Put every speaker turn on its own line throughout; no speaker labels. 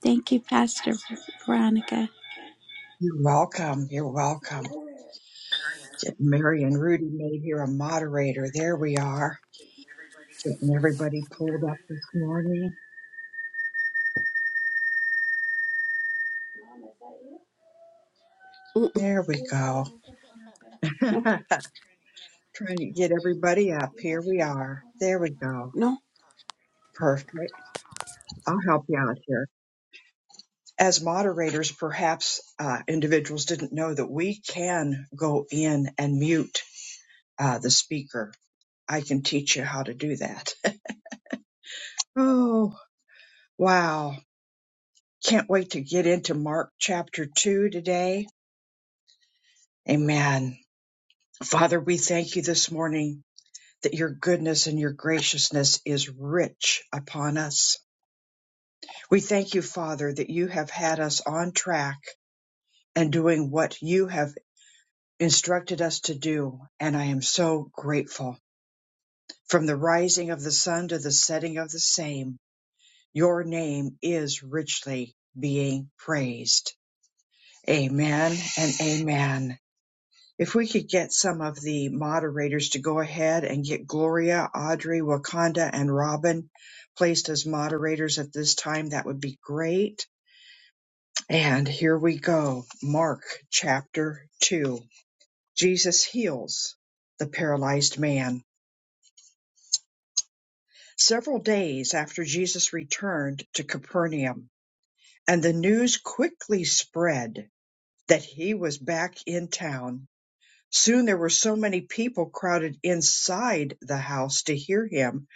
Thank you, Pastor Veronica.
You're welcome. You're welcome. Get Mary and Rudy made here a moderator. There we are. Getting everybody pulled up this morning.
Mm-mm.
There we go.
No,
Trying to get everybody up. Here we are. There we go.
no,
Perfect. I'll help you out here. As moderators, perhaps uh, individuals didn't know that we can go in and mute uh, the speaker. I can teach you how to do that. oh, wow. Can't wait to get into Mark chapter 2 today. Amen. Father, we thank you this morning that your goodness and your graciousness is rich upon us. We thank you, Father, that you have had us on track and doing what you have instructed us to do. And I am so grateful. From the rising of the sun to the setting of the same, your name is richly being praised. Amen and amen. If we could get some of the moderators to go ahead and get Gloria, Audrey, Wakanda, and Robin placed as moderators at this time, that would be great. And here we go. Mark chapter 2. Jesus heals the paralyzed man. Several days after Jesus returned to Capernaum, and the news quickly spread that he was back in town. Soon there were so many people crowded inside the house to hear him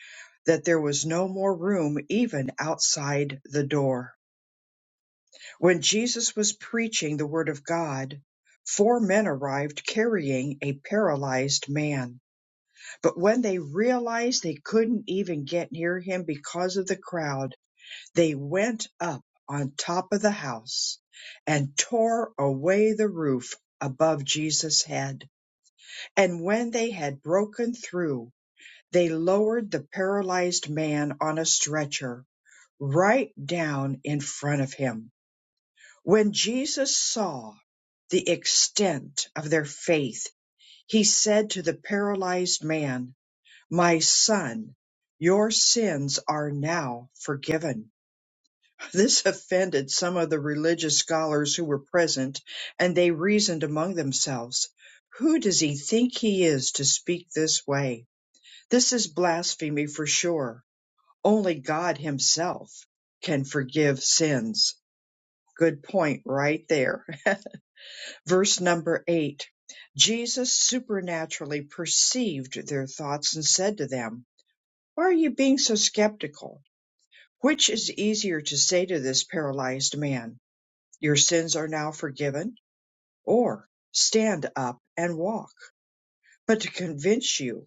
that there was no more room even outside the door. When Jesus was preaching the word of God, four men arrived carrying a paralyzed man. But when they realized they couldn't even get near him because of the crowd, they went up on top of the house and tore away the roof above Jesus' head. And when they had broken through, they lowered the paralyzed man on a stretcher right down in front of him. When Jesus saw the extent of their faith, he said to the paralyzed man, My son, your sins are now forgiven. This offended some of the religious scholars who were present, and they reasoned among themselves, Who does he think he is to speak this way? This is blasphemy for sure. Only God Himself can forgive sins. Good point right there. Verse number eight Jesus supernaturally perceived their thoughts and said to them, Why are you being so skeptical? Which is easier to say to this paralyzed man: 'Your sins are now forgiven, or 'Stand up and walk? but to convince you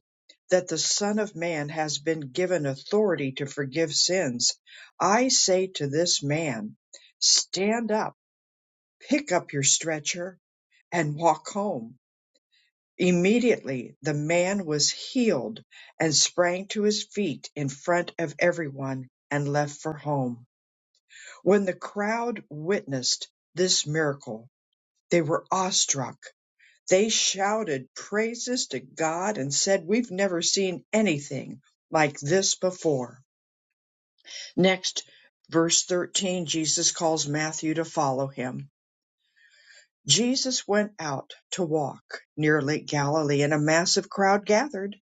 that the Son of Man has been given authority to forgive sins, I say to this man, stand up, pick up your stretcher, and walk home. Immediately the man was healed and sprang to his feet in front of everyone and left for home. When the crowd witnessed this miracle, they were awestruck They shouted praises to God and said, We've never seen anything like this before. Next, verse 13, Jesus calls Matthew to follow him. Jesus went out to walk near Lake Galilee, and a massive crowd gathered.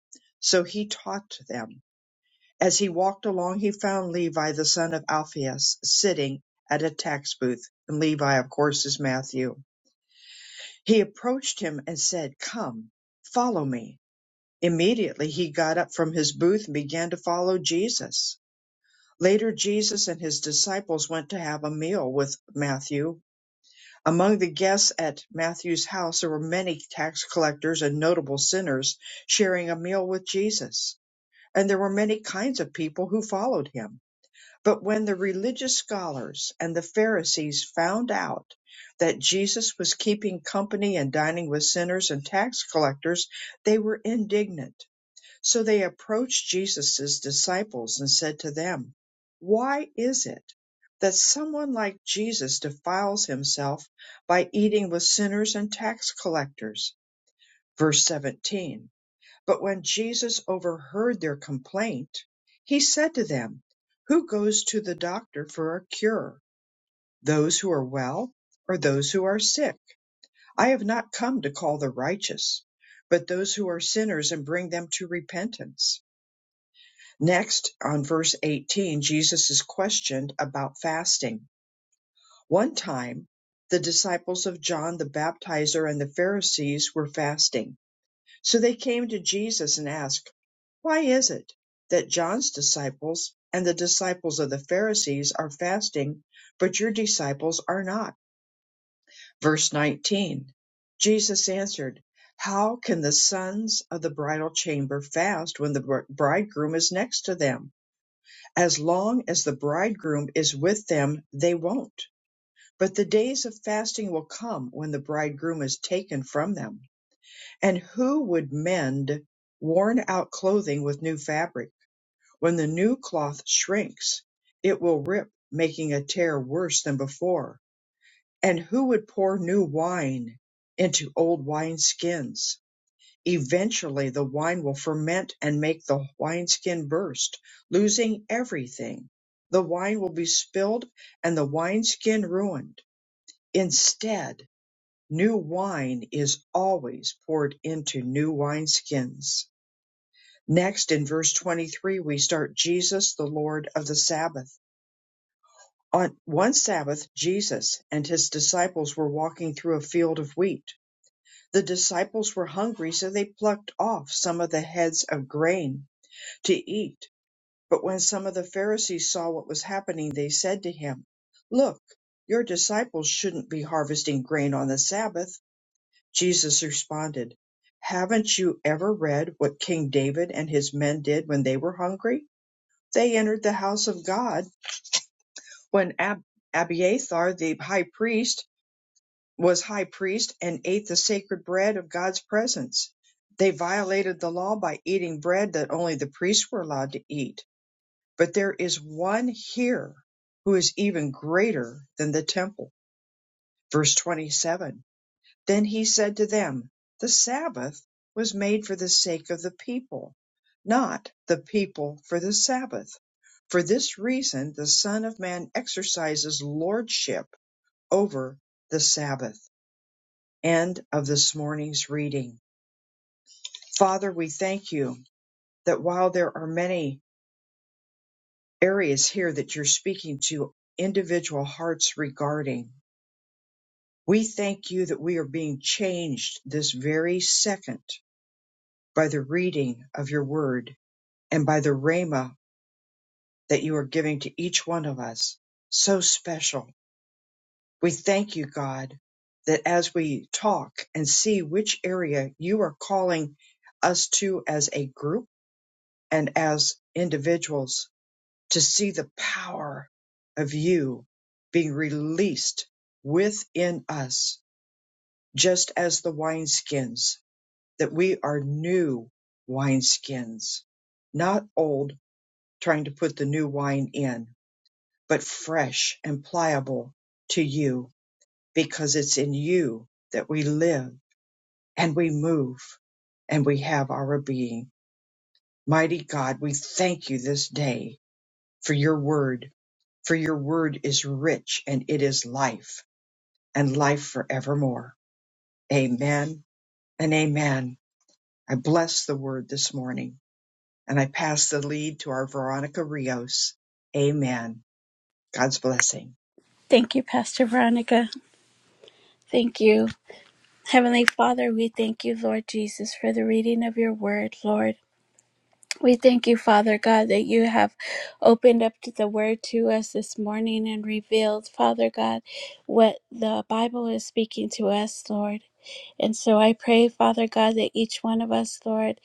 So he taught them. As he walked along, he found Levi, the son of Alphaeus, sitting at a tax booth. And Levi, of course, is Matthew. He approached him and said, Come, follow me. Immediately he got up from his booth and began to follow Jesus. Later, Jesus and his disciples went to have a meal with Matthew. Among the guests at Matthew's house, there were many tax collectors and notable sinners sharing a meal with Jesus. And there were many kinds of people who followed him. But when the religious scholars and the Pharisees found out that Jesus was keeping company and dining with sinners and tax collectors, they were indignant so they approached Jesus' disciples and said to them, Why is it that someone like Jesus defiles himself by eating with sinners and tax collectors? Verse 17 But when Jesus overheard their complaint, he said to them, Who goes to the doctor for a cure? Those who are well or those who are sick? I have not come to call the righteous, but those who are sinners and bring them to repentance. Next, on verse 18, Jesus is questioned about fasting. One time, the disciples of John the Baptizer and the Pharisees were fasting. So they came to Jesus and asked, Why is it that John's disciples and the disciples of the Pharisees are fasting, but your disciples are not? Verse 19 Jesus answered, How can the sons of the bridal chamber fast when the br- bridegroom is next to them? As long as the bridegroom is with them, they won't. But the days of fasting will come when the bridegroom is taken from them. And who would mend worn out clothing with new fabric when the new cloth shrinks? It will rip, making a tear worse than before. And who would pour new wine into old wine skins? Eventually, the wine will ferment and make the wineskin burst, losing everything. The wine will be spilled and the wineskin ruined. Instead, new wine is always poured into new wineskins. Next, in verse 23, we start Jesus, the Lord of the Sabbath. On one Sabbath, Jesus and his disciples were walking through a field of wheat. The disciples were hungry, so they plucked off some of the heads of grain to eat. But when some of the Pharisees saw what was happening, they said to him, Look, your disciples shouldn't be harvesting grain on the Sabbath. Jesus responded, Haven't you ever read what King David and his men did when they were hungry? They entered the house of God when Ab- Abiathar, the high priest, was high priest and ate the sacred bread of God's presence. They violated the law by eating bread that only the priests were allowed to eat But there is one here who is even greater than the temple. Verse 27 Then he said to them, The Sabbath was made for the sake of the people, not the people for the Sabbath. For this reason, the Son of Man exercises lordship over the Sabbath. End of this morning's reading. Father, we thank you that while there are many areas here that you're speaking to individual hearts regarding, We thank you that we are being changed this very second by the reading of your word and by the rhema that you are giving to each one of us. So special. We thank you, God, that as we talk and see which area you are calling us to as a group and as individuals, to see the power of you being released within us, just as the wineskins that we are new wineskins, not old, trying to put the new wine in, but fresh and pliable to you, because it's in you that we live and we move and we have our being. Mighty God, we thank you this day for your word, for your word is rich and it is life and life forevermore. Amen and amen. I bless the word this morning. and I pass the lead to our Veronica Rios. Amen. God's blessing.
Thank you, Pastor Veronica. Thank you. Heavenly Father, we thank you, Lord Jesus, for the reading of your word, Lord. We thank you, Father God, that you have opened up to the word to us this morning and revealed, Father God, what the Bible is speaking to us, Lord. And so I pray, Father God, that each one of us, Lord,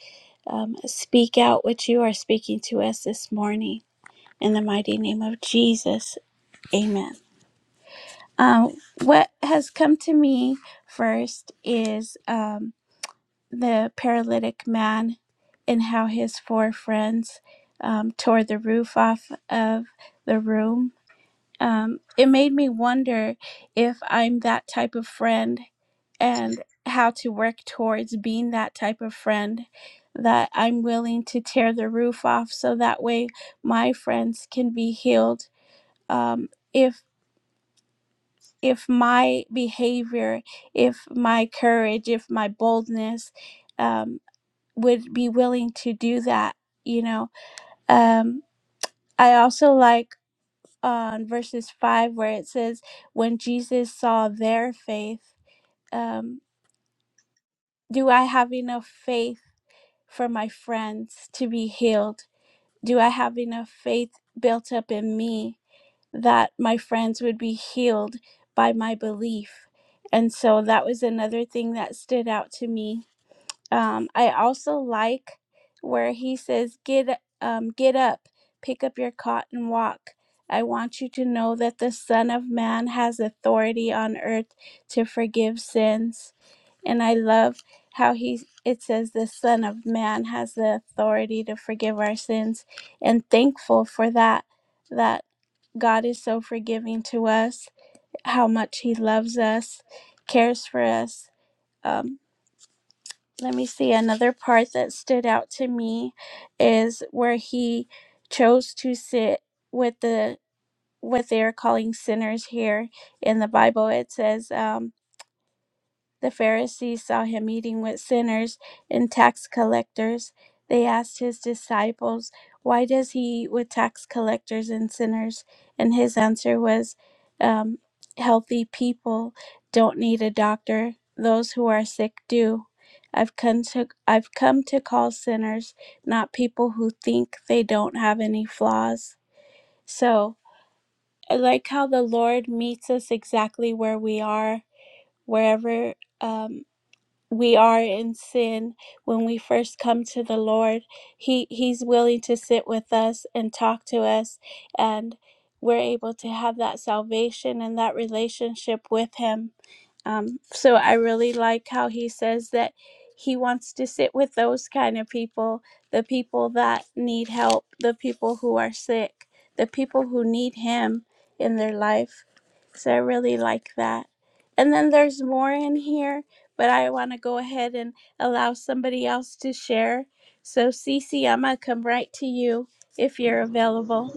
um, speak out what you are speaking to us this morning. In the mighty name of Jesus, amen. Um, what has come to me first is um, the paralytic man and how his four friends um, tore the roof off of the room. Um, it made me wonder if I'm that type of friend and how to work towards being that type of friend that I'm willing to tear the roof off so that way my friends can be healed. Um, if if my behavior, if my courage, if my boldness um, would be willing to do that, you know. Um, I also like on verses five where it says, when Jesus saw their faith, um, do I have enough faith for my friends to be healed? Do I have enough faith built up in me that my friends would be healed by my belief. And so that was another thing that stood out to me. Um, I also like where he says, "Get um, get up, pick up your cot and walk." I want you to know that the Son of Man has authority on earth to forgive sins. And I love how he it says the Son of Man has the authority to forgive our sins, and thankful for that. That God is so forgiving to us, how much He loves us, cares for us. Um, let me see. Another part that stood out to me is where He chose to sit with the what they are calling sinners here in the Bible. It says. Um, The Pharisees saw him eating with sinners and tax collectors. They asked his disciples, Why does he eat with tax collectors and sinners? And his answer was, um, Healthy people don't need a doctor, those who are sick do. I've come, to, I've come to call sinners, not people who think they don't have any flaws. So I like how the Lord meets us exactly where we are, wherever. Um, we are in sin when we first come to the lord he he's willing to sit with us and talk to us and we're able to have that salvation and that relationship with him um, so i really like how he says that he wants to sit with those kind of people the people that need help the people who are sick the people who need him in their life so I really like that. And then there's more in here, but I want to go ahead and allow somebody else to share. So Cece, I'm gonna come right to you if you're available.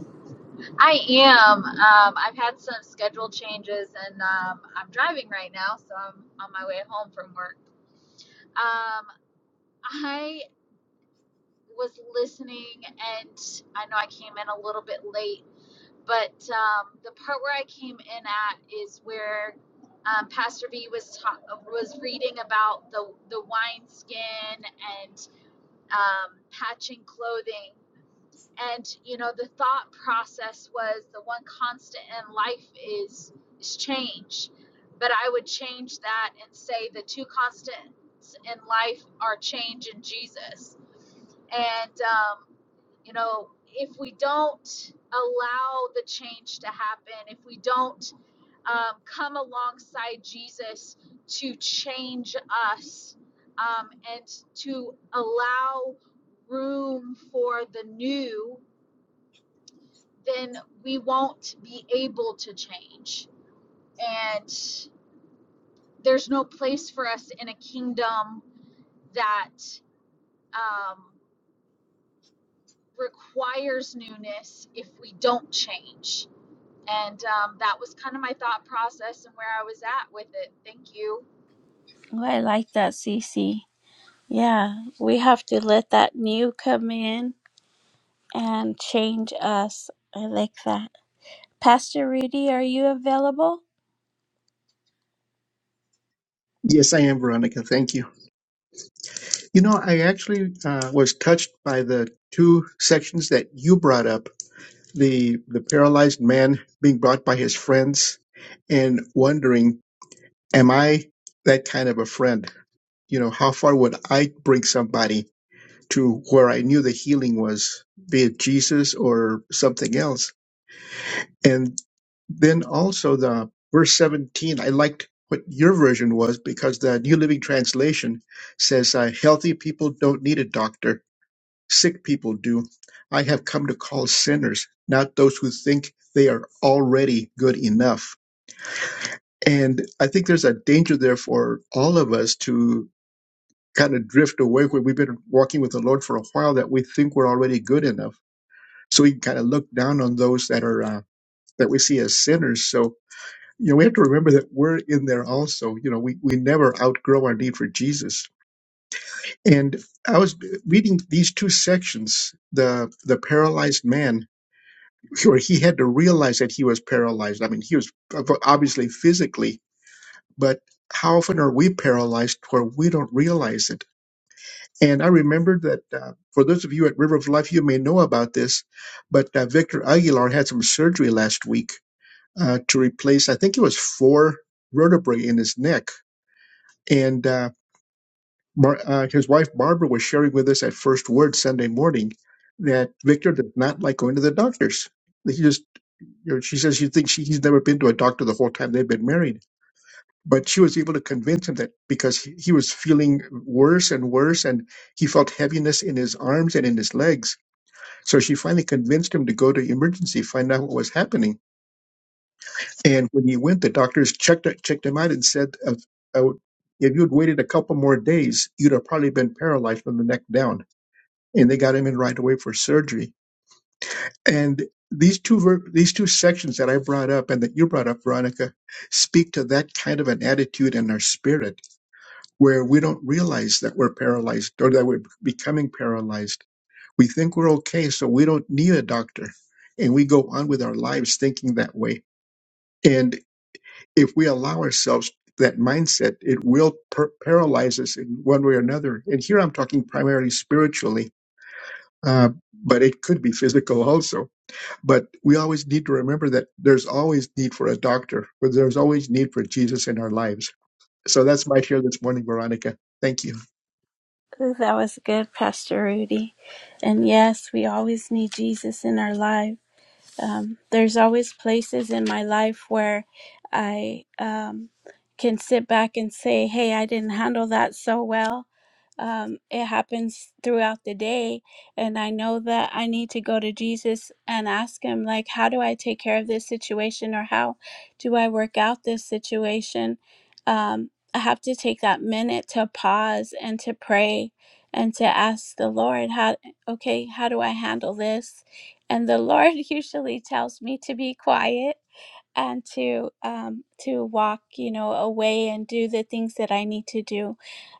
I am. Um, I've had some schedule changes, and um, I'm driving right now, so I'm on my way home from work. Um, I was listening, and I know I came in a little bit late, but um, the part where I came in at is where um, Pastor B was ta- was reading about the the wine skin and um, patching clothing. and you know the thought process was the one constant in life is is change but i would change that and say the two constants in life are change and jesus and um, you know if we don't allow the change to happen if we don't um, come alongside jesus to change us um, and to allow room for the new then we won't be able to change. And there's no place for us in a kingdom that um, requires newness if we don't change. And um, that was kind of my thought process and where I was at with it. Thank you.
Oh, I like that, Cece. Yeah, we have to let that new come in and change us. I like that. Pastor Rudy, are you available?
Yes, I am, Veronica. Thank you. You know, I actually uh, was touched by the two sections that you brought up the, the paralyzed man being brought by his friends and wondering, am I that kind of a friend? You know, how far would I bring somebody to where I knew the healing was, be it Jesus or something else? And then also the verse 17, I liked what your version was because the New Living Translation says, uh, healthy people don't need a doctor. Sick people do. I have come to call sinners, not those who think they are already good enough. And I think there's a danger there for all of us to kind of drift away where we've been walking with the Lord for a while that we think we're already good enough. So we can kind of look down on those that are, uh, that we see as sinners. So you know, we have to remember that we're in there also. You know, we, we never outgrow our need for Jesus. And I was reading these two sections, the the paralyzed man, where he had to realize that he was paralyzed. I mean, he was obviously physically, but how often are we paralyzed where we don't realize it? And I remembered that uh, for those of you at River of Life, you may know about this, but uh, Victor Aguilar had some surgery last week uh, to replace, I think it was four vertebrae in his neck And uh, Bar- uh, his wife Barbara was sharing with us at First Word Sunday morning that Victor does not like going to the doctors. He just, you know, she says she thinks she, he's never been to a doctor the whole time they've been married. But she was able to convince him that because he, he was feeling worse and worse, and he felt heaviness in his arms and in his legs. So she finally convinced him to go to emergency, find out what was happening And when he went, the doctors checked checked him out and said, uh, uh, "If you had waited a couple more days, you'd have probably been paralyzed from the neck down." And they got him in right away for surgery. And these two ver- these two sections that I brought up and that you brought up, Veronica, speak to that kind of an attitude in our spirit where we don't realize that we're paralyzed or that we're becoming paralyzed. We think we're okay, so we don't need a doctor, and we go on with our lives thinking that way. And if we allow ourselves that mindset, it will per- paralyze us in one way or another. And here I'm talking primarily spiritually, uh, but it could be physical also. But we always need to remember that there's always need for a doctor, but there's always need for Jesus in our lives. So that's my share this morning, Veronica. Thank you.
Ooh, that was good, Pastor Rudy. And yes, we always need Jesus in our lives. um, there's always places in my life where I um, can sit back and say, hey, I didn't handle that so well. Um, it happens throughout the day. And I know that I need to go to Jesus and ask him, like, how do I take care of this situation or how do I work out this situation? Um, I have to take that minute to pause and to pray and to ask the Lord, how, okay, how do I handle this? and the lord usually tells me to be quiet and to um to walk you know away and do the things that i need to do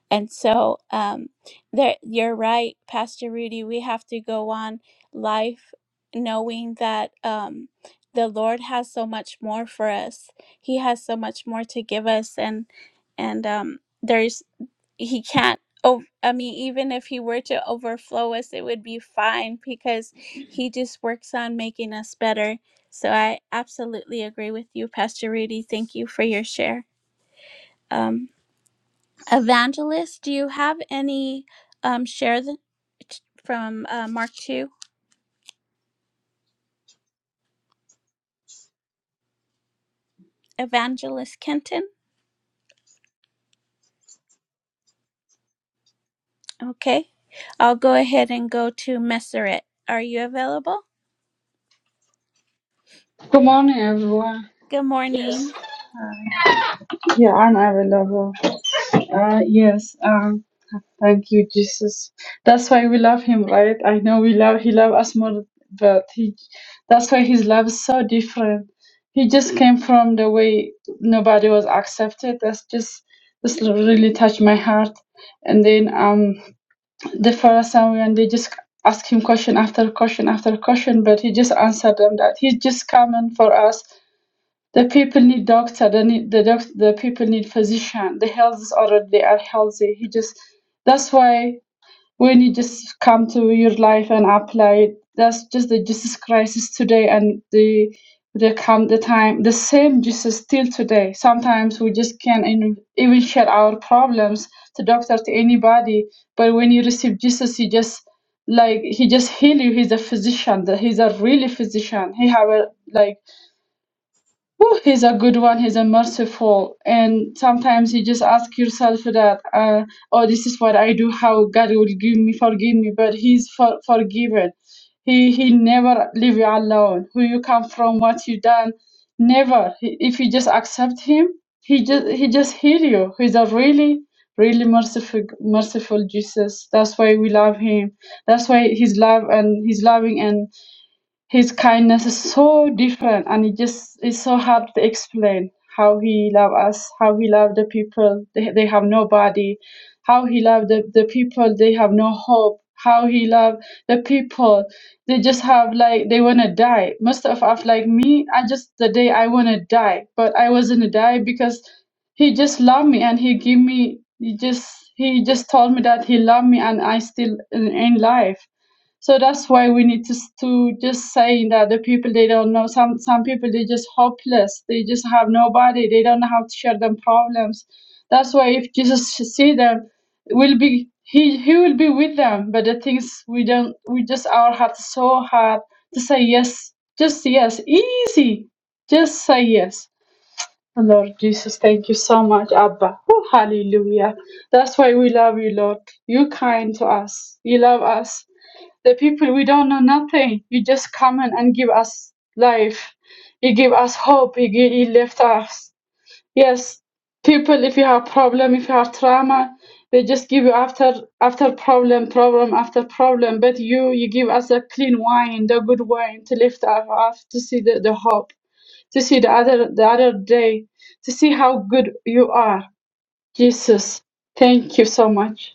and so um, there, you're right, Pastor Rudy. We have to go on life knowing that um, the Lord has so much more for us. He has so much more to give us, and and um, there's he can't. Oh, I mean, even if he were to overflow us, it would be fine because he just works on making us better. So I absolutely agree with you, Pastor Rudy. Thank you for your share. Um, Evangelist, do you have any um, share the, from uh, Mark 2? Evangelist Kenton? Okay. I'll go ahead and go to Messeret. Are you available?
Good morning, everyone.
Good
Yes.
morning.
Yeah, I'm available. Uh, yes. Um, thank you, Jesus. That's why we love him, right? I know we love. He loves us more, but he. That's why his love is so different. He just came from the way nobody was accepted. That's just this really touched my heart. And then um, the Pharisee and they just ask him question after question after question, but he just answered them that he's just coming for us The people need doctor. They need the doc, The people need physician. The health is already are healthy. He just that's why when you just come to your life and apply it, that's just the Jesus Christ is today and the the come the time the same Jesus still today. Sometimes we just can't even even share our problems to doctor to anybody. But when you receive Jesus, he just like he just heal you. He's a physician. The- He's a really physician. He have a like Whew, he's a good one. He's a merciful, and sometimes you just ask yourself that, uh, "Oh, this is what I do. How God will give me, forgive me?" But He's for- forgiven. He He never leave you alone. Who you come from, what you done, never. He- If you just accept Him, He just He just heal you. He's a really, really merciful, merciful Jesus. That's why we love Him. That's why His love and His loving and his kindness is so different and it just is so hard to explain how he loved us how he loved the people they, they have nobody how he loved the, the people they have no hope how he loved the people they just have like they want to die most of us like me i just the day i want to die but i wasn't to die because he just loved me and he give me he just he just told me that he loved me and i still in, in life so that's why we need to, to just saying that the people they don't know some some people they just hopeless they just have nobody they don't know how to share them problems. That's why if Jesus see them, will be he he will be with them. But the things we don't we just our heart is so hard to say yes, just yes, easy, just say yes. Lord Jesus, thank you so much, Abba. Oh, hallelujah. That's why we love you, Lord. You kind to us. You love us the people we don't know nothing you just come in and give us life you give us hope you, gi- you lift us yes people if you have problem if you have trauma they just give you after after problem problem after problem but you you give us a clean wine the good wine to lift us up to see the, the hope to see the other the other day to see how good you are jesus thank you so much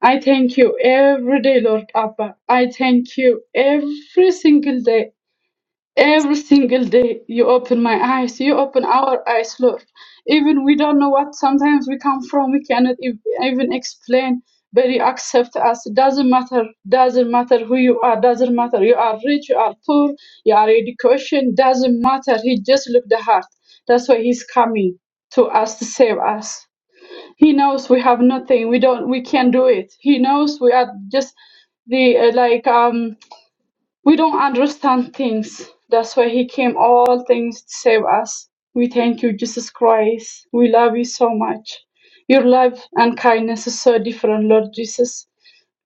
I thank you every day, Lord Abba. I thank you every single day. Every single day, you open my eyes, you open our eyes, Lord. Even we don't know what sometimes we come from, we cannot ev- even explain, but you accept us. Doesn't matter, doesn't matter who you are, doesn't matter. You are rich, you are poor, you are education, doesn't matter. He just looked the heart. That's why he's coming to us to save us. He knows we have nothing. We don't. We can't do it. He knows we are just the uh, like um we don't understand things. That's why he came all things to save us. We thank you, Jesus Christ. We love you so much. Your love and kindness is so different, Lord Jesus.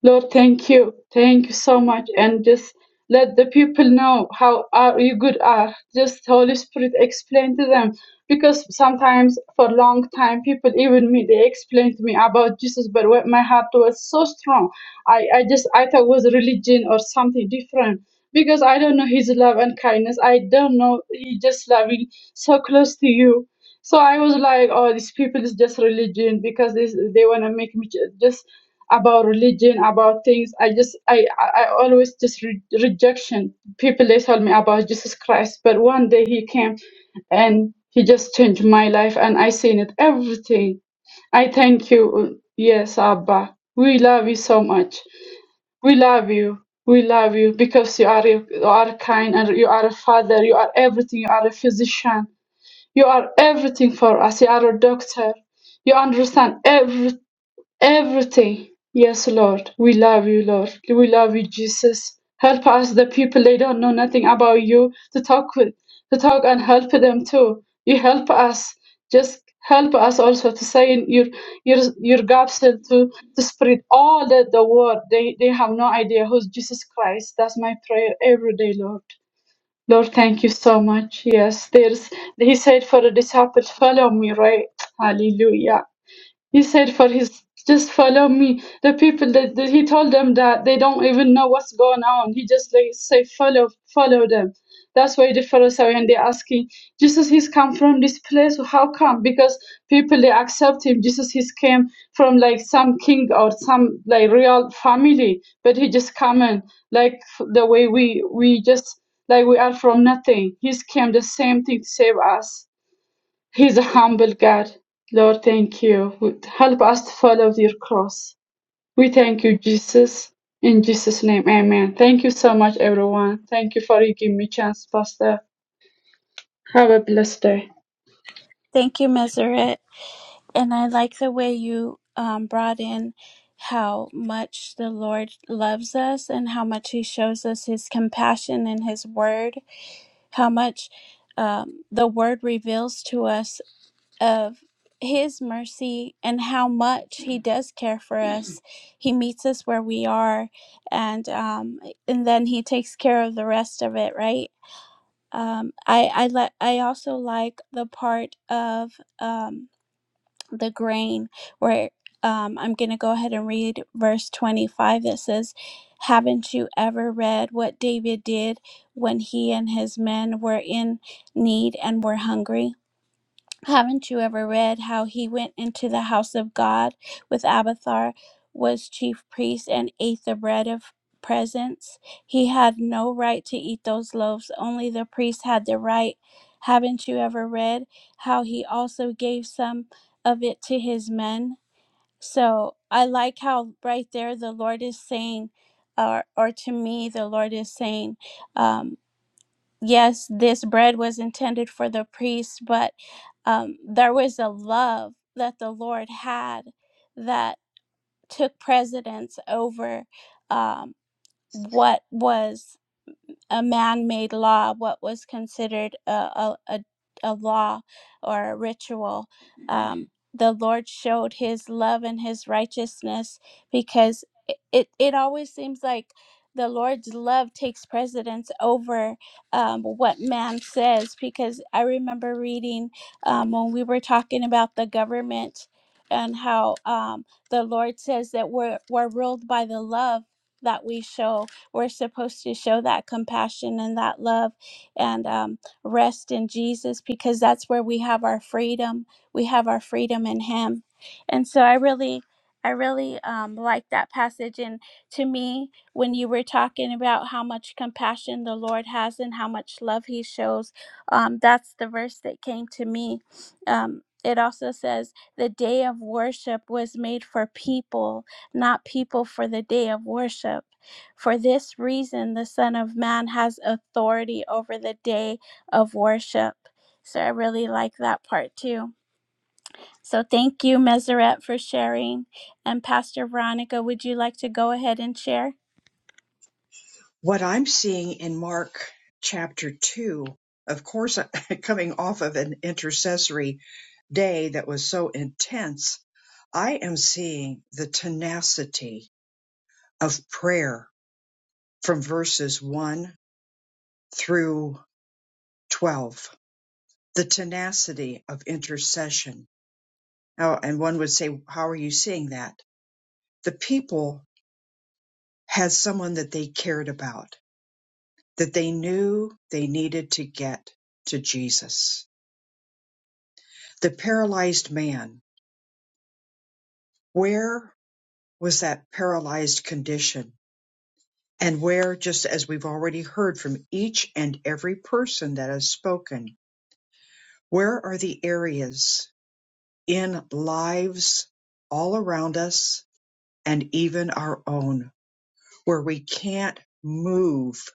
Lord, thank you. Thank you so much. And just let the people know how are you good are. Just Holy Spirit explain to them. Because sometimes for a long time people, even me, they explained to me about Jesus, but when my heart was so strong. I, I just I thought it was religion or something different. Because I don't know his love and kindness. I don't know he just loving so close to you. So I was like, oh, these people is just religion because this, they want to make me ju- just about religion, about things. I just, I, I I always just re- rejection. People they told me about Jesus Christ, but one day he came, and he just changed my life, and I seen it everything. I thank you, yes, Abba. We love you so much. We love you. We love you because you are you are kind and you are a father. You are everything. You are a physician. You are everything for us. You are a doctor. You understand everything Everything. Yes, Lord. We love you, Lord. We love you, Jesus. Help us, the people they don't know nothing about you, to talk with, to talk and help them too. You help us. Just help us also to say in your your your gospel to, to spread all the, the word. They they have no idea who's Jesus Christ. That's my prayer every day, Lord. Lord, thank you so much. Yes, there's he said for the disciples, follow me, right? Hallelujah. He said for his just follow me. The people that, that he told them that they don't even know what's going on. He just like say follow follow them. That's why the Pharisees they asking Jesus he's come from this place. How come? Because people they accept him. Jesus he's came from like some king or some like real family, but he just come in like f- the way we we just like we are from nothing. He's came the same thing to save us. He's a humble God. Lord, thank you. Would Help us to follow your cross. We thank you, Jesus. In Jesus' name, amen. Thank you so much, everyone. Thank you for giving me a chance, Pastor. Have a blessed day.
Thank you, Messeret. And I like the way you um, brought in how much the Lord loves us and how much He shows us His compassion in His Word, how much um, the Word reveals to us of his mercy and how much he does care for us. He meets us where we are and um and then he takes care of the rest of it, right? Um I I let I also like the part of um the grain where um I'm going to go ahead and read verse 25 that says haven't you ever read what David did when he and his men were in need and were hungry? Haven't you ever read how he went into the house of God with Abiathar was chief priest, and ate the bread of presence? He had no right to eat those loaves, only the priest had the right. Haven't you ever read how he also gave some of it to his men? So I like how right there the Lord is saying, or, or to me, the Lord is saying, um, yes, this bread was intended for the priest, but um, there was a love that the Lord had that took precedence over um, what was a man-made law, what was considered a a, a, a law or a ritual. Um, the Lord showed His love and His righteousness because it, it, it always seems like the Lord's love takes precedence over um, what man says. Because I remember reading um, when we were talking about the government and how um, the Lord says that we're we're ruled by the love that we show we're supposed to show that compassion and that love and um, rest in Jesus because that's where we have our freedom. We have our freedom in Him. And so I really, I really um, like that passage. And to me, when you were talking about how much compassion the Lord has and how much love He shows, um, that's the verse that came to me. Um, it also says, the day of worship was made for people, not people for the day of worship. For this reason, the Son of Man has authority over the day of worship. So I really like that part too. So thank you, Meseret, for sharing. And Pastor Veronica, would you like to go ahead and share?
What I'm seeing in Mark chapter 2, of course, coming off of an intercessory day that was so intense, I am seeing the tenacity of prayer from verses 1 through 12, the tenacity of intercession. Now, and one would say, How are you seeing that? The people had someone that they cared about, that they knew they needed to get to Jesus. The paralyzed man, where was that paralyzed condition? And where, just as we've already heard from each and every person that has spoken, where are the areas in lives all around us and even our own where we can't move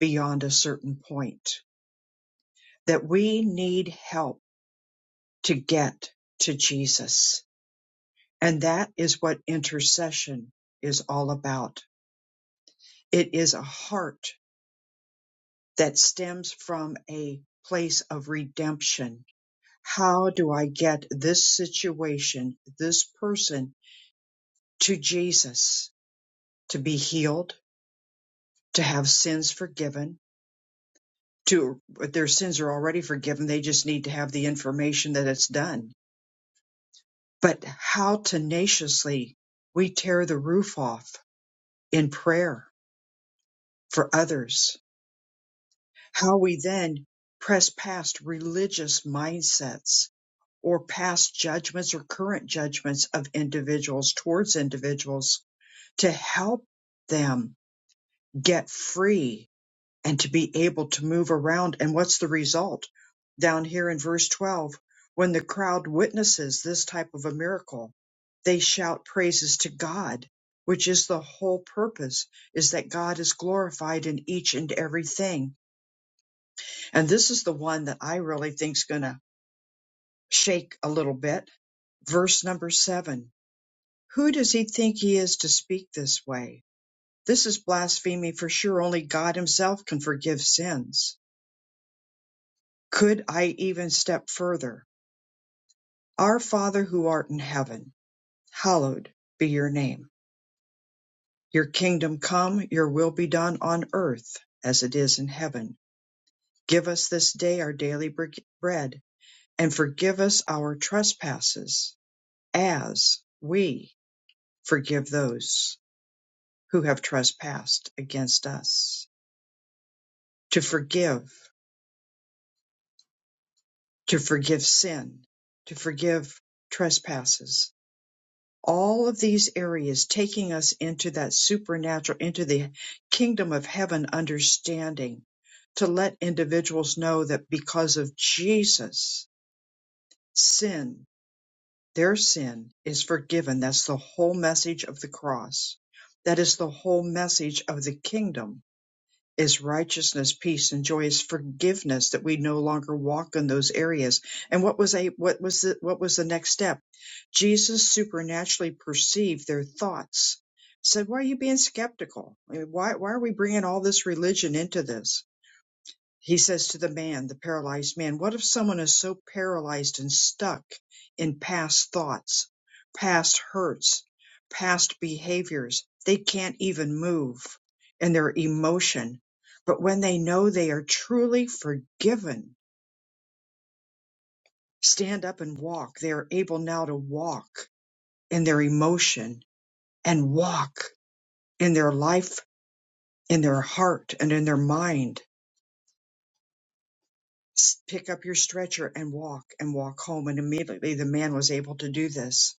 beyond a certain point? That we need help to get to Jesus. And that is what intercession is all about. It is a heart that stems from a place of redemption. How do I get this situation, this person to Jesus to be healed, to have sins forgiven? To their sins are already forgiven. They just need to have the information that it's done. But how tenaciously we tear the roof off in prayer for others, how we then press past religious mindsets or past judgments or current judgments of individuals towards individuals to help them get free and to be able to move around. And what's the result? Down here in verse 12, when the crowd witnesses this type of a miracle, they shout praises to God, which is the whole purpose, is that God is glorified in each and everything And this is the one that I really think's going to shake a little bit. Verse number seven. Who does he think he is to speak this way? This is blasphemy for sure. Only God himself can forgive sins. Could I even step further? Our Father who art in heaven, hallowed be your name. Your kingdom come, your will be done on earth as it is in heaven. Give us this day our daily bre- bread and forgive us our trespasses as we forgive those who have trespassed against us, to forgive, to forgive sin, to forgive trespasses. All of these areas taking us into that supernatural, into the kingdom of heaven understanding, to let individuals know that because of Jesus, sin, their sin is forgiven. That's the whole message of the cross. That is the whole message of the kingdom is righteousness, peace, and joy is forgiveness that we no longer walk in those areas. And what was a what was the what was the next step? Jesus supernaturally perceived their thoughts. Said, "Why are you being skeptical? I mean, Why why are we bringing all this religion into this?" He says to the man, the paralyzed man, What if someone is so paralyzed and stuck in past thoughts, past hurts, past behaviors, they can't even move in their emotion? But when they know they are truly forgiven, stand up and walk, they are able now to walk in their emotion and walk in their life, in their heart, and in their mind s- pick up your stretcher and walk and walk home. And immediately the man was able to do this.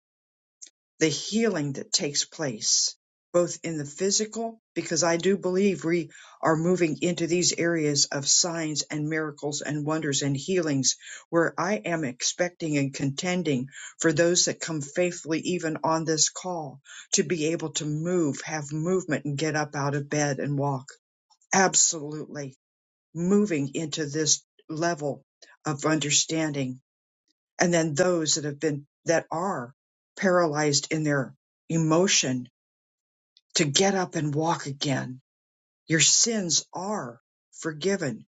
The healing that takes place, both in the physical, because I do believe we are moving into these areas of signs and miracles and wonders and healings where I am expecting and contending for those that come faithfully, even on this call, to be able to move, have movement, and get up out of bed and walk. Absolutely moving into this level of understanding and then those that have been that are paralyzed in their emotion to get up and walk again your sins are forgiven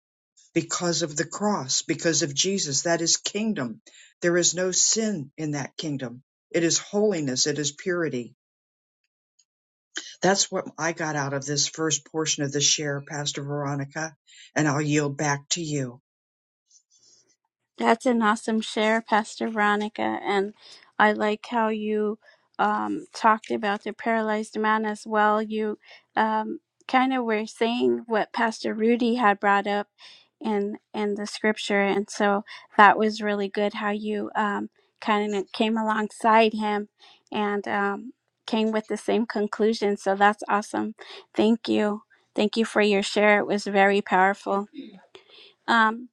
because of the cross because of Jesus that is kingdom there is no sin in that kingdom it is holiness it is purity that's what I got out of this first portion of the share pastor Veronica and I'll yield back to you
That's an awesome share, Pastor Veronica. And I like how you um, talked about the paralyzed man as well. You um, kind of were saying what Pastor Rudy had brought up in in the scripture, and so that was really good. How you um, kind of came alongside him and um, came with the same conclusion. So that's awesome. Thank you. Thank you for your share. It was very powerful. Um,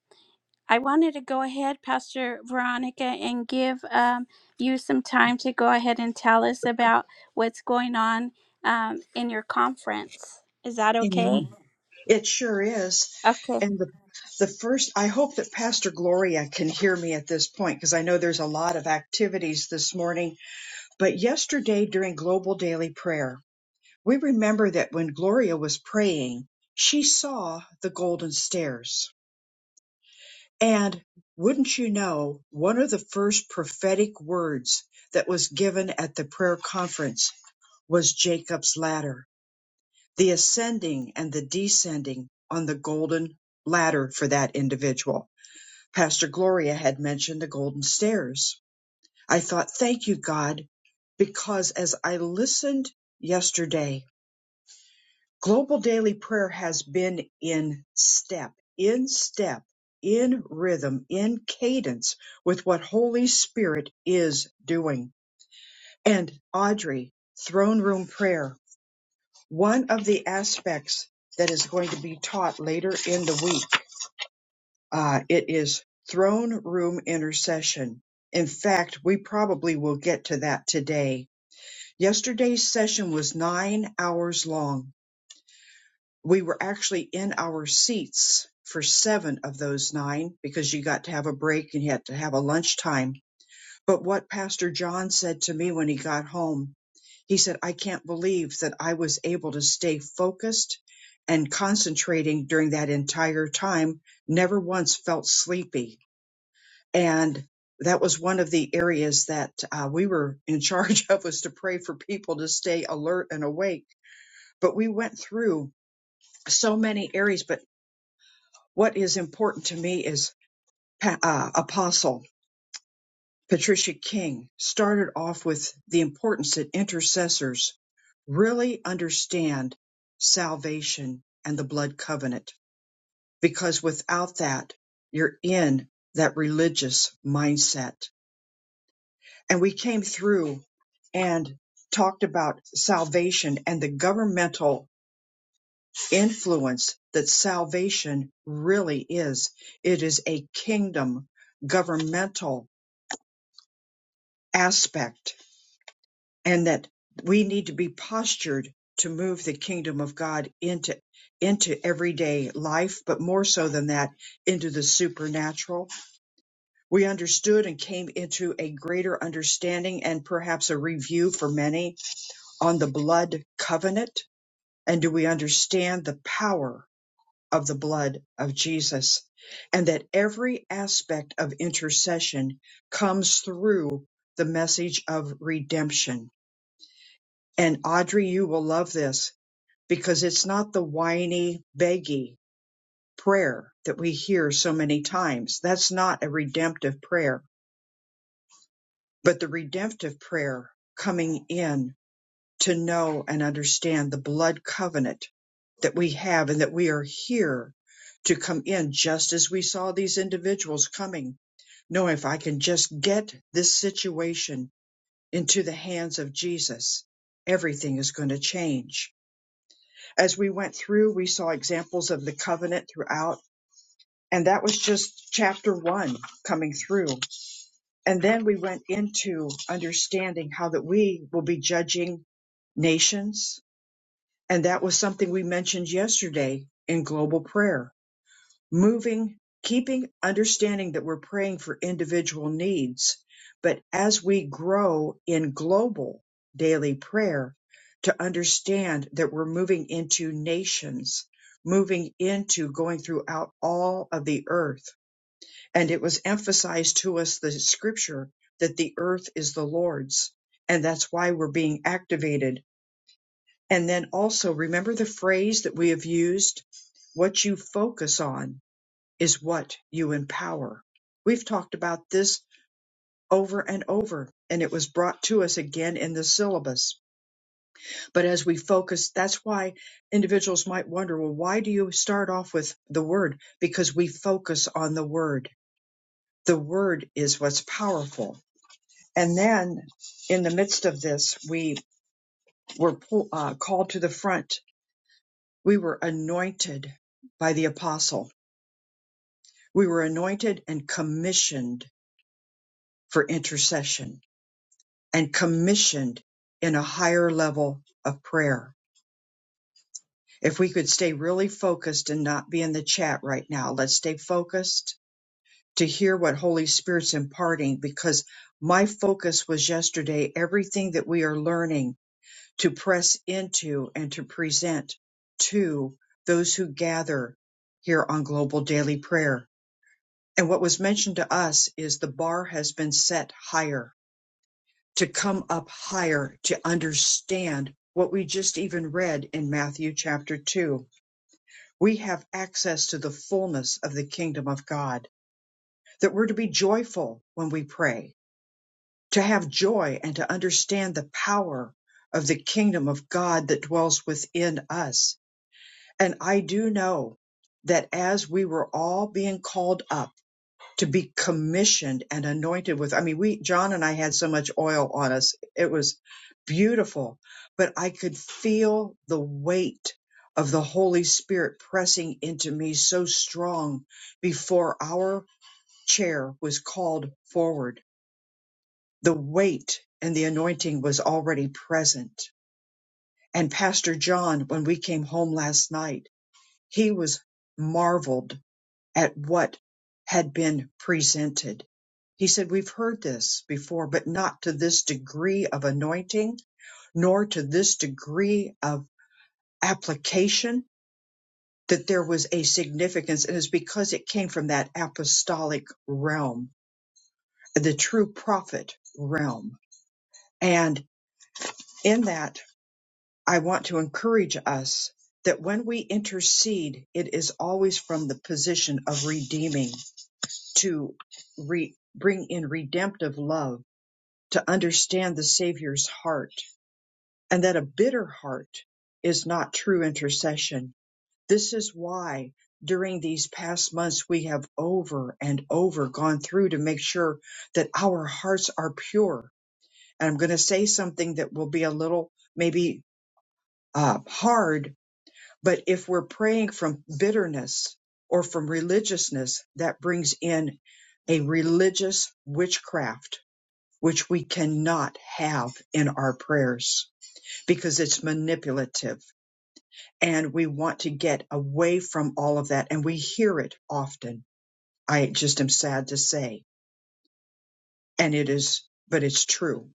I wanted to go ahead, Pastor Veronica, and give um, you some time to go ahead and tell us about what's going on um, in your conference. Is that okay?
Amen. It sure is.
Okay.
And the, the first, I hope that Pastor Gloria can hear me at this point because I know there's a lot of activities this morning. But yesterday during Global Daily Prayer, we remember that when Gloria was praying, she saw the golden stairs. And wouldn't you know, one of the first prophetic words that was given at the prayer conference was Jacob's ladder the ascending and the descending on the golden ladder for that individual. Pastor Gloria had mentioned the golden stairs. I thought, thank you, God, because as I listened yesterday, global daily prayer has been in step, in step, in rhythm, in cadence with what Holy Spirit is doing. And Audrey, throne room prayer One of the aspects that is going to be taught later in the week, uh, it is throne room intercession. In fact, we probably will get to that today. Yesterday's session was nine hours long. We were actually in our seats for seven of those nine because you got to have a break and you had to have a lunchtime But what Pastor John said to me when he got home, he said, I can't believe that I was able to stay focused and concentrating during that entire time, never once felt sleepy. And that was one of the areas that uh, we were in charge of was to pray for people to stay alert and awake. But we went through so many areas. But what is important to me is Pa- uh, Apostle. Patricia King started off with the importance that intercessors really understand salvation and the blood covenant, because without that, you're in that religious mindset. And we came through and talked about salvation and the governmental influence that salvation really is. It is a kingdom governmental aspect and that we need to be postured to move the kingdom of God into into everyday life, but more so than that, into the supernatural. We understood and came into a greater understanding and perhaps a review for many on the blood covenant. And do we understand the power of the blood of Jesus? And that every aspect of intercession comes through the message of redemption And Audrey, you will love this because it's not the whiny, beggy prayer that we hear so many times. That's not a redemptive prayer, but the redemptive prayer coming in to know and understand the blood covenant that we have and that we are here to come in just as we saw these individuals coming. No, if I can just get this situation into the hands of Jesus, everything is going to change As we went through, we saw examples of the covenant throughout, and that was just chapter one coming through. And then we went into understanding how that we will be judging nations, and that was something we mentioned yesterday in global prayer moving, keeping, understanding that we're praying for individual needs. But as we grow in global daily prayer, to understand that we're moving into nations, moving into going throughout all of the earth. And it was emphasized to us the scripture that the earth is the Lord's. And that's why we're being activated. And then also remember the phrase that we have used, what you focus on is what you empower. We've talked about this over and over, and it was brought to us again in the syllabus. But as we focus, that's why individuals might wonder, well, why do you start off with the word? Because we focus on the word. The word is what's powerful. And then in the midst of this, we were pull, uh, called to the front. We were anointed by the apostle. We were anointed and commissioned for intercession and commissioned in a higher level of prayer. If we could stay really focused and not be in the chat right now, let's stay focused to hear what Holy Spirit's imparting because my focus was yesterday everything that we are learning to press into and to present to those who gather here on Global Daily Prayer. And what was mentioned to us is the bar has been set higher to come up higher, to understand what we just even read in Matthew chapter 2. We have access to the fullness of the kingdom of God, that we're to be joyful when we pray, to have joy and to understand the power of the kingdom of God that dwells within us. And I do know that as we were all being called up, to be commissioned and anointed with. I mean, we, John and I had so much oil on us. It was beautiful, but I could feel the weight of the Holy Spirit pressing into me so strong before our chair was called forward. The weight and the anointing was already present. And Pastor John, when we came home last night, he was marveled at what had been presented. He said, We've heard this before, but not to this degree of anointing, nor to this degree of application, that there was a significance. And it's because it came from that apostolic realm, the true prophet realm. And in that, I want to encourage us that when we intercede, it is always from the position of redeeming to re- bring in redemptive love, to understand the Savior's heart, and that a bitter heart is not true intercession. This is why during these past months we have over and over gone through to make sure that our hearts are pure. And I'm going to say something that will be a little maybe uh, hard but if we're praying from bitterness or from religiousness, that brings in a religious witchcraft, which we cannot have in our prayers because it's manipulative. And we want to get away from all of that. And we hear it often. I just am sad to say. And it is, but it's true.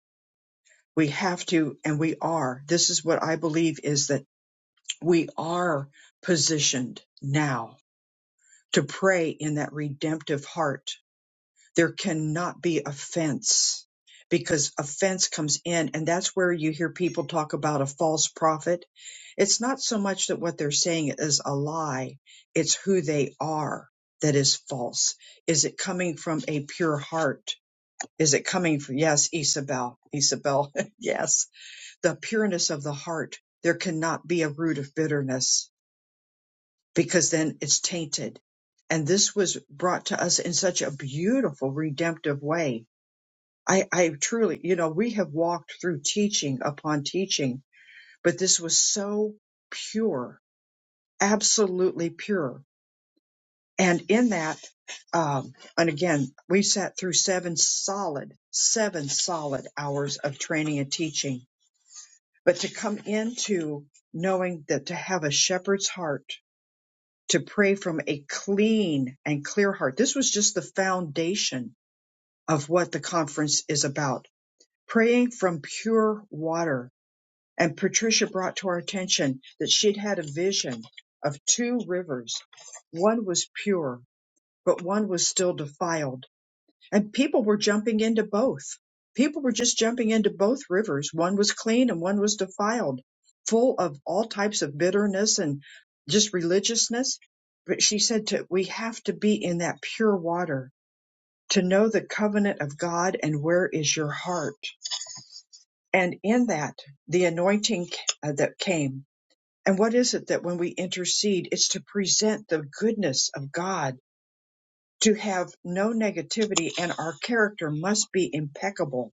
We have to, and we are. This is what I believe is that we are positioned now to pray in that redemptive heart. There cannot be offense because offense comes in. And that's where you hear people talk about a false prophet. It's not so much that what they're saying is a lie, it's who they are that is false. Is it coming from a pure heart? Is it coming from, yes, Isabel, Isabel, yes, the pureness of the heart. There cannot be a root of bitterness because then it's tainted. And this was brought to us in such a beautiful redemptive way. I, I truly, you know, we have walked through teaching upon teaching, but this was so pure, absolutely pure. And in that, um, and again, we sat through seven solid, seven solid hours of training and teaching. But to come into knowing that to have a shepherd's heart to pray from a clean and clear heart. This was just the foundation of what the conference is about. Praying from pure water. And Patricia brought to our attention that she'd had a vision of two rivers. One was pure, but one was still defiled and people were jumping into both. People were just jumping into both rivers. One was clean and one was defiled, full of all types of bitterness and just religiousness. But she said to, we have to be in that pure water to know the covenant of God and where is your heart. And in that, the anointing uh, that came. And what is it that when we intercede, it's to present the goodness of God, to have no negativity and our character must be impeccable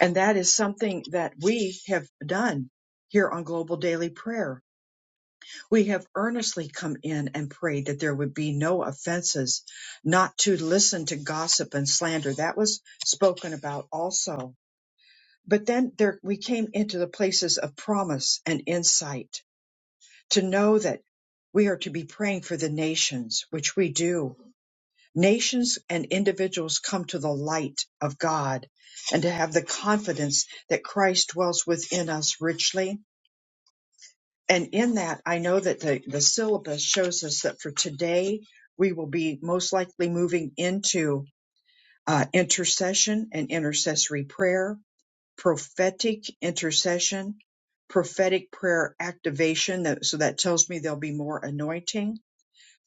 And that is something that we have done here on Global Daily Prayer. We have earnestly come in and prayed that there would be no offenses, not to listen to gossip and slander. That was spoken about also. But then there, we came into the places of promise and insight to know that we are to be praying for the nations, which we do Nations and individuals come to the light of God and to have the confidence that Christ dwells within us richly. And in that, I know that the, the syllabus shows us that for today, we will be most likely moving into uh, intercession and intercessory prayer, prophetic intercession, prophetic prayer activation. That, so that tells me there'll be more anointing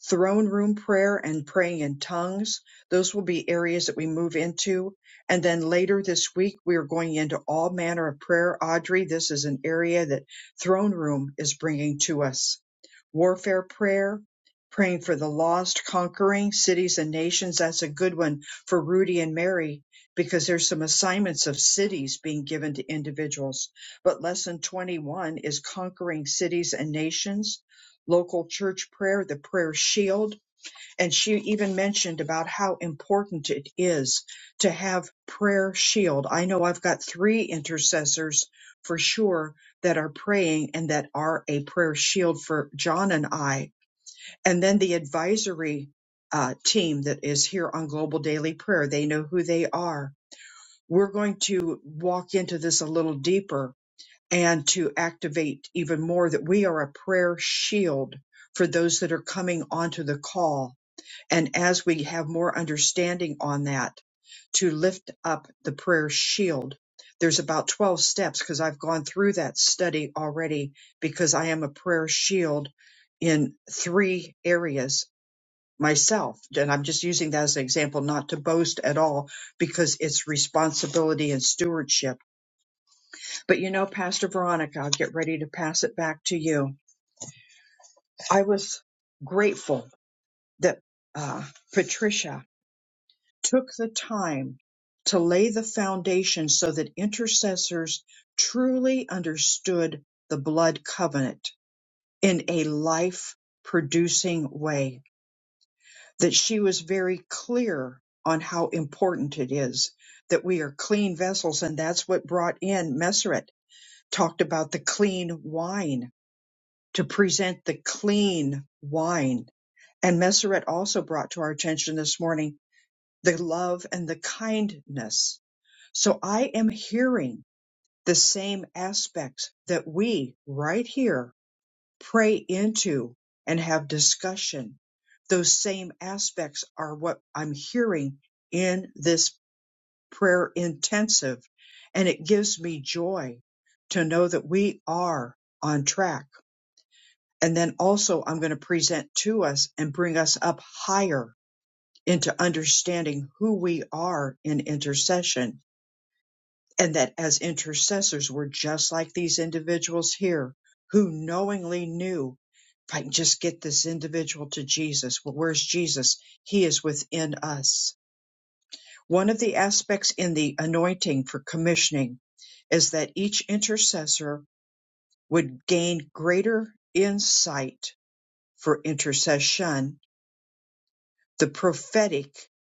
throne room prayer and praying in tongues. Those will be areas that we move into. And then later this week, we are going into all manner of prayer. Audrey, this is an area that throne room is bringing to us. Warfare prayer, praying for the lost, conquering cities and nations. That's a good one for Rudy and Mary because there's some assignments of cities being given to individuals. But lesson 21 is conquering cities and nations local church prayer, the prayer shield. And she even mentioned about how important it is to have prayer shield. I know I've got three intercessors for sure that are praying and that are a prayer shield for John and I. And then the advisory uh, team that is here on Global Daily Prayer, they know who they are. We're going to walk into this a little deeper and to activate even more that we are a prayer shield for those that are coming onto the call. And as we have more understanding on that, to lift up the prayer shield. There's about 12 steps because I've gone through that study already because I am a prayer shield in three areas myself. And I'm just using that as an example, not to boast at all because it's responsibility and stewardship but you know, Pastor Veronica, I'll get ready to pass it back to you. I was grateful that uh, Patricia took the time to lay the foundation so that intercessors truly understood the blood covenant in a life producing way, that she was very clear on how important it is that we are clean vessels. And that's what brought in Messeret, talked about the clean wine to present the clean wine. And Messeret also brought to our attention this morning the love and the kindness. So I am hearing the same aspects that we right here pray into and have discussion. Those same aspects are what I'm hearing in this prayer intensive. And it gives me joy to know that we are on track And then also I'm going to present to us and bring us up higher into understanding who we are in intercession. And that as intercessors, we're just like these individuals here who knowingly knew if I can just get this individual to Jesus, well, where's Jesus? He is within us. One of the aspects in the anointing for commissioning is that each intercessor would gain greater insight for intercession the prophetic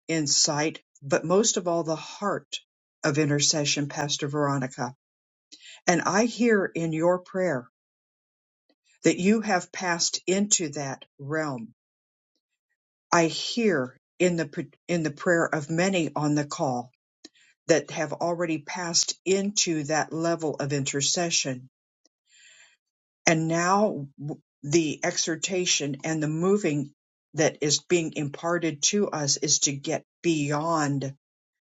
insight, but most of all, the heart of intercession, Pastor Veronica. And I hear in your prayer that you have passed into that realm. I hear in the, in the prayer of many on the call that have already passed into that level of intercession. And now w- the exhortation and the moving that is being imparted to us is to get beyond,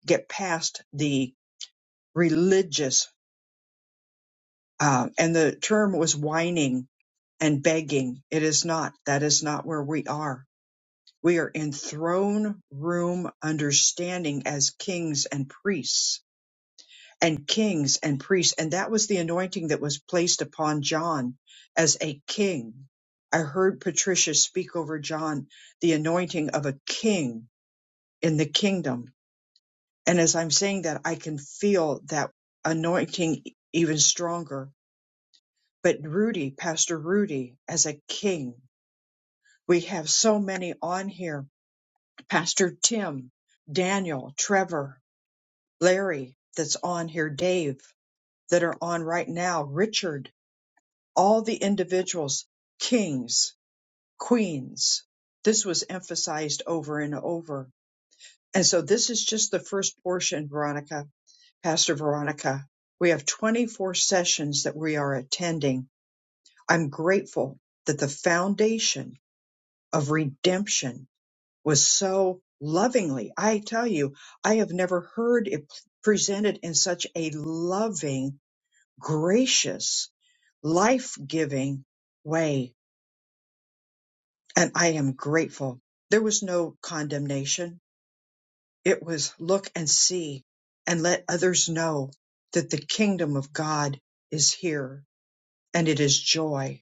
get past the religious, uh, and the term was whining and begging. It is not. That is not where we are. We are in throne room understanding as kings and priests and kings and priests. And that was the anointing that was placed upon John as a king. I heard Patricia speak over John, the anointing of a king in the kingdom. And as I'm saying that, I can feel that anointing even stronger but Rudy, Pastor Rudy, as a king. We have so many on here. Pastor Tim, Daniel, Trevor, Larry, that's on here, Dave, that are on right now, Richard, all the individuals, kings, queens. This was emphasized over and over. And so this is just the first portion, Veronica, Pastor Veronica. We have 24 sessions that we are attending. I'm grateful that the foundation of redemption was so lovingly. I tell you, I have never heard it presented in such a loving, gracious, life giving way. And I am grateful. There was no condemnation. It was look and see and let others know that the kingdom of God is here and it is joy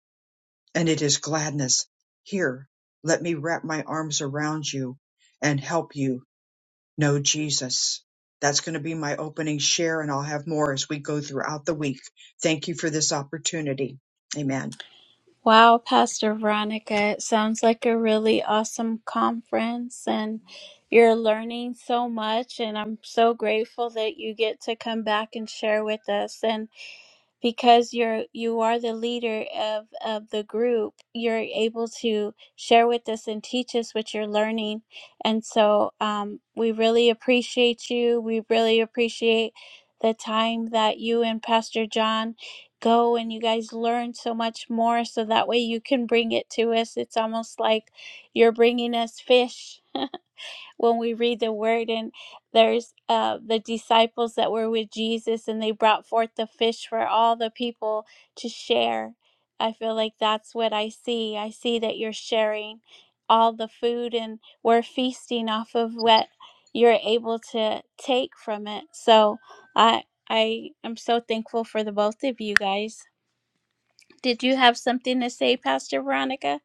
and it is gladness. Here, let me wrap my arms around you and help you know Jesus. That's going to be my opening share, and I'll have more as we go throughout the week. Thank you for this opportunity. Amen.
Wow, Pastor Veronica, it sounds like a really awesome conference, and you're learning so much. And I'm so grateful that you get to come back and share with us. And because you're you are the leader of of the group you're able to share with us and teach us what you're learning and so um, we really appreciate you we really appreciate the time that you and pastor john go and you guys learn so much more so that way you can bring it to us it's almost like you're bringing us fish when we read the word and there's uh, the disciples that were with jesus and they brought forth the fish for all the people to share i feel like that's what i see i see that you're sharing all the food and we're feasting off of what you're able to take from it so i i am so thankful for the both of you guys did you have something to say pastor veronica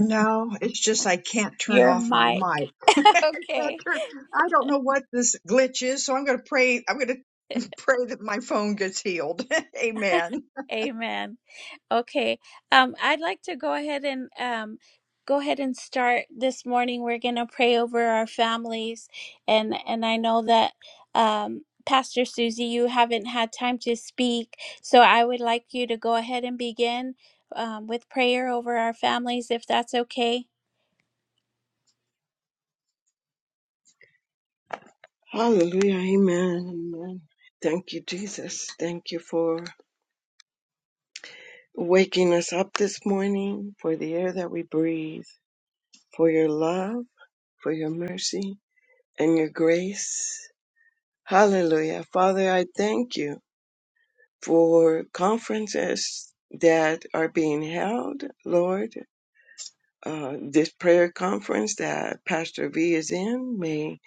No, it's just I can't turn
you're
off my
my
mic. Can't
okay
turn- I don't know what this glitch is, so I'm going to pray. I'm going to pray that my phone gets healed. Amen.
amen Okay. Um, I'd like to go ahead and um, go ahead and start this morning. We're going to pray over our families, and and I know that um, Pastor Susie, you haven't had time to speak, so I would like you to go ahead and begin um, with prayer over our families, if that's okay.
Hallelujah. Amen. Amen. Thank you, Jesus. Thank you for waking us up this morning, for the air that we breathe, for your love, for your mercy, and your grace. Hallelujah. Father, I thank you for conferences that are being held, Lord. Uh, this prayer conference that Pastor V is in, may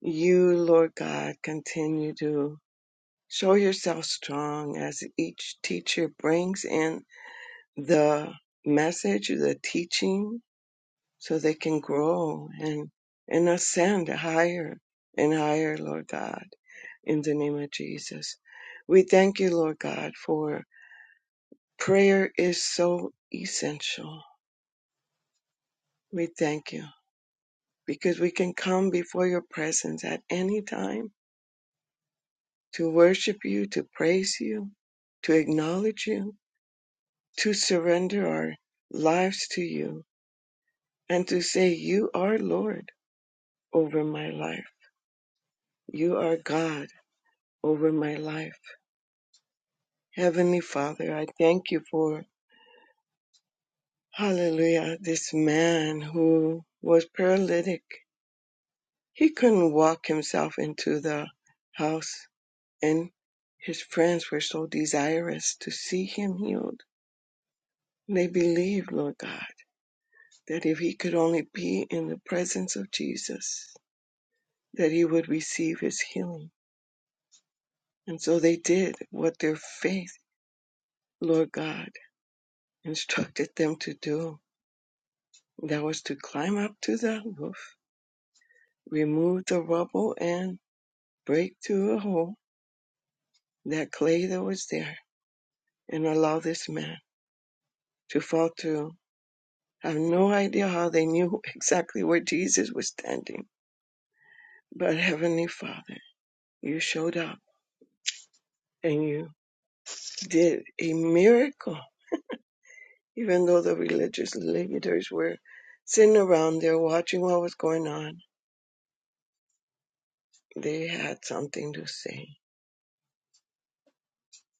you, Lord God, continue to Show yourself strong as each teacher brings in the message, the teaching, so they can grow and, and ascend higher and higher, Lord God, in the name of Jesus. We thank you, Lord God, for prayer is so essential. We thank you because we can come before your presence at any time to worship you, to praise you, to acknowledge you to surrender our lives to you and to say, You are Lord over my life. You are God over my life. Heavenly Father, I thank you for, hallelujah, this man who was paralytic. He couldn't walk himself into the house, and his friends were so desirous to see him healed. They believed, Lord God, that if he could only be in the presence of Jesus, that he would receive his healing. And so they did what their faith, Lord God, instructed them to do. That was to climb up to the roof, remove the rubble, and break through a hole that clay that was there, and allow this man to fall through. I have no idea how they knew exactly where Jesus was standing, but Heavenly Father, you showed up and you did a miracle even though the religious leaders were sitting around there watching what was going on, they had something to say,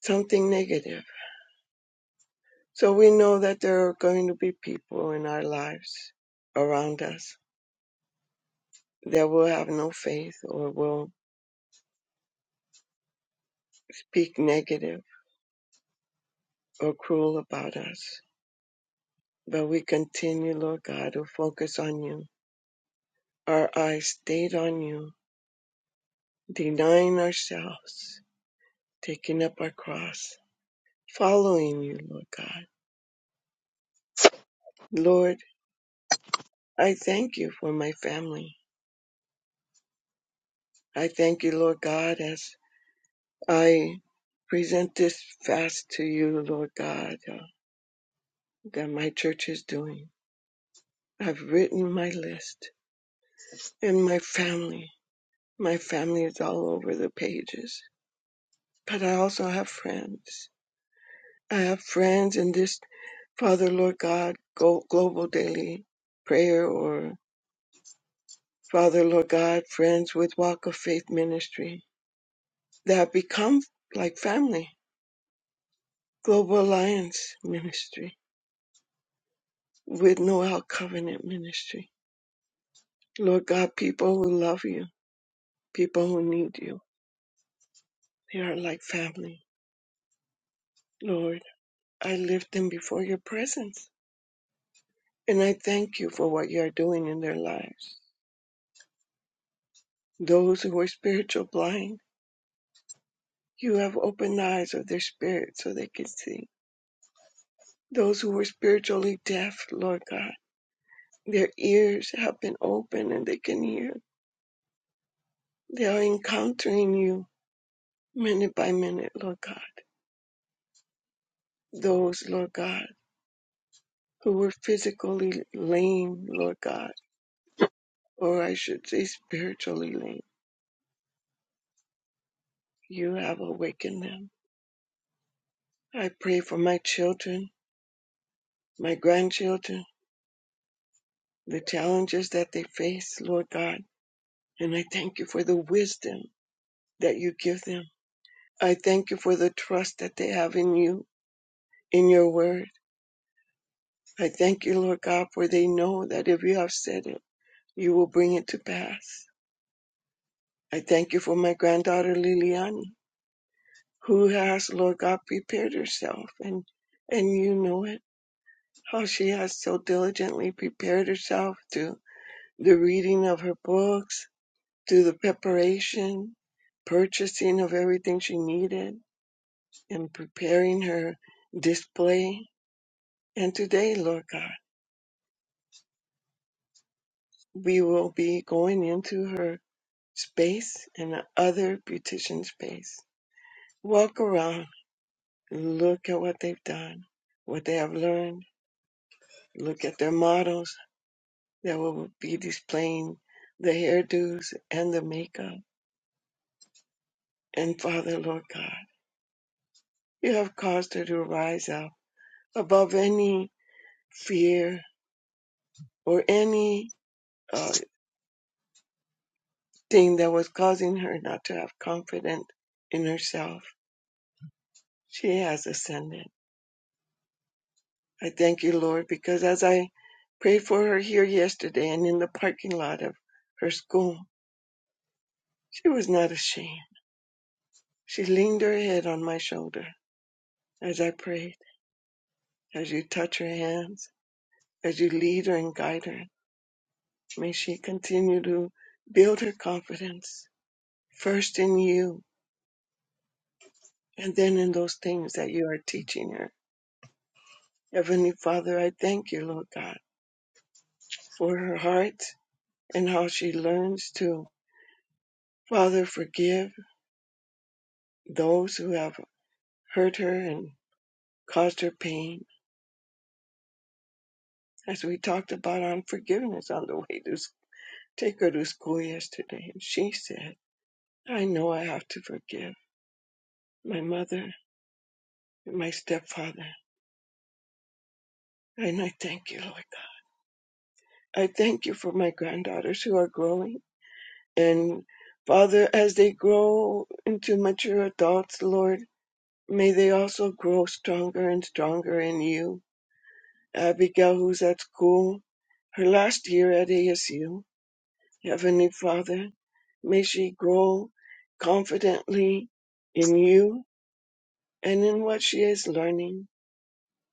something negative. So we know that there are going to be people in our lives around us that will have no faith or will speak negative or cruel about us. But we continue, Lord God, to focus on you, our eyes stayed on you, denying ourselves, taking up our cross, following you, Lord God. Lord, I thank you for my family. I thank you, Lord God, as I present this fast to you, Lord God, uh, that my church is doing. I've written my list and my family. My family is all over the pages. But I also have friends. I have friends in this Father, Lord God, Go- Global Daily Prayer or Father, Lord God, Friends with Walk of Faith Ministry that become like family Global Alliance Ministry, with Noel Covenant Ministry. Lord God, people who love you, people who need you, they are like family. Lord, I lift them before your presence, and I thank you for what you are doing in their lives. Those who were spiritual blind, you have opened the eyes of their spirit so they can see. Those who were spiritually deaf, Lord God, their ears have been opened and they can hear. They are encountering you minute by minute, Lord God. those, Lord God, who were physically lame, Lord God, or I should say spiritually lame. You have awakened them. I pray for my children, my grandchildren, the challenges that they face, Lord God, and I thank you for the wisdom that you give them. I thank you for the trust that they have in you, in your word. I thank you, Lord God, for they know that if you have said it, you will bring it to pass. I thank you for my granddaughter Liliani who has, Lord God, prepared herself and and you know it, how she has so diligently prepared herself through the reading of her books, through the preparation, purchasing of everything she needed, and preparing her display. And today, Lord God, we will be going into her space and the other beautician space. Walk around, look at what they've done, what they have learned, look at their models, that will be displaying the hairdos and the makeup. And Father, Lord God, you have caused her to rise up above any fear or any uh, thing that was causing her not to have confidence in herself. She has ascended. I thank you, Lord, because as I prayed for her here yesterday and in the parking lot of her school, she was not ashamed. She leaned her head on my shoulder as I prayed, as you touch her hands as you lead her and guide her. May she continue to build her confidence first in you and then in those things that you are teaching her. Heavenly Father, I thank you, Lord God, for her heart and how she learns to, Father, forgive those who have hurt her and caused her pain. As we talked about unforgiveness on the way to s- take her to school yesterday, and she said, I know I have to forgive my mother and my stepfather And I thank you, Lord God. I thank you for my granddaughters who are growing. And Father, as they grow into mature adults, Lord, may they also grow stronger and stronger in you. Abigail, who's at school, her last year at ASU, Heavenly Father, may she grow confidently in you and in what she is learning.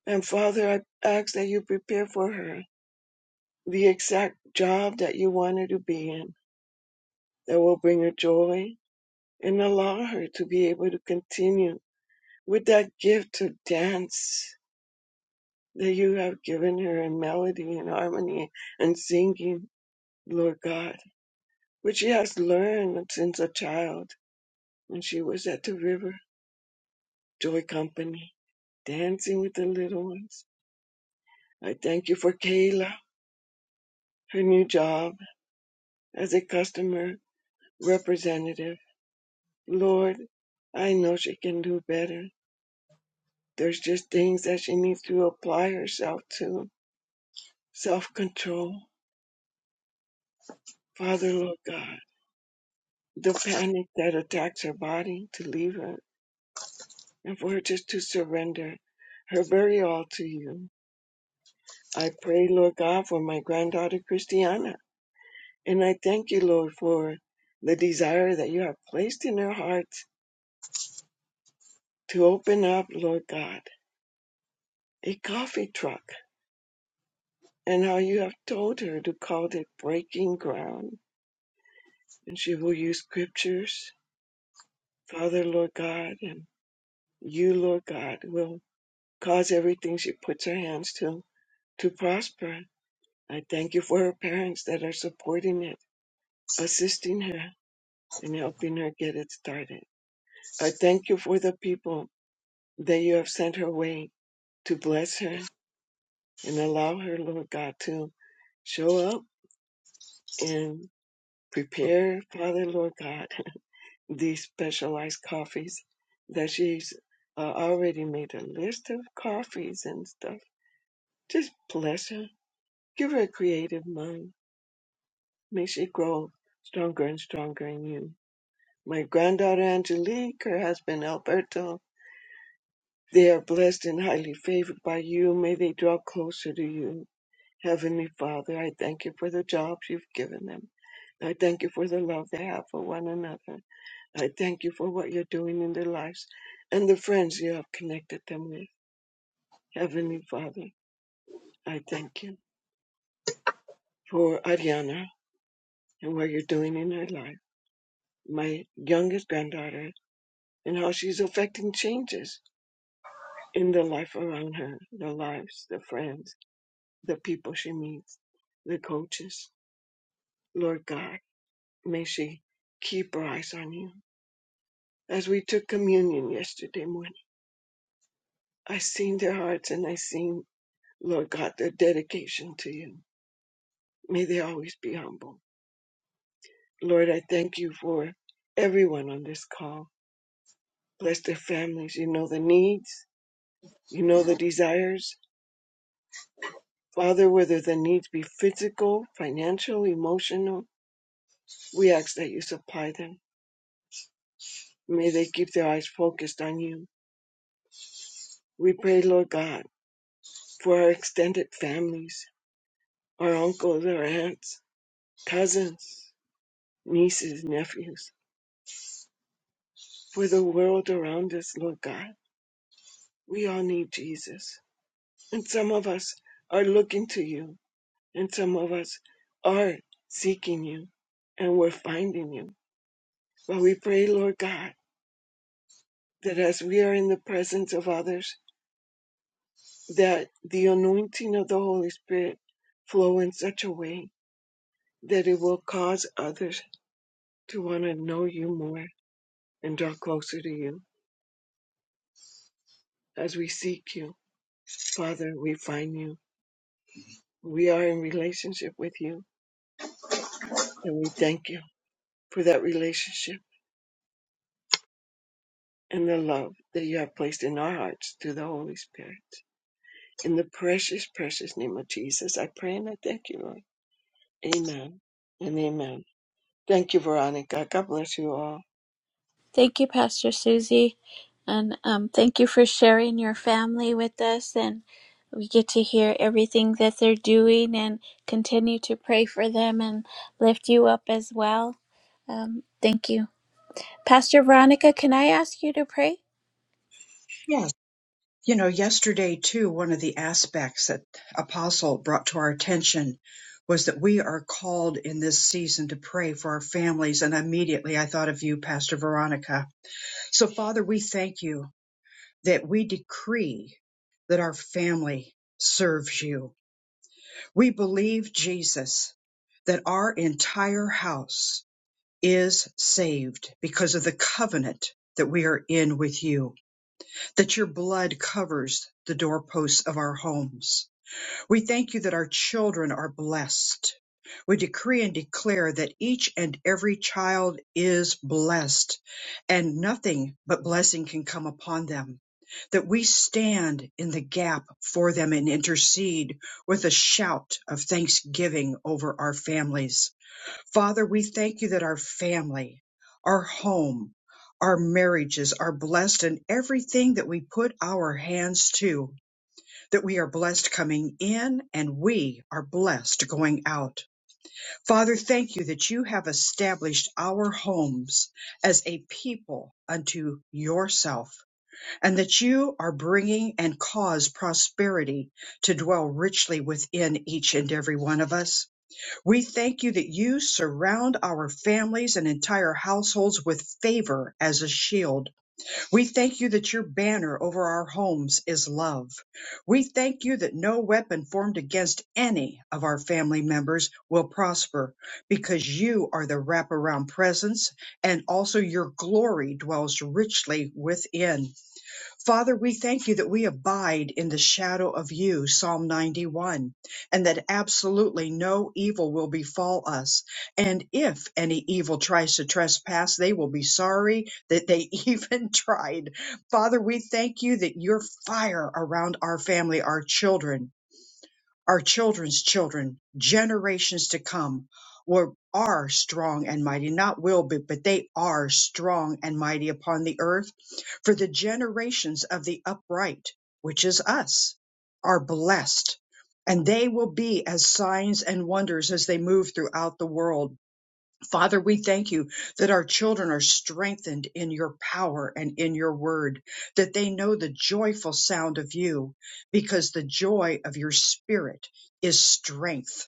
And Father, I ask that you prepare for her the exact job that you want her to be in that will bring her joy and allow her to be able to continue with that gift to dance that you have given her in melody and harmony and singing, Lord God, which she has learned since a child when she was at the river joy company, dancing with the little ones. I thank you for Kayla, her new job as a customer representative. Lord, I know she can do better There's just things that she needs to apply herself to self control. Father, Lord God, the panic that attacks her body to leave her and for her just to surrender her very all to you. I pray, Lord God, for my granddaughter Christiana. And I thank you, Lord, for the desire that you have placed in her heart to open up, Lord God, a coffee truck and how you have told her to call it breaking ground. And she will use scriptures Father, Lord God, and you, Lord God, will cause everything she puts her hands to to prosper. I thank you for her parents that are supporting it, assisting her, and helping her get it started. I thank you for the people that you have sent her way to bless her and allow her, Lord God, to show up and prepare, Father, Lord God, these specialized coffees that she's uh, already made a list of coffees and stuff Just bless her. Give her a creative mind. May she grow stronger and stronger in you. My granddaughter Angelique, her husband Alberto, they are blessed and highly favored by you. May they draw closer to you. Heavenly Father, I thank you for the jobs you've given them. I thank you for the love they have for one another. I thank you for what you're doing in their lives and the friends you have connected them with. Heavenly Father, I thank you for Ariana and what you're doing in her life. my youngest granddaughter and how she's affecting changes in the life around her, the lives, the friends, the people she meets, the coaches. Lord God, may she keep her eyes on you. As we took communion yesterday morning, I seen their hearts and I seen, Lord God, their dedication to you. May they always be humble. Lord, I thank you for everyone on this call. Bless their families. You know the needs. You know the desires Father, whether the needs be physical, financial, emotional, we ask that you supply them. May they keep their eyes focused on you. We pray, Lord God, for our extended families, our uncles, our aunts, cousins, nieces, nephews, for the world around us, Lord God. We all need Jesus. And some of us are looking to you, and some of us are seeking you, and we're finding you. But we pray, Lord God that as we are in the presence of others, that the anointing of the Holy Spirit flow in such a way that it will cause others to want to know you more and draw closer to you. As we seek you, Father, we find you. We are in relationship with you, and we thank you for that relationship and the love that you have placed in our hearts through the Holy Spirit. In the precious, precious name of Jesus, I pray and I thank you, Lord. Amen and amen. Thank you, Veronica. God bless you all.
Thank you, Pastor Susie. And um, thank you for sharing your family with us. And we get to hear everything that they're doing and continue to pray for them and lift you up as well. Um, thank you. Pastor Veronica, can I ask you to pray?
You know, yesterday too, one of the aspects that Apostle brought to our attention was that we are called in this season to pray for our families. And immediately I thought of you, Pastor Veronica. So, Father, we thank you that we decree that our family serves you. We believe, Jesus, that our entire house is saved because of the covenant that we are in with you that your blood covers the doorposts of our homes. We thank you that our children are blessed. We decree and declare that each and every child is blessed and nothing but blessing can come upon them. That we stand in the gap for them and intercede with a shout of thanksgiving over our families Father, we thank you that our family, our home, our marriages are blessed and everything that we put our hands to, that we are blessed coming in and we are blessed going out. Father, thank you that you have established our homes as a people unto yourself and that you are bringing and cause prosperity to dwell richly within each and every one of us. We thank you that you surround our families and entire households with favor as a shield. We thank you that your banner over our homes is love. We thank you that no weapon formed against any of our family members will prosper because you are the wraparound presence and also your glory dwells richly within. Father, we thank you that we abide in the shadow of you, Psalm 91, and that absolutely no evil will befall us. And if any evil tries to trespass, they will be sorry that they even tried. Father, we thank you that your fire around our family, our children, our children's children, generations to come, were, are strong and mighty, not will be, but they are strong and mighty upon the earth. For the generations of the upright, which is us, are blessed, and they will be as signs and wonders as they move throughout the world Father, we thank you that our children are strengthened in your power and in your word, that they know the joyful sound of you, because the joy of your spirit is strength.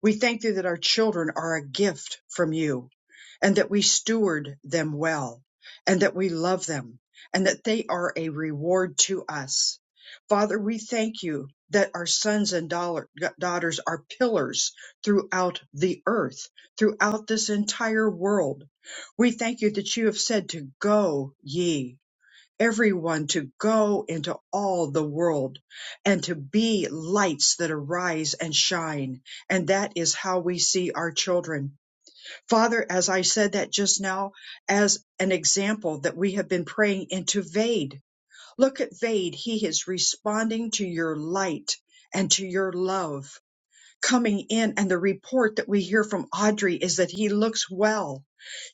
We thank thee that our children are a gift from you and that we steward them well and that we love them and that they are a reward to us. Father, we thank you that our sons and dollar- daughters are pillars throughout the earth, throughout this entire world. We thank you that you have said to go ye everyone to go into all the world and to be lights that arise and shine. And that is how we see our children. Father, as I said that just now, as an example that we have been praying into Vade. Look at Vade. He is responding to your light and to your love coming in and the report that we hear from Audrey is that he looks well,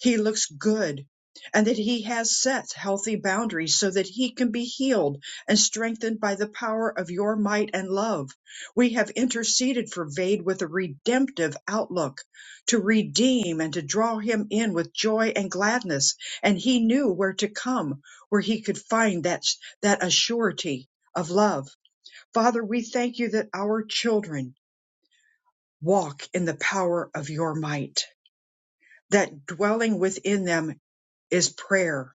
he looks good, and that he has set healthy boundaries so that he can be healed and strengthened by the power of your might and love. We have interceded for Vade with a redemptive outlook to redeem and to draw him in with joy and gladness. And he knew where to come, where he could find that, that assurity of love. Father, we thank you that our children walk in the power of your might. That dwelling within them is prayer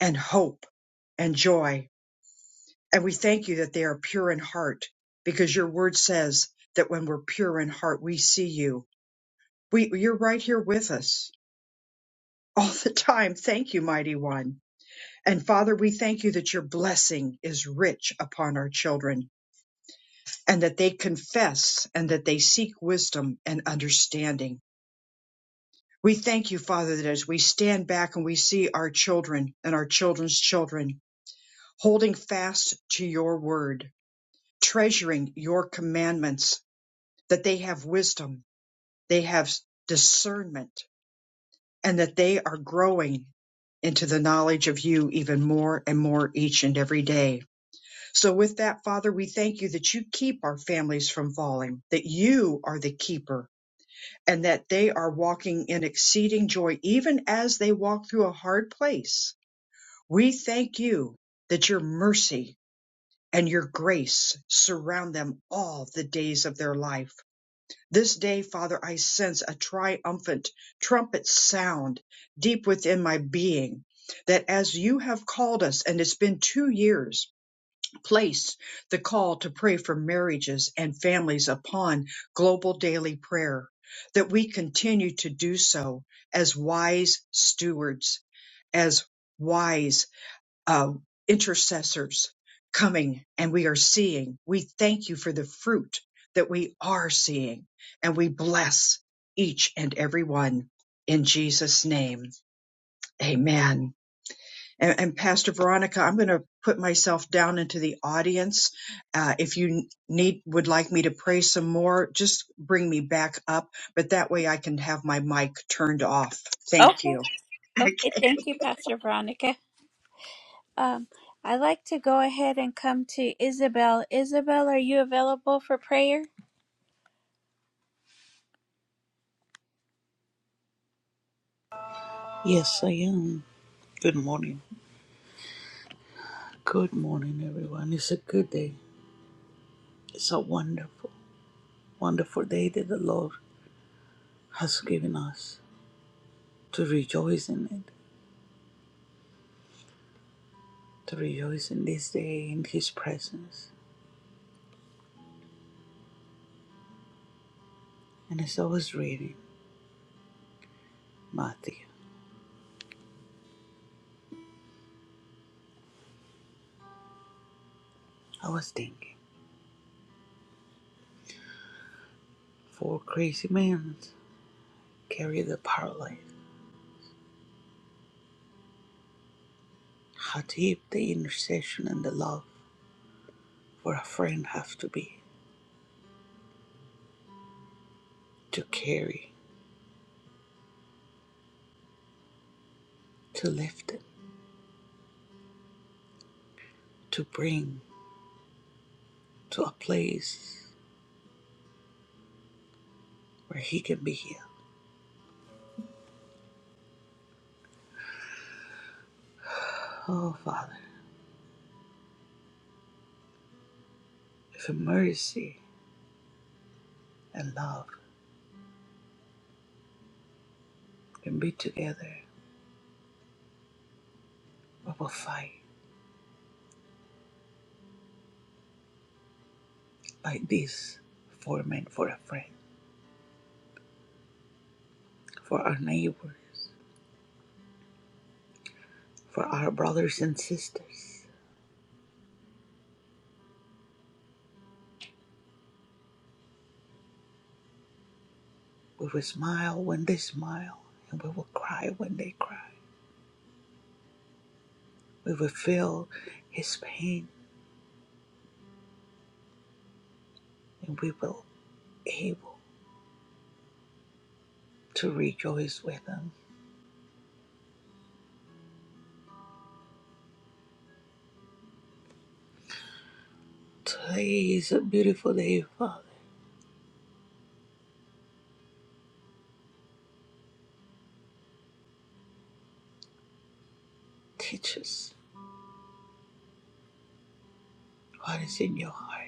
and hope and joy. And we thank you that they are pure in heart because your word says that when we're pure in heart, we see you. We, you're right here with us all the time. Thank you, mighty one. And Father, we thank you that your blessing is rich upon our children and that they confess and that they seek wisdom and understanding We thank you, Father, that as we stand back and we see our children and our children's children holding fast to your word, treasuring your commandments, that they have wisdom, they have discernment, and that they are growing into the knowledge of you even more and more each and every day. So with that, Father, we thank you that you keep our families from falling, that you are the keeper and that they are walking in exceeding joy even as they walk through a hard place. We thank you that your mercy and your grace surround them all the days of their life. This day, Father, I sense a triumphant trumpet sound deep within my being that as you have called us, and it's been two years placed the call to pray for marriages and families upon global daily prayer, that we continue to do so as wise stewards, as wise uh, intercessors coming and we are seeing. We thank you for the fruit that we are seeing and we bless each and every one in Jesus' name. Amen. And, and Pastor Veronica, I'm going to put myself down into the audience. Uh, if you need, would like me to pray some more, just bring me back up. But that way I can have my mic turned off. Thank
Okay.
you. Okay.
Okay. Thank you, Pastor Veronica. Um, I'd like to go ahead and come to Isabel. Isabel, are you available for prayer?
Yes, I am. Good morning. Good morning, everyone. It's a good day. It's a wonderful, wonderful day that the Lord has given us to rejoice in it, to rejoice in this day in His presence. And as I was reading Matthew, I was thinking, four crazy men carry the paralyzed. How deep the intercession and the love for a friend have to be to carry, to lift it, to bring to a place where he can be healed. Oh, Father, if mercy and love can be together, we will fight like this for men, for a friend, for our neighbors, for our brothers and sisters. We will smile when they smile, and we will cry when they cry. We will feel his pain, and we will be able to rejoice with him. Today is a beautiful day, Father. Teach us what is in your heart.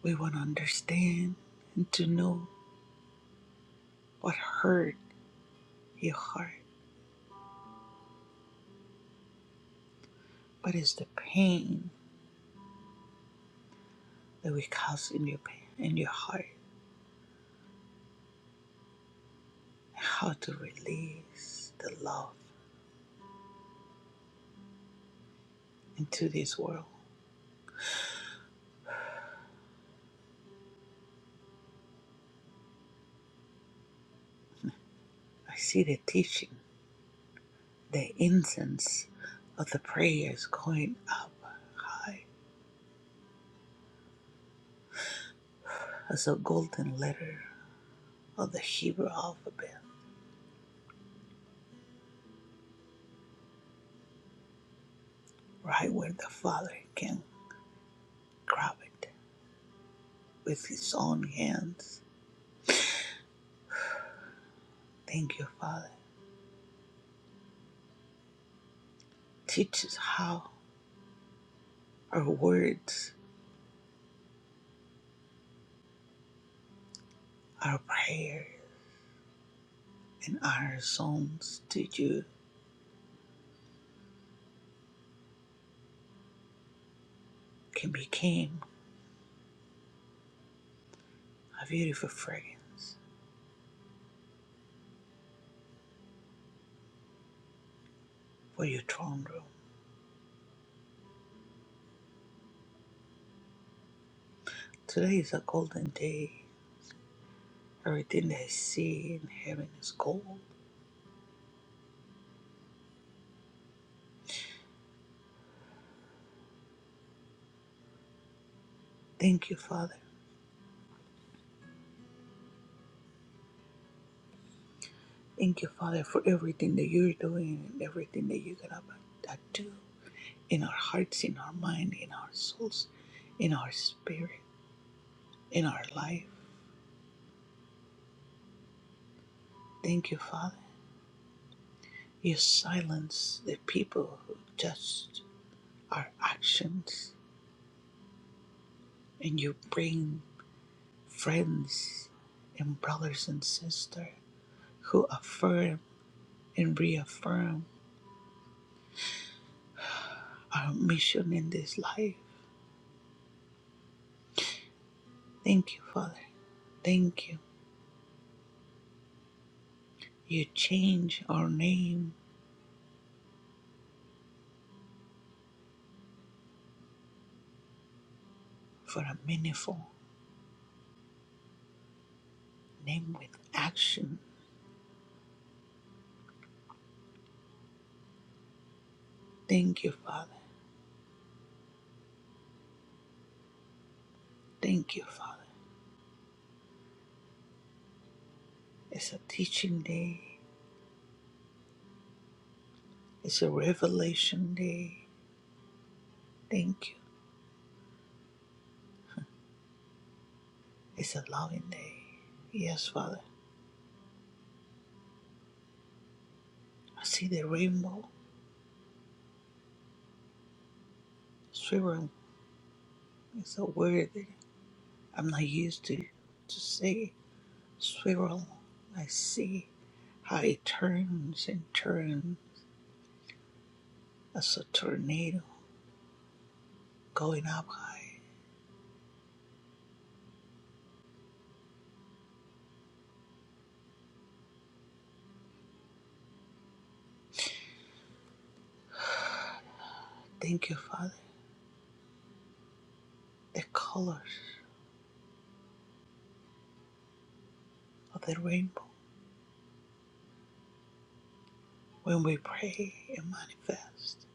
We want to understand and to know what hurt your heart, what is the pain that we cause in your pain, in your heart, and how to release the love into this world. I see the teaching, the incense of the prayers going up high as a golden letter of the Hebrew alphabet, right where the Father can grab it with his own hands. Thank you, Father. Teach us how. Our words, our prayers, and our songs to you can become a beautiful fragrance for your throne room. Today is a golden day. Everything that I see in heaven is gold. Thank you, Father. Thank you, Father, for everything that you're doing and everything that you're gonna uh, do in our hearts, in our mind, in our souls, in our spirit, in our life. Thank you, Father. You silence the people who judge. our actions and you bring friends and brothers and sisters who affirm and reaffirm our mission in this life. Thank you, Father. Thank you. You change our name for a meaningful name with action. Thank you, Father. Thank you, Father. It's a teaching day. It's a revelation day. Thank you. It's a loving day. Yes, Father. I see the rainbow silver It's a word that I'm not used to to say. Swirl. I see how it turns and turns as a tornado going up high. Thank you, Father. The colors of the rainbow. When we pray and manifest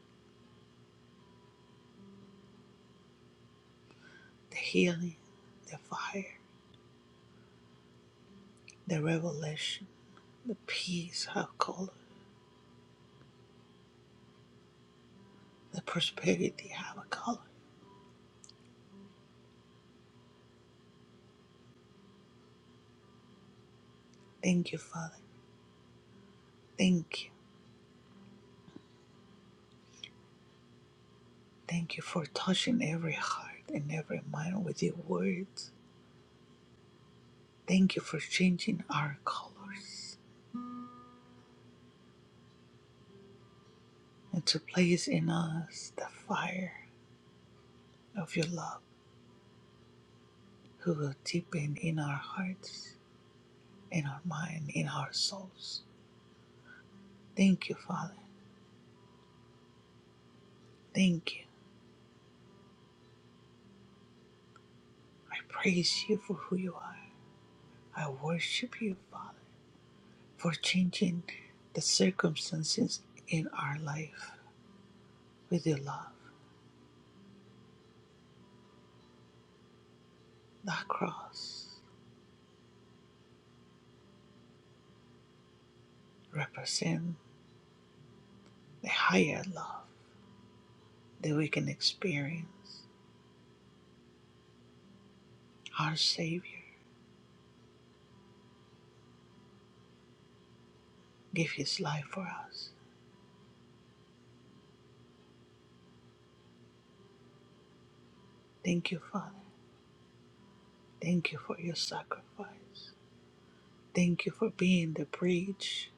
the healing, the fire, the revelation, the peace have color, the prosperity have a color. Thank you, Father. Thank you. Thank you for touching every heart and every mind with your words Thank you for changing our colors and to place in us the fire of your love, who will deepen in our hearts, in our mind, in our souls. Thank you, Father. Thank you. I praise you for who you are. I worship you, Father, for changing the circumstances in our life with your love. That cross represents the higher love that we can experience, our Savior give his life for us. Thank you, Father. Thank you for your sacrifice. Thank you for being the bridge.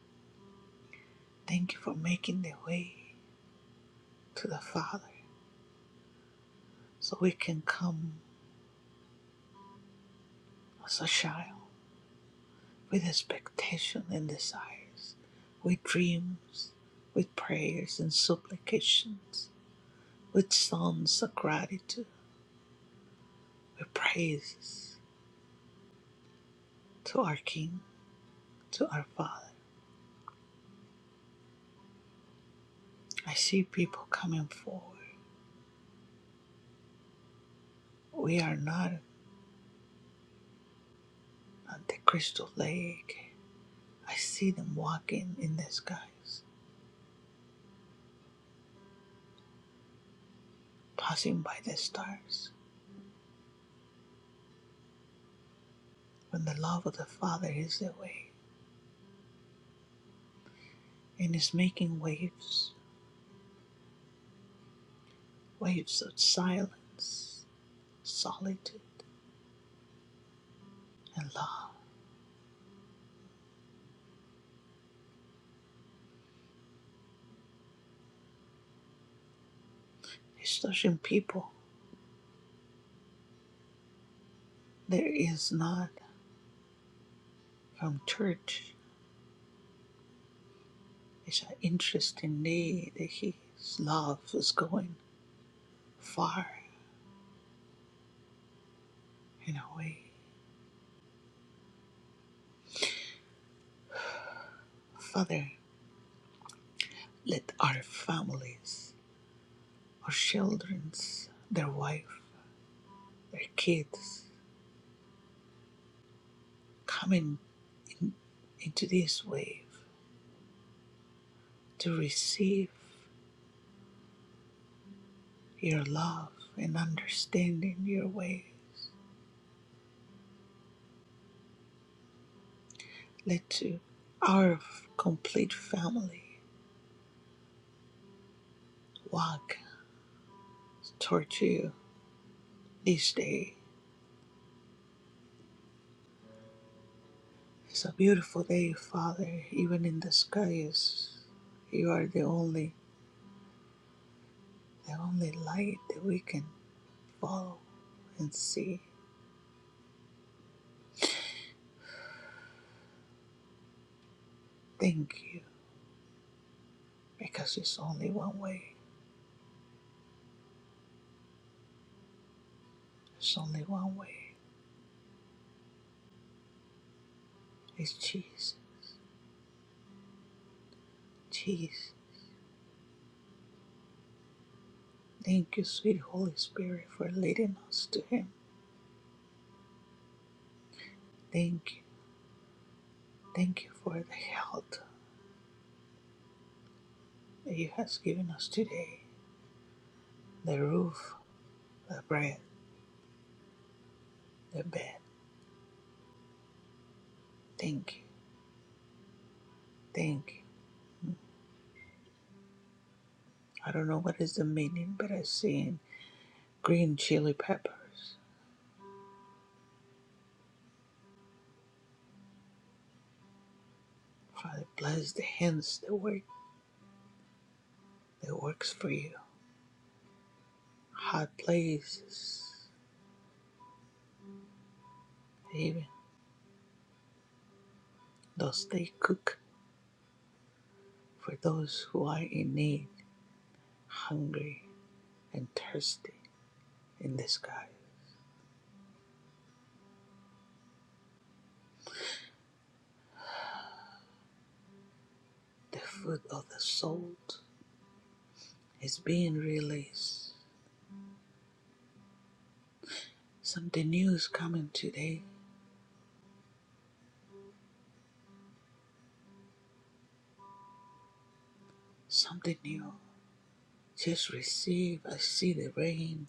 Thank you for making the way to the Father so we can come as a child with expectation and desires, with dreams, with prayers and supplications, with songs of gratitude, with praises to our King, to our Father. I see people coming forward. We are not at the crystal lake. I see them walking in the skies, passing by the stars, when the love of the Father is their way and is making waves, waves of silence, solitude, and love. Historian people, there is not from church is an interest in thee that his love is going far and away. Father, let our families, our childrens, their wife, their kids coming in, into this wave to receive your love and understanding your way. Let to our complete family walk towards you this day. It's a beautiful day, Father. Even in the skies, you are the only, the only light that we can follow and see. Thank you, because it's only one way. It's only one way. Is Jesus. Jesus. Thank you, sweet Holy Spirit, for leading us to Him. Thank you. Thank you for the health that you have given us today. The roof, the bread, the bed. Thank you. Thank you. I don't know what is the meaning, but I see green chili peppers. Father, bless the hands that work that works for you. Hot places, even those they cook for those who are in need, hungry. and thirsty in this garden. The fruit of the soul is being released. Something new is coming today. Something new. Just receive. I see the rain.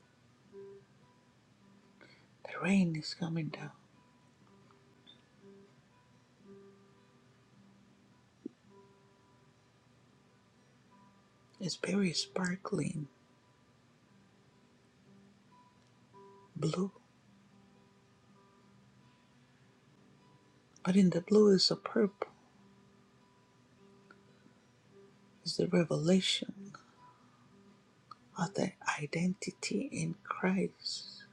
The rain is coming down. It's very sparkling blue. But in the blue is a purple. It's the revelation of the identity in Christ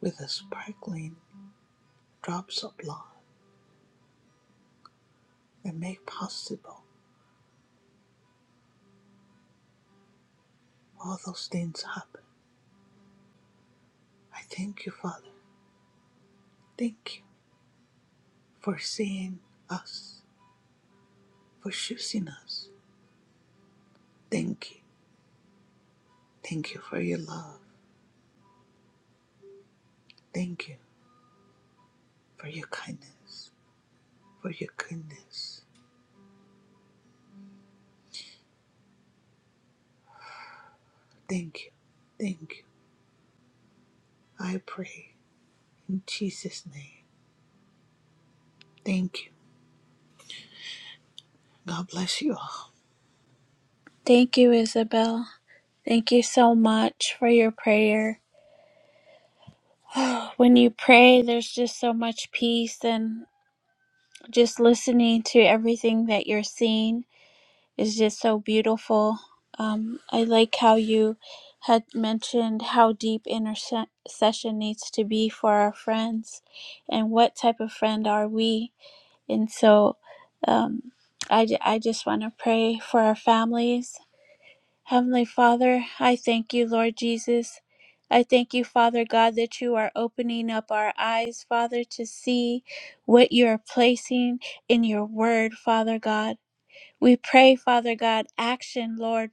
with the sparkling drops of blood that make possible all those things happen. I thank you, Father. Thank you for seeing us, for choosing us. Thank you. Thank you for your love. Thank you for your kindness, for your goodness. Thank you. Thank you. I pray in Jesus' name. Thank you. God bless you all.
Thank you, Isabel. Thank you so much for your prayer. when you pray, there's just so much peace, and just listening to everything that you're seeing is just so beautiful. Um, I like how you had mentioned how deep intercession needs to be for our friends, and what type of friend are we? And so, um, I, ju- I just want to pray for our families Heavenly Father, I thank you, Lord Jesus. I thank you, Father God, that you are opening up our eyes, Father, to see what you are placing in your word, Father God. We pray, Father God, action, Lord,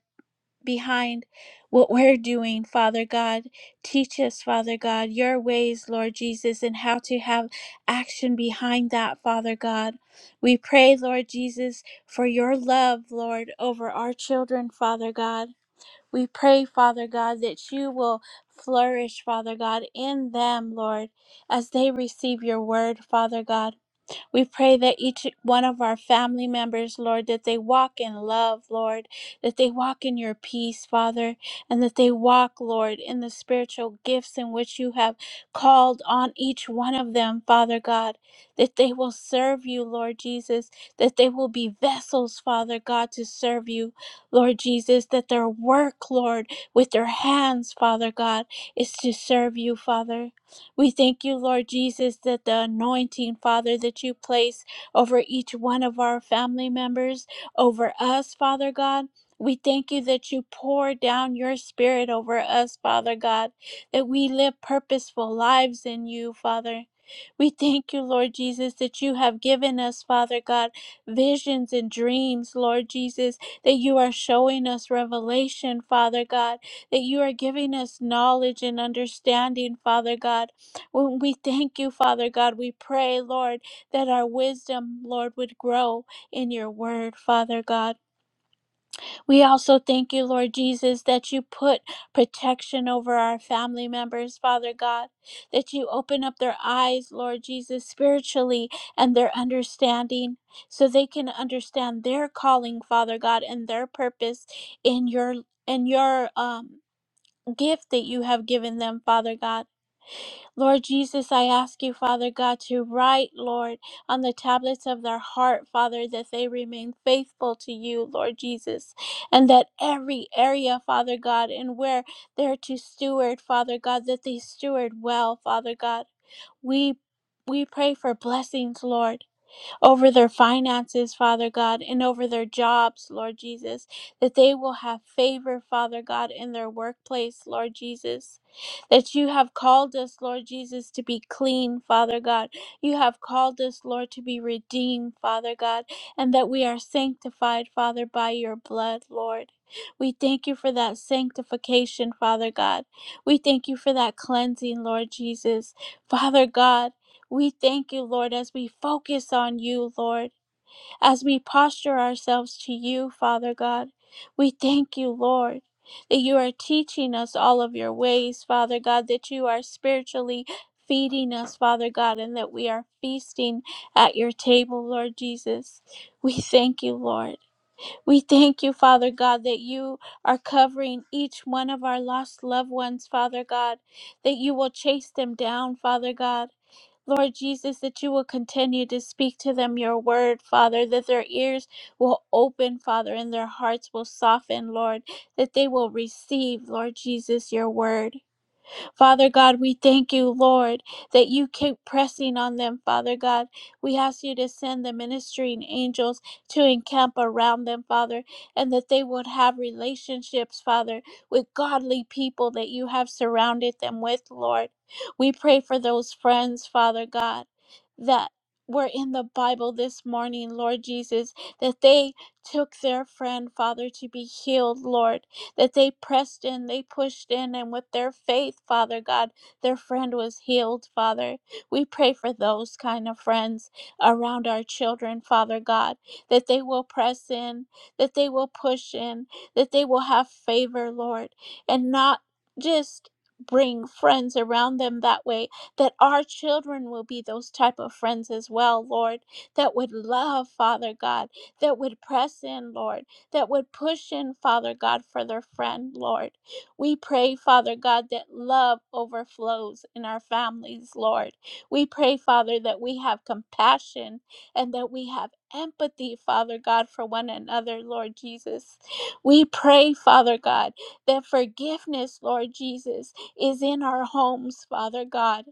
behind what we're doing, Father God. Teach us, Father God, your ways, Lord Jesus, and how to have action behind that, Father God. We pray, Lord Jesus, for your love, Lord, over our children, Father God. We pray, Father God, that you will flourish, Father God, in them, Lord, as they receive your word, Father God. We pray that each one of our family members, Lord, that they walk in love, Lord, that they walk in your peace, Father, and that they walk, Lord, in the spiritual gifts in which you have called on each one of them, Father God, that they will serve you, Lord Jesus, that they will be vessels, Father God, to serve you, Lord Jesus, that their work, Lord, with their hands, Father God, is to serve you, Father. We thank you, Lord Jesus, that the anointing, Father, that you place over each one of our family members, over us, Father God. We thank you that you pour down your spirit over us, Father God, that we live purposeful lives in you, Father. We thank you, Lord Jesus, that you have given us, Father God, visions and dreams, Lord Jesus, that you are showing us revelation, Father God, that you are giving us knowledge and understanding, Father God when we thank you, Father God, we pray, Lord, that our wisdom, Lord, would grow in your word, Father God. We also thank you, Lord Jesus, that you put protection over our family members, Father God, that you open up their eyes, Lord Jesus, spiritually and their understanding so they can understand their calling, Father God, and their purpose in your in your um gift that you have given them, Father God. Lord Jesus, I ask you, Father God, to write, Lord, on the tablets of their heart, Father, that they remain faithful to you, Lord Jesus, and that every area, Father God, and where they're to steward, Father God, that they steward well, Father God. We we pray for blessings, Lord over their finances, Father God, and over their jobs, Lord Jesus, that they will have favor, Father God, in their workplace, Lord Jesus, that you have called us, Lord Jesus, to be clean, Father God. You have called us, Lord, to be redeemed, Father God, and that we are sanctified, Father, by your blood, Lord. We thank you for that sanctification, Father God. We thank you for that cleansing, Lord Jesus. Father God, we thank you, Lord, as we focus on you, Lord, as we posture ourselves to you, Father God. We thank you, Lord, that you are teaching us all of your ways, Father God, that you are spiritually feeding us, Father God, and that we are feasting at your table, Lord Jesus. We thank you, Lord. We thank you, Father God, that you are covering each one of our lost loved ones, Father God, that you will chase them down, Father God Lord Jesus, that you will continue to speak to them your word, Father, that their ears will open, Father, and their hearts will soften, Lord, that they will receive, Lord Jesus, your word. Father God, we thank you, Lord, that you keep pressing on them, Father God. We ask you to send the ministering angels to encamp around them, Father, and that they would have relationships, Father, with godly people that you have surrounded them with, Lord. We pray for those friends, Father God, that were in the Bible this morning, Lord Jesus, that they took their friend, Father, to be healed, Lord that they pressed in, they pushed in, and with their faith, Father God, their friend was healed, Father. We pray for those kind of friends around our children, Father God, that they will press in, that they will push in, that they will have favor, Lord, and not just bring friends around them that way that our children will be those type of friends as well lord that would love father god that would press in lord that would push in, Father God, for their friend, Lord. We pray, Father God, that love overflows in our families, Lord. We pray, Father, that we have compassion and that we have empathy, Father God, for one another, Lord Jesus. We pray, Father God, that forgiveness, Lord Jesus, is in our homes, Father God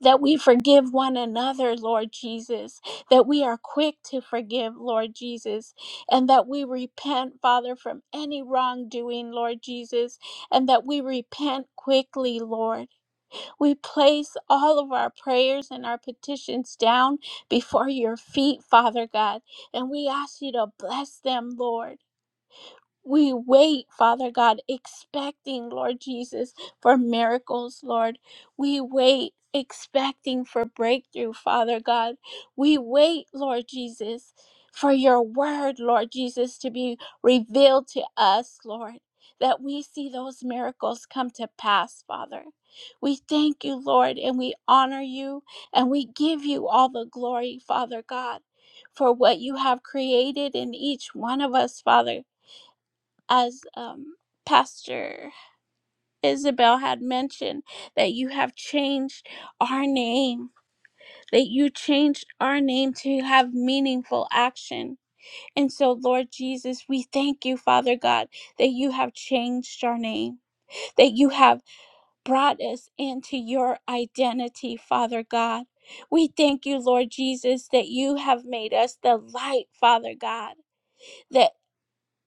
that we forgive one another, Lord Jesus, that we are quick to forgive, Lord Jesus, and that we repent, Father, from any wrongdoing, Lord Jesus, and that we repent quickly, Lord. We place all of our prayers and our petitions down before your feet, Father God, and we ask you to bless them, Lord. We wait, Father God, expecting, Lord Jesus, for miracles, Lord. We wait, expecting for breakthrough, Father God. We wait, Lord Jesus, for your word, Lord Jesus, to be revealed to us, Lord, that we see those miracles come to pass, Father. We thank you, Lord, and we honor you, and we give you all the glory, Father God, for what you have created in each one of us, Father as um, Pastor Isabel had mentioned, that you have changed our name, that you changed our name to have meaningful action. And so, Lord Jesus, we thank you, Father God, that you have changed our name, that you have brought us into your identity, Father God. We thank you, Lord Jesus, that you have made us the light, Father God That.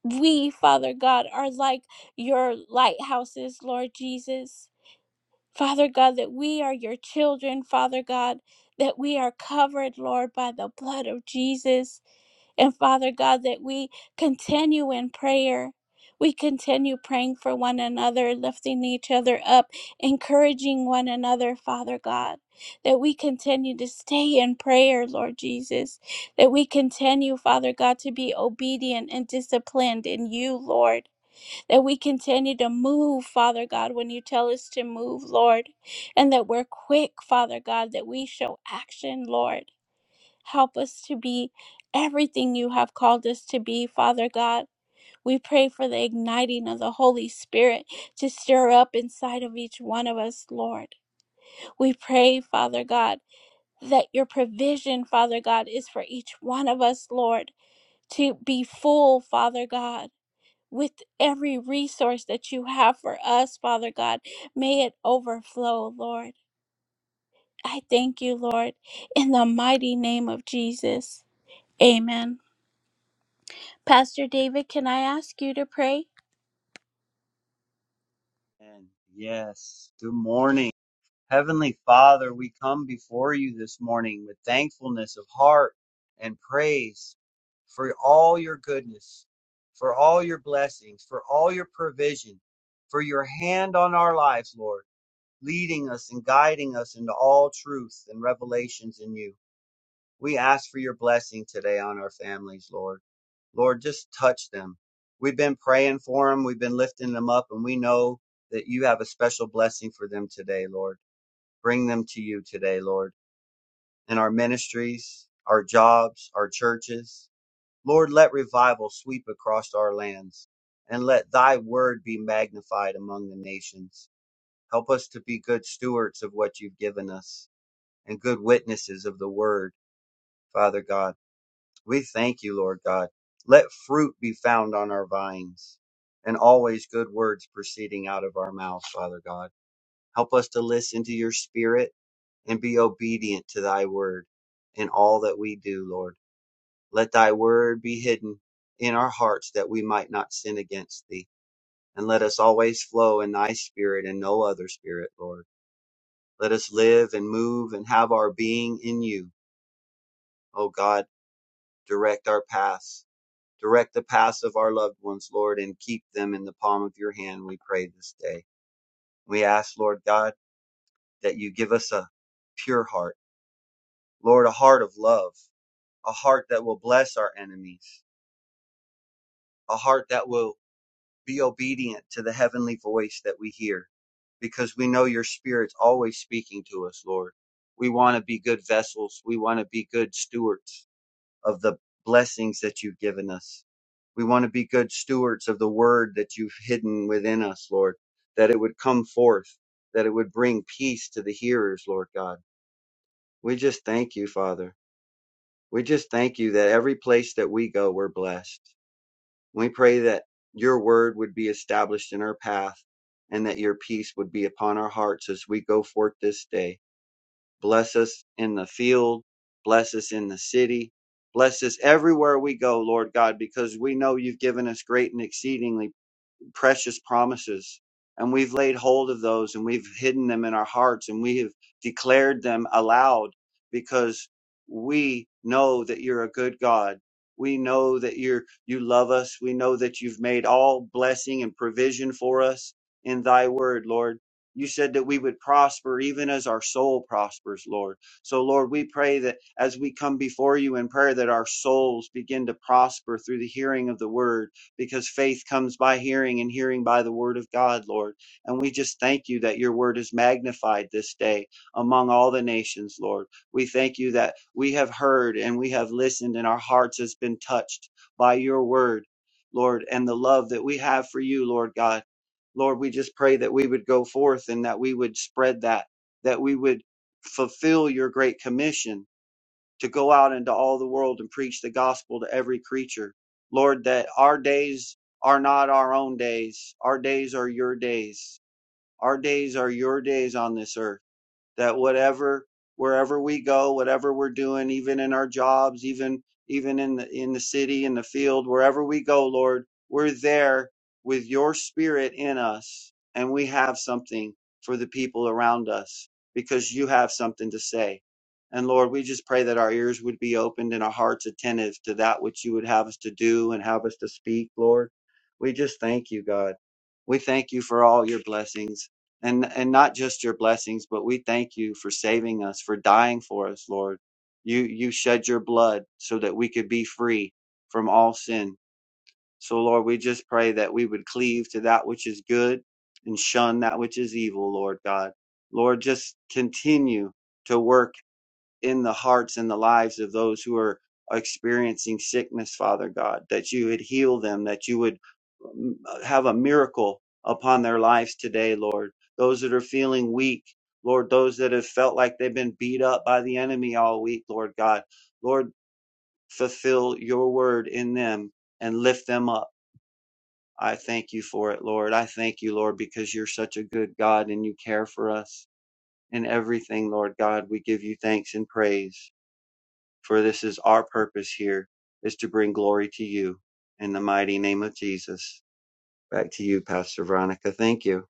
We, Father God, are like your lighthouses, Lord Jesus. Father God, that we are your children, Father God, that we are covered, Lord, by the blood of Jesus. And Father God, that we continue in prayer. We continue praying for one another, lifting each other up, encouraging one another, Father God. That we continue to stay in prayer, Lord Jesus. That we continue, Father God, to be obedient and disciplined in you, Lord. That we continue to move, Father God, when you tell us to move, Lord. And that we're quick, Father God, that we show action, Lord Help us to be everything you have called us to be, Father God. We pray for the igniting of the Holy Spirit to stir up inside of each one of us, Lord. We pray, Father God, that your provision, Father God, is for each one of us, Lord, to be full, Father God. With every resource that you have for us, Father God, may it overflow, Lord. I thank you, Lord, in the mighty name of Jesus. Amen. Pastor David, can I ask you to pray?
And yes, good morning. Heavenly Father, we come before you this morning with thankfulness of heart and praise for all your goodness, for all your blessings, for all your provision, for your hand on our lives, Lord, leading us and guiding us into all truth and revelations in you. We ask for your blessing today on our families, Lord. Lord, just touch them. We've been praying for them, we've been lifting them up, and we know that you have a special blessing for them today, Lord. Bring them to you today, Lord, in our ministries, our jobs, our churches. Lord, let revival sweep across our lands and let thy word be magnified among the nations. Help us to be good stewards of what you've given us and good witnesses of the word, Father God. We thank you, Lord God. Let fruit be found on our vines and always good words proceeding out of our mouths, Father God. Help us to listen to your spirit and be obedient to thy word in all that we do, Lord. Let thy word be hidden in our hearts that we might not sin against thee. And let us always flow in thy spirit and no other spirit, Lord. Let us live and move and have our being in you. O God, direct our paths Direct the paths of our loved ones, Lord, and keep them in the palm of your hand, we pray this day. We ask, Lord God, that you give us a pure heart, Lord, a heart of love, a heart that will bless our enemies, a heart that will be obedient to the heavenly voice that we hear, because we know your spirit's always speaking to us, Lord. We want to be good vessels. We want to be good stewards of the blessings that you've given us. We want to be good stewards of the word that you've hidden within us, Lord, that it would come forth, that it would bring peace to the hearers, Lord God. We just thank you, Father. We just thank you that every place that we go, we're blessed. We pray that your word would be established in our path and that your peace would be upon our hearts as we go forth this day. Bless us in the field. Bless us in the city. Bless us everywhere we go, Lord God, because we know you've given us great and exceedingly precious promises and we've laid hold of those and we've hidden them in our hearts and we have declared them aloud because we know that you're a good God. We know that you're, you love us. We know that you've made all blessing and provision for us in thy word, Lord. You said that we would prosper even as our soul prospers, Lord. So Lord, we pray that as we come before you in prayer, that our souls begin to prosper through the hearing of the word because faith comes by hearing and hearing by the word of God, Lord. And we just thank you that your word is magnified this day among all the nations, Lord. We thank you that we have heard and we have listened and our hearts has been touched by your word, Lord, and the love that we have for you, Lord God. Lord, we just pray that we would go forth and that we would spread that, that we would fulfill your great commission to go out into all the world and preach the gospel to every creature. Lord, that our days are not our own days. Our days are your days. Our days are your days on this earth that whatever wherever we go whatever we're doing even in our jobs even even in the in the city in the field wherever we go lord we're there with your spirit in us and we have something for the people around us because you have something to say and lord we just pray that our ears would be opened and our hearts attentive to that which you would have us to do and have us to speak lord we just thank you god we thank you for all your blessings and and not just your blessings but we thank you for saving us for dying for us lord you you shed your blood so that we could be free from all sin so lord we just pray that we would cleave to that which is good and shun that which is evil lord god lord just continue to work in the hearts and the lives of those who are experiencing sickness, Father God, that you would heal them, that you would mm, have a miracle upon their lives today, Lord. Those that are feeling weak, Lord, those that have felt like they've been beat up by the enemy all week, Lord God, Lord, fulfill your word in them and lift them up. I thank you for it, Lord. I thank you, Lord, because you're such a good God and you care for us in everything, Lord God. We give you thanks and praise for this is our purpose here is to bring glory to you in the mighty name of Jesus. Back to you, Pastor Veronica. Thank you.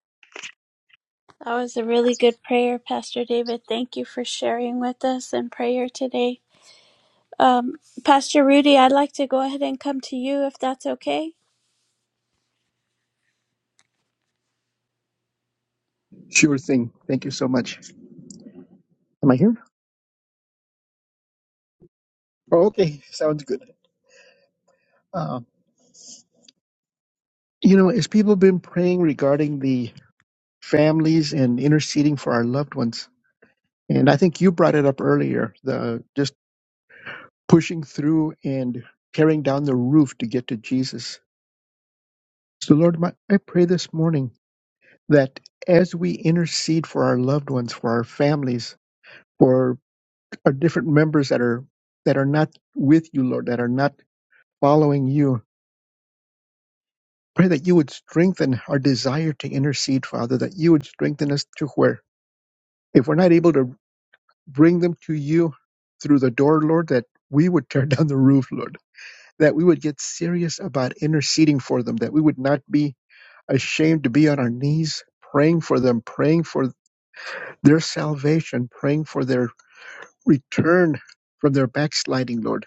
That was a really good prayer, Pastor David. Thank you for sharing with us in prayer today. Um, Pastor Rudy, I'd like to go ahead and come to you if that's okay.
Sure thing. Thank you so much. Am I here? Oh, okay. Sounds good. Uh, you know, as people have been praying regarding the families and interceding for our loved ones, And I think you brought it up earlier, the just pushing through and tearing down the roof to get to Jesus. So Lord, my, I pray this morning that as we intercede for our loved ones, for our families, for our different members that are that are not with you, Lord, that are not following you, pray that you would strengthen our desire to intercede, Father, that you would strengthen us to where if we're not able to bring them to you through the door, Lord, that we would tear down the roof, Lord that we would get serious about interceding for them, that we would not be ashamed to be on our knees praying for them, praying for their salvation, praying for their return from their backsliding, Lord.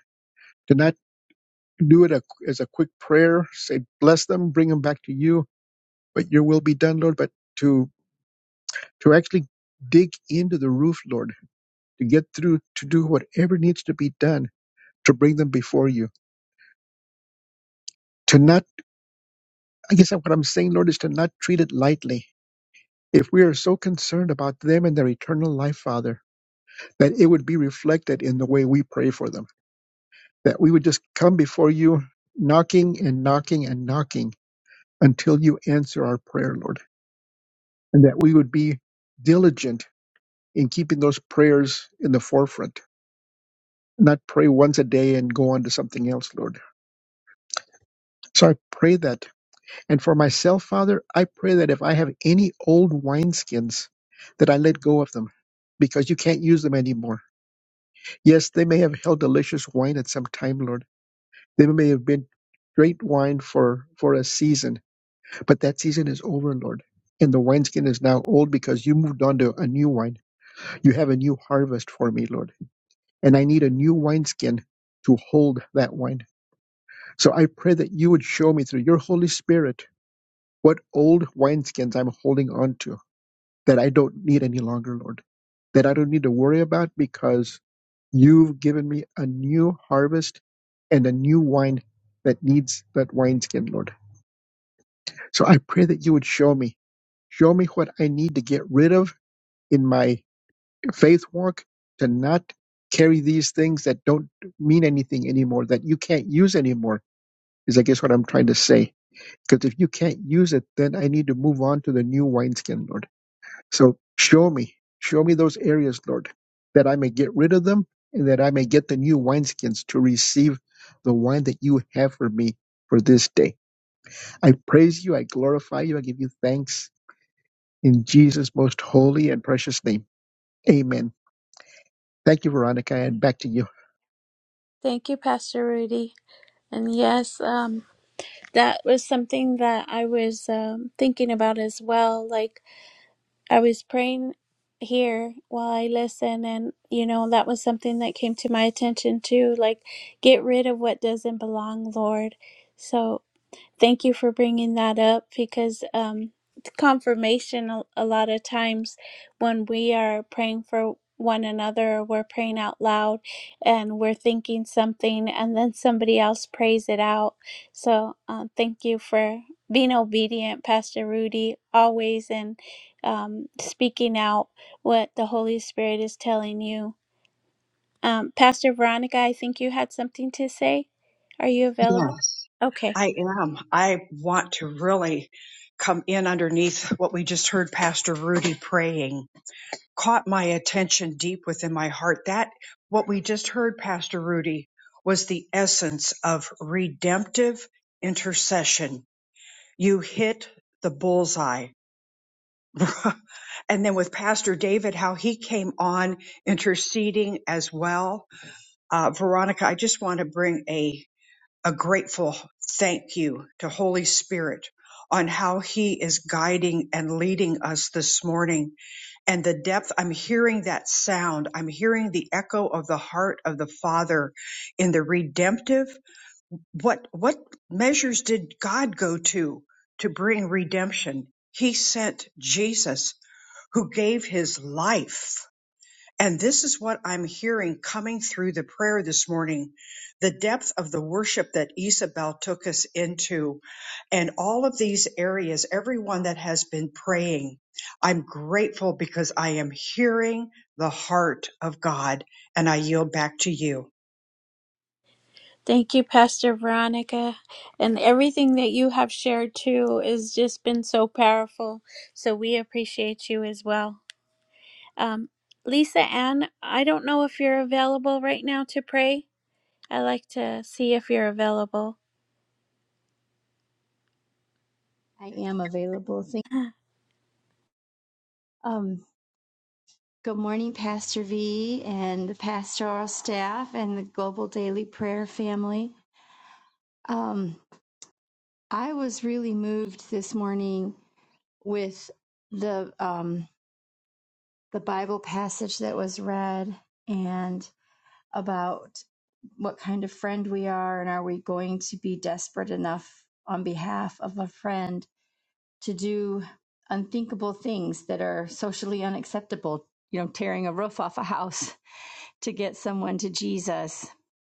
To not do it a, as a quick prayer, say, bless them, bring them back to you, but your will be done, Lord, but to, to actually dig into the roof, Lord, to get through, to do whatever needs to be done to bring them before you. To not, I guess what I'm saying, Lord, is to not treat it lightly If we are so concerned about them and their eternal life, Father, that it would be reflected in the way we pray for them, that we would just come before you knocking and knocking and knocking until you answer our prayer, Lord, and that we would be diligent in keeping those prayers in the forefront, not pray once a day and go on to something else, Lord. So I pray that. And for myself, Father, I pray that if I have any old wineskins, that I let go of them because you can't use them anymore Yes, they may have held delicious wine at some time, Lord. They may have been great wine for, for a season, but that season is over, Lord. And the wineskin is now old because you moved on to a new wine. You have a new harvest for me, Lord. And I need a new wineskin to hold that wine. So I pray that you would show me through your Holy Spirit what old wineskins I'm holding on to that I don't need any longer, Lord, that I don't need to worry about because you've given me a new harvest and a new wine that needs that wineskin, Lord. So I pray that you would show me, show me what I need to get rid of in my faith walk to not carry these things that don't mean anything anymore, that you can't use anymore, is I guess what I'm trying to say. Because if you can't use it, then I need to move on to the new wineskin, Lord. So show me, show me those areas, Lord, that I may get rid of them and that I may get the new wineskins to receive the wine that you have for me for this day. I praise you, I glorify you, I give you thanks in Jesus' most holy and precious name. Amen. Thank you, Veronica, and back to you.
Thank you, Pastor Rudy. And yes, um, that was something that I was um, thinking about as well. Like, I was praying here while I listen, and, you know, that was something that came to my attention too. Like, get rid of what doesn't belong, Lord. So, thank you for bringing that up because um, confirmation a, a lot of times when we are praying for one another we're praying out loud and we're thinking something and then somebody else prays it out so um, thank you for being obedient pastor rudy always and um, speaking out what the holy spirit is telling you um, pastor veronica i think you had something to say are you available
Yes.
Okay.
I am. I want to really come in underneath what we just heard Pastor Rudy praying. Caught my attention deep within my heart. That, what we just heard, Pastor Rudy, was the essence of redemptive intercession You hit the bullseye. and then with Pastor David, how he came on interceding as well. Uh, Veronica, I just want to bring a, a grateful thank you to Holy Spirit on how he is guiding and leading us this morning and the depth. I'm hearing that sound. I'm hearing the echo of the heart of the Father in the redemptive what what measures did God go to to bring redemption? He sent Jesus who gave his life. And this is what I'm hearing coming through the prayer this morning. The depth of the worship that Isabel took us into and all of these areas, everyone that has been praying. I'm grateful because I am hearing the heart of God and I yield back to you.
Thank you, Pastor Veronica. And everything that you have shared too has just been so powerful. So we appreciate you as well. Um, Lisa Ann, I don't know if you're available right now to pray. I like to see if you're available.
I am available. Thank um, good morning, Pastor V and the pastoral staff and the Global Daily Prayer family. Um, I was really moved this morning with the um, the Bible passage that was read and about what kind of friend we are and are we going to be desperate enough on behalf of a friend to do unthinkable things that are socially unacceptable, you know, tearing a roof off a house to get someone to Jesus.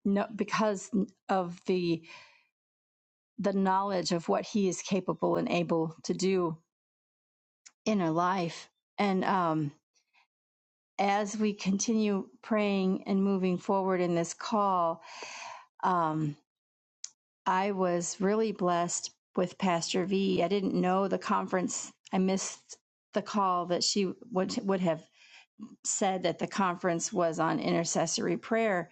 No, because of the the knowledge of what he is capable and able to do in her life, and um, as we continue praying and moving forward in this call, um, I was really blessed with Pastor V. I didn't know the conference; I missed the call that she would would have said that the conference was on intercessory prayer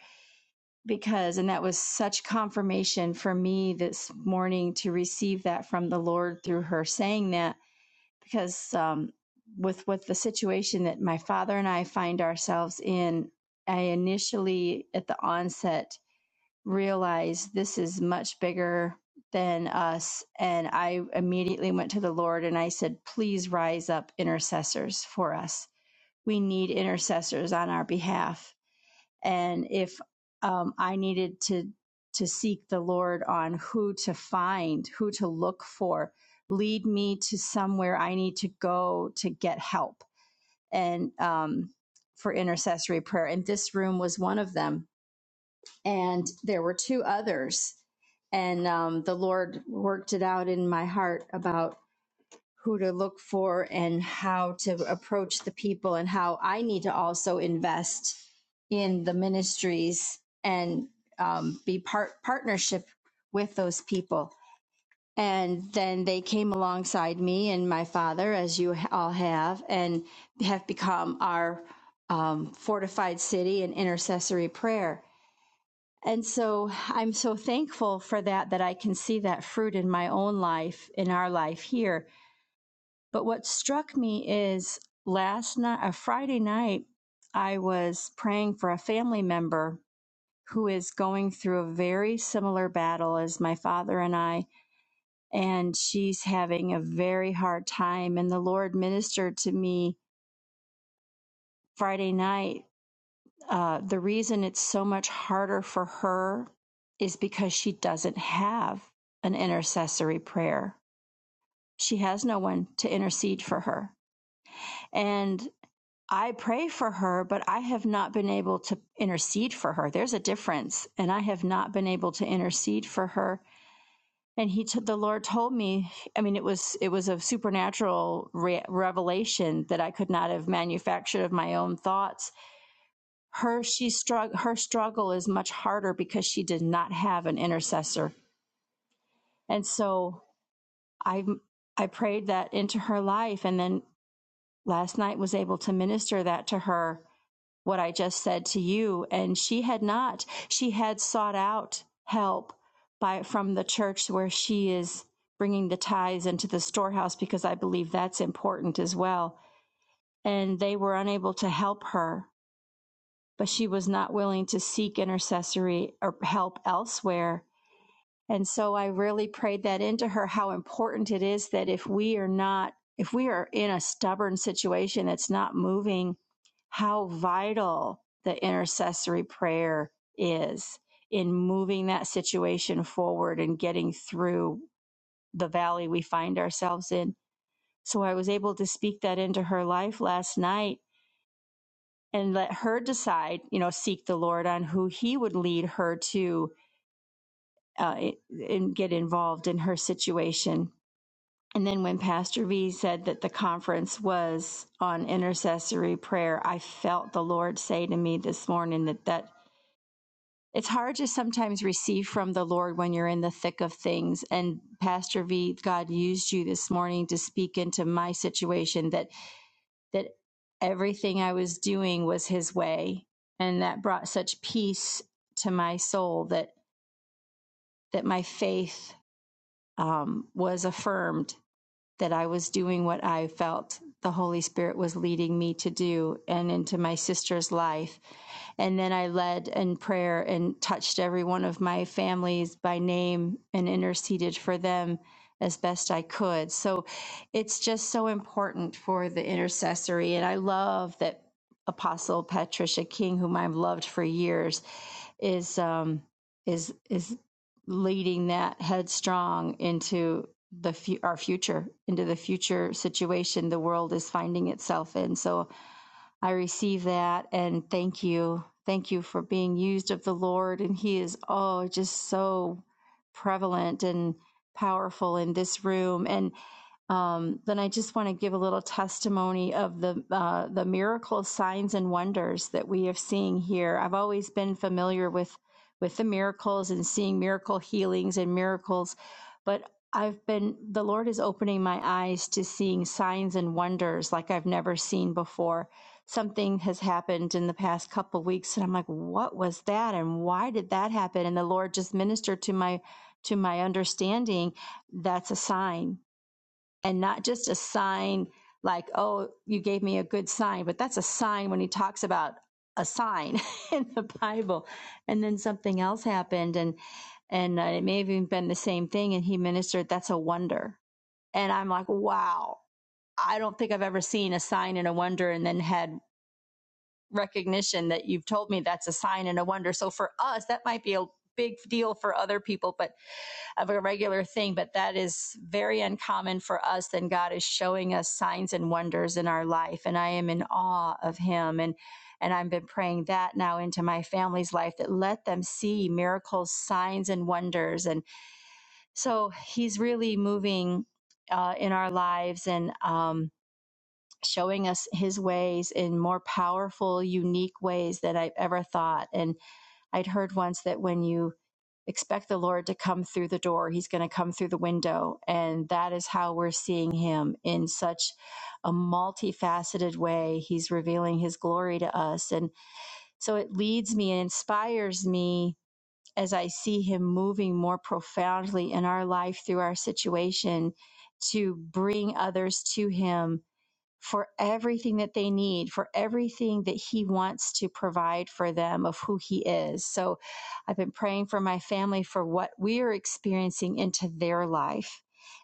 because, and that was such confirmation for me this morning to receive that from the Lord through her saying that because um, with with the situation that my father and I find ourselves in, I initially at the onset realized this is much bigger than us and I immediately went to the Lord and I said please rise up intercessors for us we need intercessors on our behalf. And if um, I needed to to seek the Lord on who to find, who to look for, lead me to somewhere I need to go to get help and um, for intercessory prayer. And this room was one of them. And there were two others. And um, the Lord worked it out in my heart about who to look for and how to approach the people and how I need to also invest in the ministries and um, be part partnership with those people. And then they came alongside me and my father, as you all have, and have become our um, fortified city and intercessory prayer. And so I'm so thankful for that, that I can see that fruit in my own life, in our life here but what struck me is last night, a Friday night, I was praying for a family member who is going through a very similar battle as my father and I, and she's having a very hard time. And the Lord ministered to me Friday night. Uh, the reason it's so much harder for her is because she doesn't have an intercessory prayer. She has no one to intercede for her. And I pray for her, but I have not been able to intercede for her. There's a difference. And I have not been able to intercede for her. And he, t- the Lord told me, I mean, it was, it was a supernatural re- revelation that I could not have manufactured of my own thoughts. Her, she strugg- her struggle is much harder because she did not have an intercessor. And so I, I prayed that into her life. And then last night was able to minister that to her what I just said to you. And she had not. She had sought out help by from the church where she is bringing the tithes into the storehouse because I believe that's important as well. And they were unable to help her, but she was not willing to seek intercessory or help elsewhere. And so I really prayed that into her how important it is that if we are not, if we are in a stubborn situation that's not moving, how vital the intercessory prayer is in moving that situation forward and getting through the valley we find ourselves in. So I was able to speak that into her life last night and let her decide, you know, seek the Lord on who he would lead her to uh, and get involved in her situation. And then when Pastor V said that the conference was on intercessory prayer, I felt the Lord say to me this morning that that it's hard to sometimes receive from the Lord when you're in the thick of things. And Pastor V, God used you this morning to speak into my situation that that everything I was doing was His way, and that brought such peace to my soul that that my faith um, was affirmed that I was doing what I felt the Holy Spirit was leading me to do and into my sister's life. And then I led in prayer and touched every one of my families by name and interceded for them as best I could. So it's just so important for the intercessory. And I love that Apostle Patricia King, whom I've loved for years, is um, is is leading that headstrong into the fu- our future into the future situation the world is finding itself in so i receive that and thank you thank you for being used of the lord and he is oh just so prevalent and powerful in this room and. Um, then I just want to give a little testimony of the uh, the miracle signs and wonders that we have seen here. I've always been familiar with with the miracles and seeing miracle healings and miracles, but I've been the Lord is opening my eyes to seeing signs and wonders like I've never seen before. Something has happened in the past couple of weeks, and I'm like, "What was that? And why did that happen?" And the Lord just ministered to my to my understanding. That's a sign and not just a sign like, oh, you gave me a good sign, but that's a sign when he talks about a sign in the Bible. And then something else happened and, and uh, it may have even been the same thing. And he ministered, that's a wonder. And I'm like, wow, I don't think I've ever seen a sign and a wonder and then had recognition that you've told me that's a sign and a wonder. So for us, that might be a big deal for other people, but of a regular thing, but that is very uncommon for us. Then God is showing us signs and wonders in our life, and I am in awe of Him. And and I've been praying that now into my family's life that let them see miracles, signs, and wonders. And so He's really moving uh, in our lives and um, showing us His ways in more powerful, unique ways than I've ever thought. And I'd heard once that when you expect the Lord to come through the door, he's going to come through the window. And that is how we're seeing him in such a multifaceted way. He's revealing his glory to us. And so it leads me and inspires me as I see him moving more profoundly in our life through our situation to bring others to him for everything that they need, for everything that He wants to provide for them of who He is. So I've been praying for my family for what we are experiencing into their life.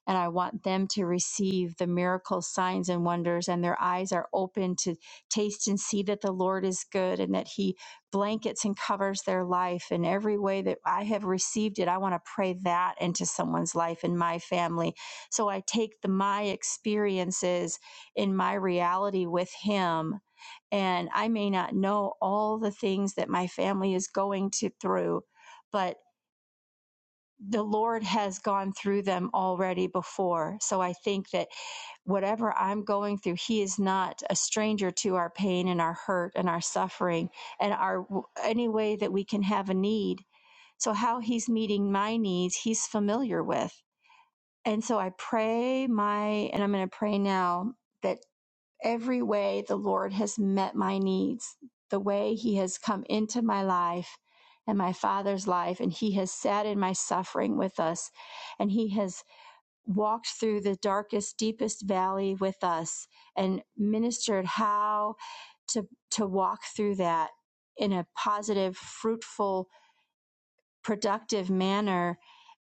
And I want them to receive the miracles, signs, and wonders, and their eyes are open to taste and see that the Lord is good and that He blankets and covers their life in every way that I have received it. I want to pray that into someone's life in my family. So I take the my experiences in my reality with Him. And I may not know all the things that my family is going to through, but the Lord has gone through them already before. So I think that whatever I'm going through, He is not a stranger to our pain and our hurt and our suffering and our any way that we can have a need. So how He's meeting my needs, He's familiar with. And so I pray my, and I'm going to pray now that. Every way the Lord has met my needs, the way He has come into my life and my father's life, and He has sat in my suffering with us, and He has walked through the darkest, deepest valley with us and ministered how to, to walk through that in a positive, fruitful, productive manner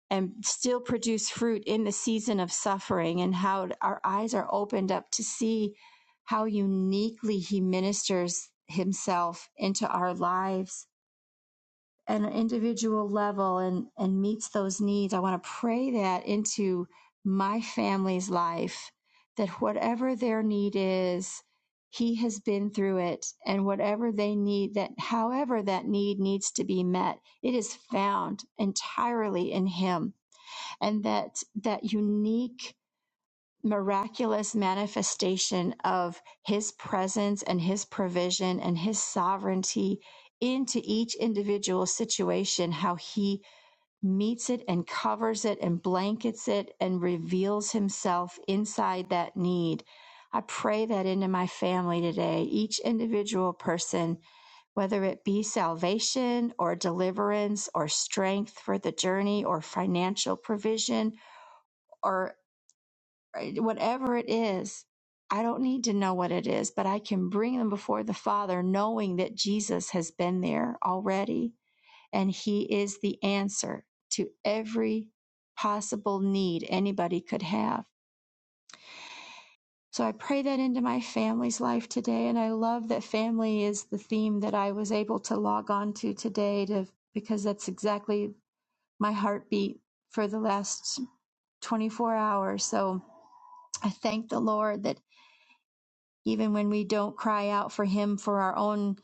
and still produce fruit in the season of suffering and how our eyes are opened up to see how uniquely he ministers himself into our lives at an individual level and, and meets those needs. I want to pray that into my family's life that whatever their need is, he has been through it and whatever they need that however that need needs to be met, it is found entirely in him and that that unique miraculous manifestation of his presence and his provision and his sovereignty into each individual situation how he meets it and covers it and blankets it and reveals himself inside that need i pray that into my family today each individual person whether it be salvation or deliverance or strength for the journey or financial provision or right, whatever it is, I don't need to know what it is, but I can bring them before the Father knowing that Jesus has been there already and He is the answer to every possible need anybody could have. So I pray that into my family's life today. And I love that family is the theme that I was able to log on to today to, because that's exactly my heartbeat for the last 24 hours. So I thank the Lord that. even when we don't cry out for him for our own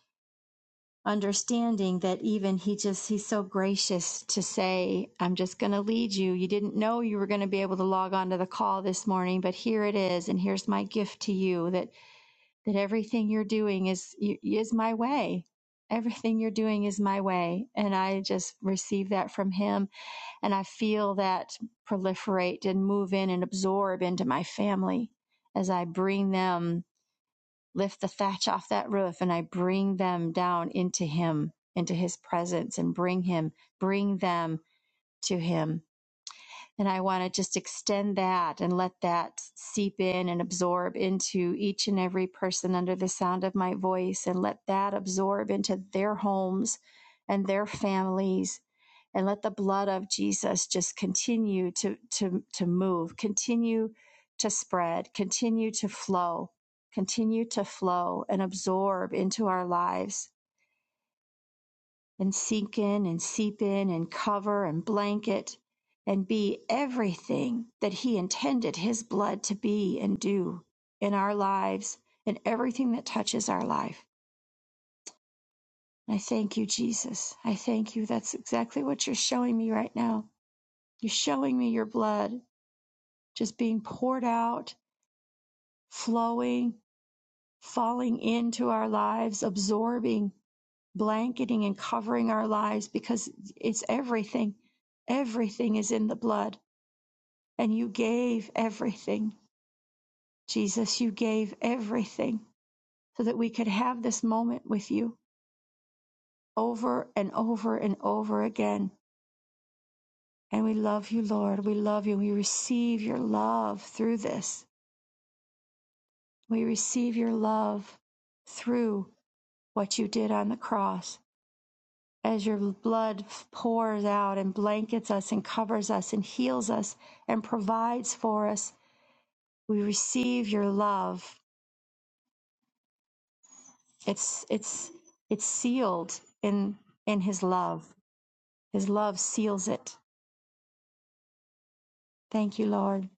understanding that even he just he's so gracious to say i'm just going to lead you you didn't know you were going to be able to log on to the call this morning but here it is and here's my gift to you that that everything you're doing is is my way everything you're doing is my way and i just receive that from him and i feel that proliferate and move in and absorb into my family as i bring them lift the thatch off that roof and I bring them down into Him, into His presence, and bring Him, bring them to Him. And I want to just extend that and let that seep in and absorb into each and every person under the sound of my voice and let that absorb into their homes and their families and let the blood of Jesus just continue to to to move, continue to spread, continue to flow, continue to flow and absorb into our lives and sink in and seep in and cover and blanket and be everything that He intended His blood to be and do in our lives and everything that touches our life. And I thank you, Jesus. I thank you. That's exactly what you're showing me right now. You're showing me your blood just being poured out, flowing, falling into our lives, absorbing blanketing and covering our lives because it's everything. Everything is in the blood. And you gave everything, Jesus. You gave everything so that we could have this moment with you over and over and over again. And we love you, Lord. We love you. We receive your love through this. We receive your love through what you did on the cross. as your blood pours out and blankets us and covers us and heals us and provides for us we receive your love it's it's it's sealed in in his love his love seals it thank you lord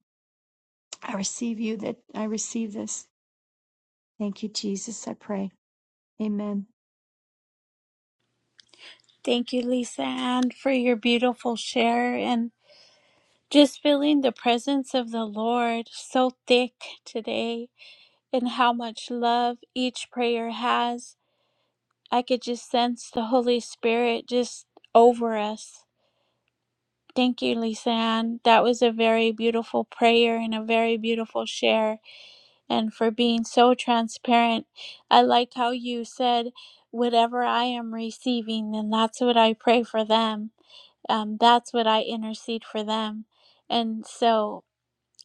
i receive you that i receive this thank you jesus i pray amen
Thank you, Lisa Ann, for your beautiful share and just feeling the presence of the Lord so thick today and how much love each prayer has. I could just sense the Holy Spirit just over us. Thank you, Lisa Ann. That was a very beautiful prayer and a very beautiful share, and for being so transparent. I like how you said, Whatever I am receiving, then that's what I pray for them. Um, that's what I intercede for them. And so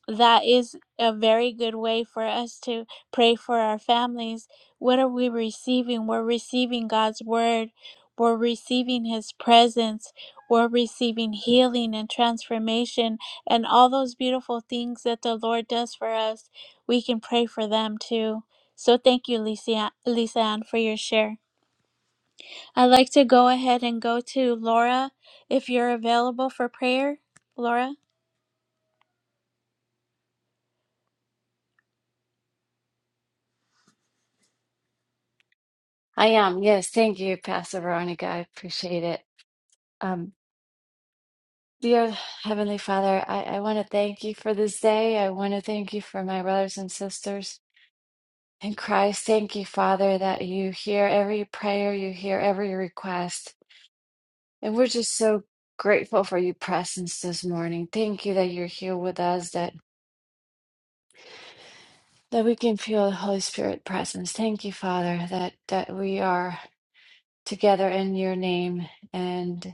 that is a very good way for us to pray for our families. What are we receiving? We're receiving God's word, we're receiving His presence, we're receiving healing and transformation, and all those beautiful things that the Lord does for us. We can pray for them too. So thank you, Lisa Lisa Ann, for your share. I'd like to go ahead and go to Laura if you're available for prayer. Laura?
I am. Yes. Thank you, Pastor Veronica. I appreciate it. Um, dear Heavenly Father, I, I want to thank you for this day. I want to thank you for my brothers and sisters in Christ. Thank you, Father, that you hear every prayer, you hear every request. And we're just so grateful for your presence this morning. Thank you that you're here with us, that that we can feel the Holy Spirit presence. Thank you, Father, that that we are together in your name and.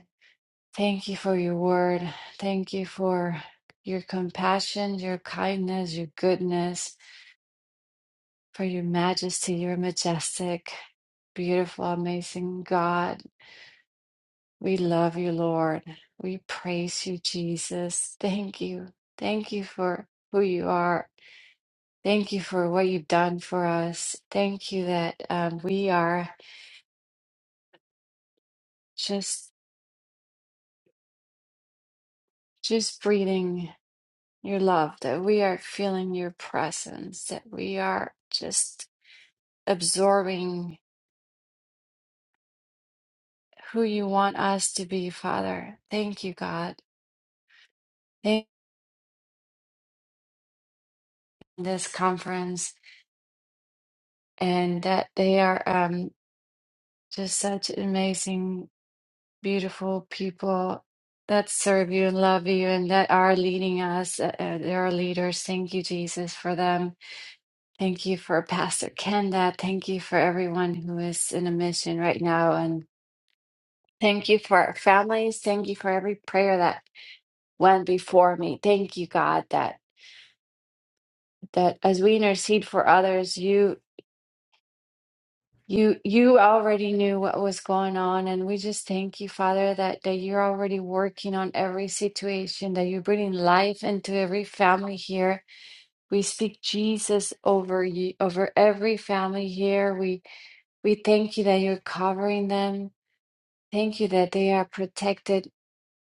Thank you for your word. Thank you for your compassion, your kindness, your goodness, for your majesty, your majestic, beautiful, amazing God. We love you, Lord. We praise you, Jesus. Thank you. Thank you for who you are. Thank you for what you've done for us. Thank you that um, we are just just breathing your love, that we are feeling your presence, that we are just absorbing who you want us to be, Father. Thank you, God. Thank you for this conference and that they are um, just such amazing, beautiful people that serve you and love you and that are leading us. Uh, uh, they are leaders. Thank you, Jesus, for them. Thank you for Pastor Kenda. Thank you for everyone who is in a mission right now. And thank you for our families. Thank you for every prayer that went before me. Thank you, God, that. that as we intercede for others you you you already knew what was going on and we just thank you father that that you're already working on every situation that you're bringing life into every family here we speak jesus over you over every family here we we thank you that you're covering them thank you that they are protected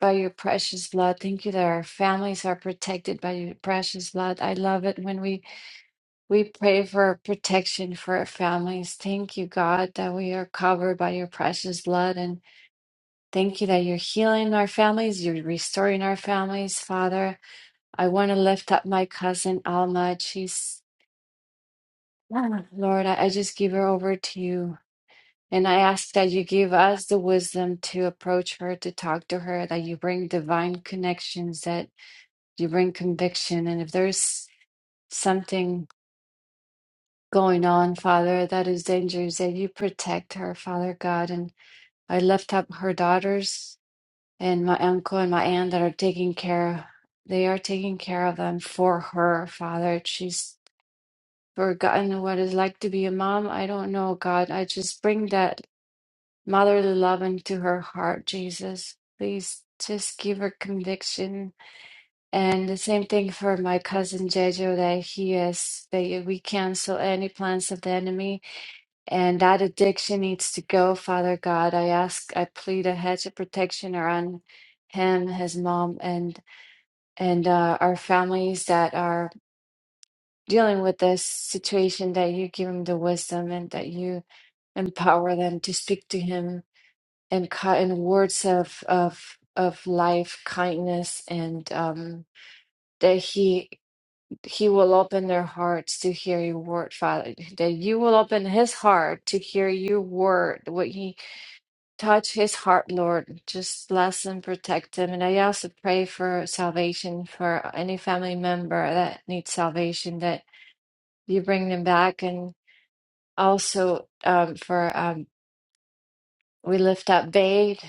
by your precious blood. Thank you that our families are protected by your precious blood. I love it when we We pray for protection for our families. Thank you, God, that we are covered by your precious blood. And thank you that you're healing our families, you're restoring our families, Father. I want to lift up my cousin, Alma. She's, Lord, I I just give her over to you. And I ask that you give us the wisdom to approach her, to talk to her, that you bring divine connections, that you bring conviction. And if there's something going on, Father, that is dangerous, that you protect her, Father God. And I lift up her daughters and my uncle and my aunt that are taking care, they are taking care of them for her, Father. She's forgotten what it's like to be a mom. I don't know, God. I just bring that motherly love into her heart, Jesus. Please just give her conviction. And the same thing for my cousin Jejo, that he is, that we cancel any plans of the enemy And that addiction needs to go, Father God. I ask, I plead a hedge of protection around him, his mom, and and uh, our families that are dealing with this situation. That you give them the wisdom and that you empower them to speak to him in ki- in words of of of life, kindness, and um, that he he will open their hearts to hear your word, Father. That you will open his heart to hear your word. What he Touch his heart, Lord. Just bless and protect him. And I also pray for salvation for any family member that needs salvation, that you bring them back. And also um, for um, we lift up Bade,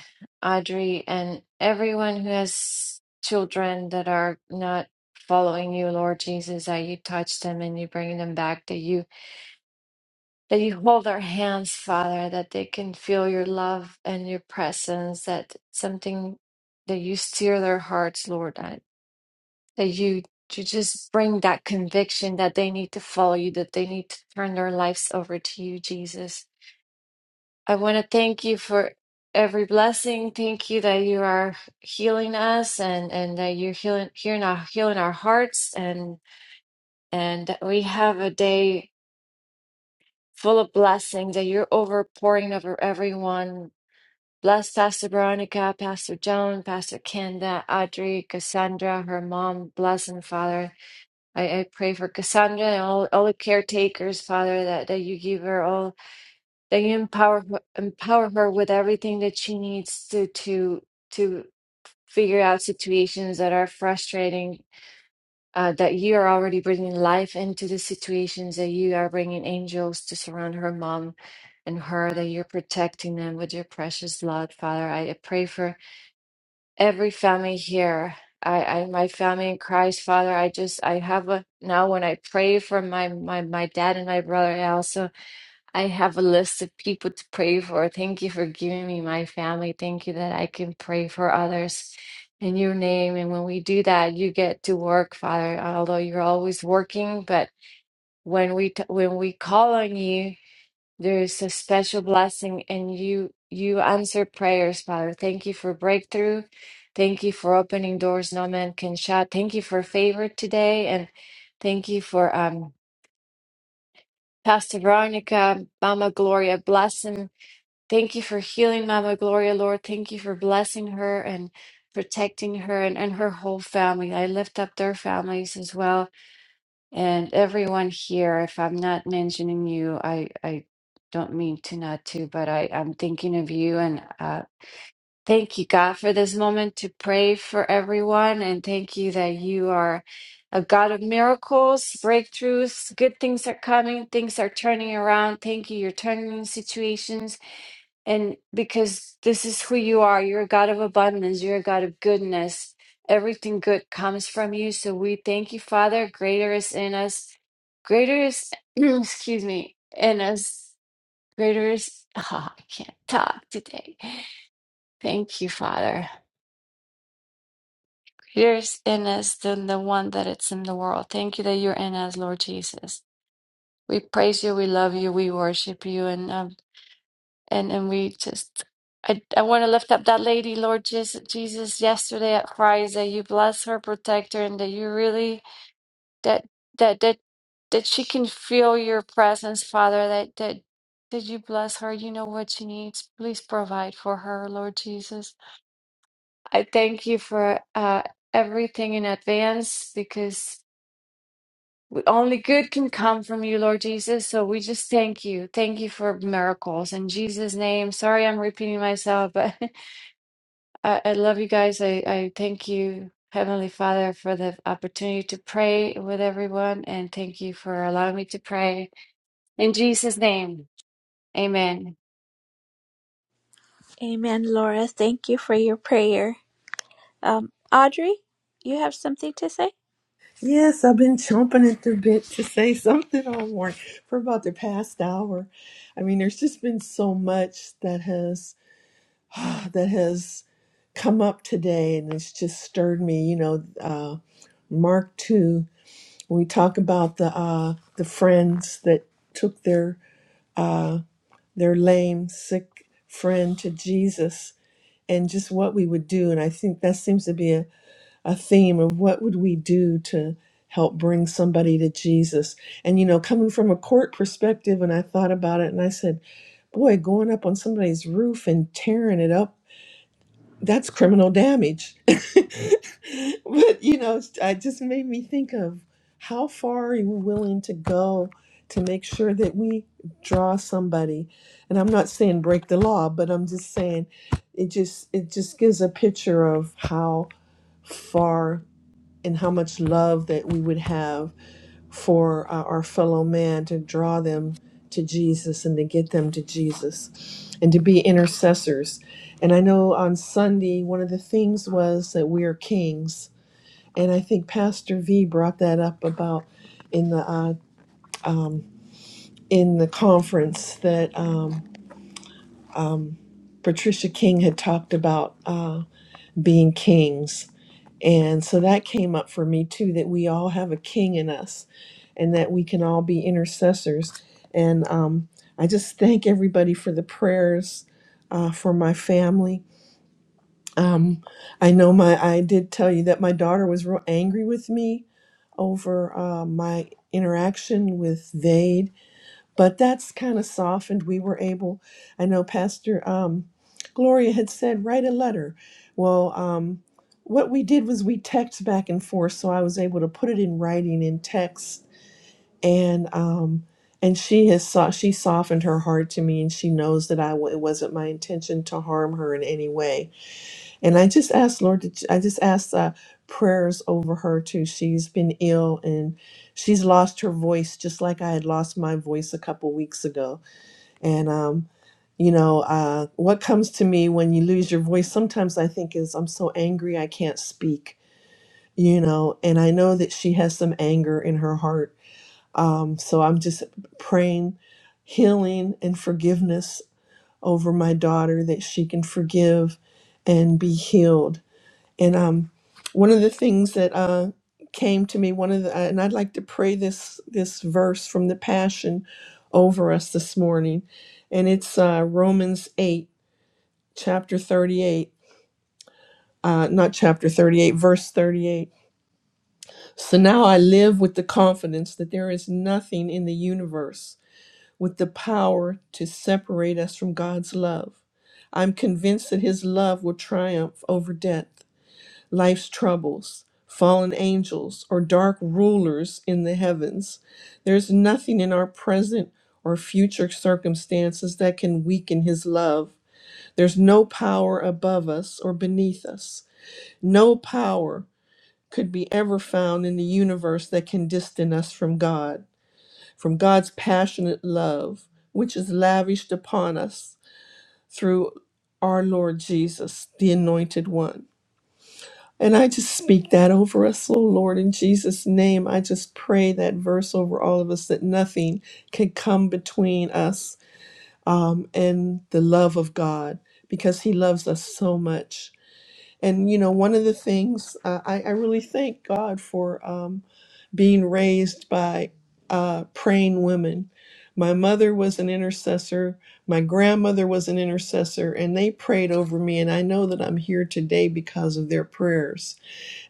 Audrey, and everyone who has children that are not following you, Lord Jesus, that you touch them and you bring them back That you that you hold our hands, Father, that they can feel your love and your presence, that something that you steer their hearts, Lord, that, that you to just bring that conviction that they need to follow you, that they need to turn their lives over to you, Jesus. I want to thank you for every blessing. Thank you that you are healing us and, and that you're healing hearing our healing our hearts and and that we have a day full of blessings that you're overpouring over everyone Bless Pastor Veronica, Pastor Joan, Pastor Kenda, Audrey, Cassandra, her mom. Bless them, Father. I, I pray for Cassandra and all, all the caretakers, Father, that, that you give her all, that you empower her- empower her with everything that she needs to to to figure out situations that are frustrating. Uh, that you are already bringing life into the situations that you are bringing angels to surround her mom and her that you're protecting them with your precious blood father i I pray for every family here. I, I my family in Christ, Father, I just I have a now when I pray for my my my dad and my brother, I also I have a list of people to pray for. Thank you for giving me my family. Thank you that I can pray for others in your name. And when we do that, you get to work, Father. Although you're always working, but when we t- when we call on you, there is a special blessing, and you you answer prayers, Father. Thank you for breakthrough. Thank you for opening doors no man can shut. Thank you for favor today, and thank you for um Pastor Veronica, Mama Gloria, blessing. Thank you for healing Mama Gloria, Lord. Thank you for blessing her and protecting her and, and her whole family. I lift up their families as well. And everyone here, if I'm not mentioning you, I, I don't mean to not to, but I, I'm thinking of you and uh, thank you, God, for this moment to pray for everyone. And thank you that you are a God of miracles, breakthroughs, good things are coming, things are turning around. Thank you. You're turning situations and because this is who you are, you're a God of abundance, you're a God of goodness. Everything good comes from you. So we thank you, Father. Greater is in us. Greater is, excuse me, in us. Greater is, oh, I can't talk today. Thank you, Father. Greater is in us than the one that it's in the world. Thank you that you're in us, Lord Jesus. We praise you, we love you, we worship you, and uh, and and we just I I want to lift up that lady, Lord Jesus, Jesus yesterday at Fry's that you bless her, protect her, and that you really that that that that she can feel your presence, Father. That that that you bless her. You know what she needs. Please provide for her, Lord Jesus. I thank you for uh, everything in advance because. we- Only good can come from you, Lord Jesus. So we just thank you. Thank you for miracles. In Jesus' name, sorry I'm repeating myself, but I, I love you guys. I, I thank you, Heavenly Father, for the opportunity to pray with everyone, and thank you for allowing me to pray. In Jesus' name, amen.
Amen, Laura. Thank you for your prayer. Um, Audrey, you have something to say?
Yes, I've been chomping at the bit to say something all morning for about the past hour. I mean, there's just been so much that has that has come up today, and it's just stirred me. You know, uh, Mark two. When we talk about the uh, the friends that took their uh, their lame, sick friend to Jesus, and just what we would do, and I think that seems to be a theme of what would we do to help bring somebody to Jesus. And you know, coming from a court perspective, and I thought about it and I said, boy, going up on somebody's roof and tearing it up, that's criminal damage. but you know, it's- it just made me think of how far are you willing to go to make sure that we draw somebody. And I'm not saying break the law, but I'm just saying it just it just gives a picture of how far and how much love that we would have for uh, our fellow man to draw them to Jesus and to get them to Jesus and to be intercessors. And I know on Sunday, one of the things was that we are kings. And I think Pastor V brought that up about in the uh, um, in the conference that um, um, Patricia King had talked about uh, being kings And so that came up for me too that we all have a king in us and that we can all be intercessors. And um, I just thank everybody for the prayers uh, for my family. Um, I know my, I did tell you that my daughter was real angry with me over uh, my interaction with Vade but that's kind of softened. We were able, I know Pastor um, Gloria had said, write a letter. Well, um, what we did was we text back and forth, so I was able to put it in writing in text, and um, and she has so- she softened her heart to me, and she knows that I w- it wasn't my intention to harm her in any way. And I just asked Lord, that- I just asked uh, prayers over her too. She's been ill and she's lost her voice, just like I had lost my voice a couple weeks ago and um, you know, uh, what comes to me when you lose your voice sometimes I think is I'm so angry I can't speak, you know, and I know that she has some anger in her heart. Um, so I'm just praying healing and forgiveness over my daughter that she can forgive and be healed and um, one of the things that uh, came to me, one of the, and I'd like to pray this this verse from the Passion over us this morning, and it's uh, Romans eight, chapter thirty eight. Uh, not chapter 38, verse 38. So now I live with the confidence that there is nothing in the universe with the power to separate us from God's love. I'm convinced that His love will triumph over death life's troubles, fallen angels, or dark rulers in the heavens. There's nothing in our present or future circumstances that can weaken His love. There's no power above us or beneath us. No power could be ever found in the universe that can distance us from God, from God's passionate love, which is lavished upon us through our Lord Jesus, the Anointed One. And I just speak that over us, oh Lord, in Jesus' name. I just pray that verse over all of us that nothing can come between us um, and the love of God because He loves us so much. And, you know, one of the things uh, I, I really thank God for um, being raised by uh, praying women. My mother was an intercessor, my grandmother was an intercessor, and they prayed over me. And I know that I'm here today because of their prayers.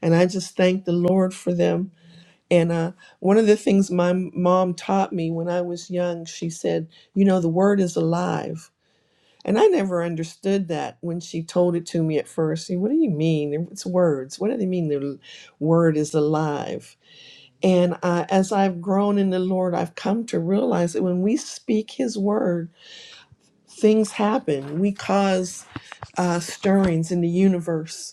And I just thank the Lord for them. And uh, one of the things my mom taught me when I was young, she said, You know, the word is alive. And I never understood that when she told it to me at first. See, what do you mean? It's words. What do they mean the word is alive? And uh, as I've grown in the Lord, I've come to realize that when we speak His word, things happen. We cause uh, stirrings in the universe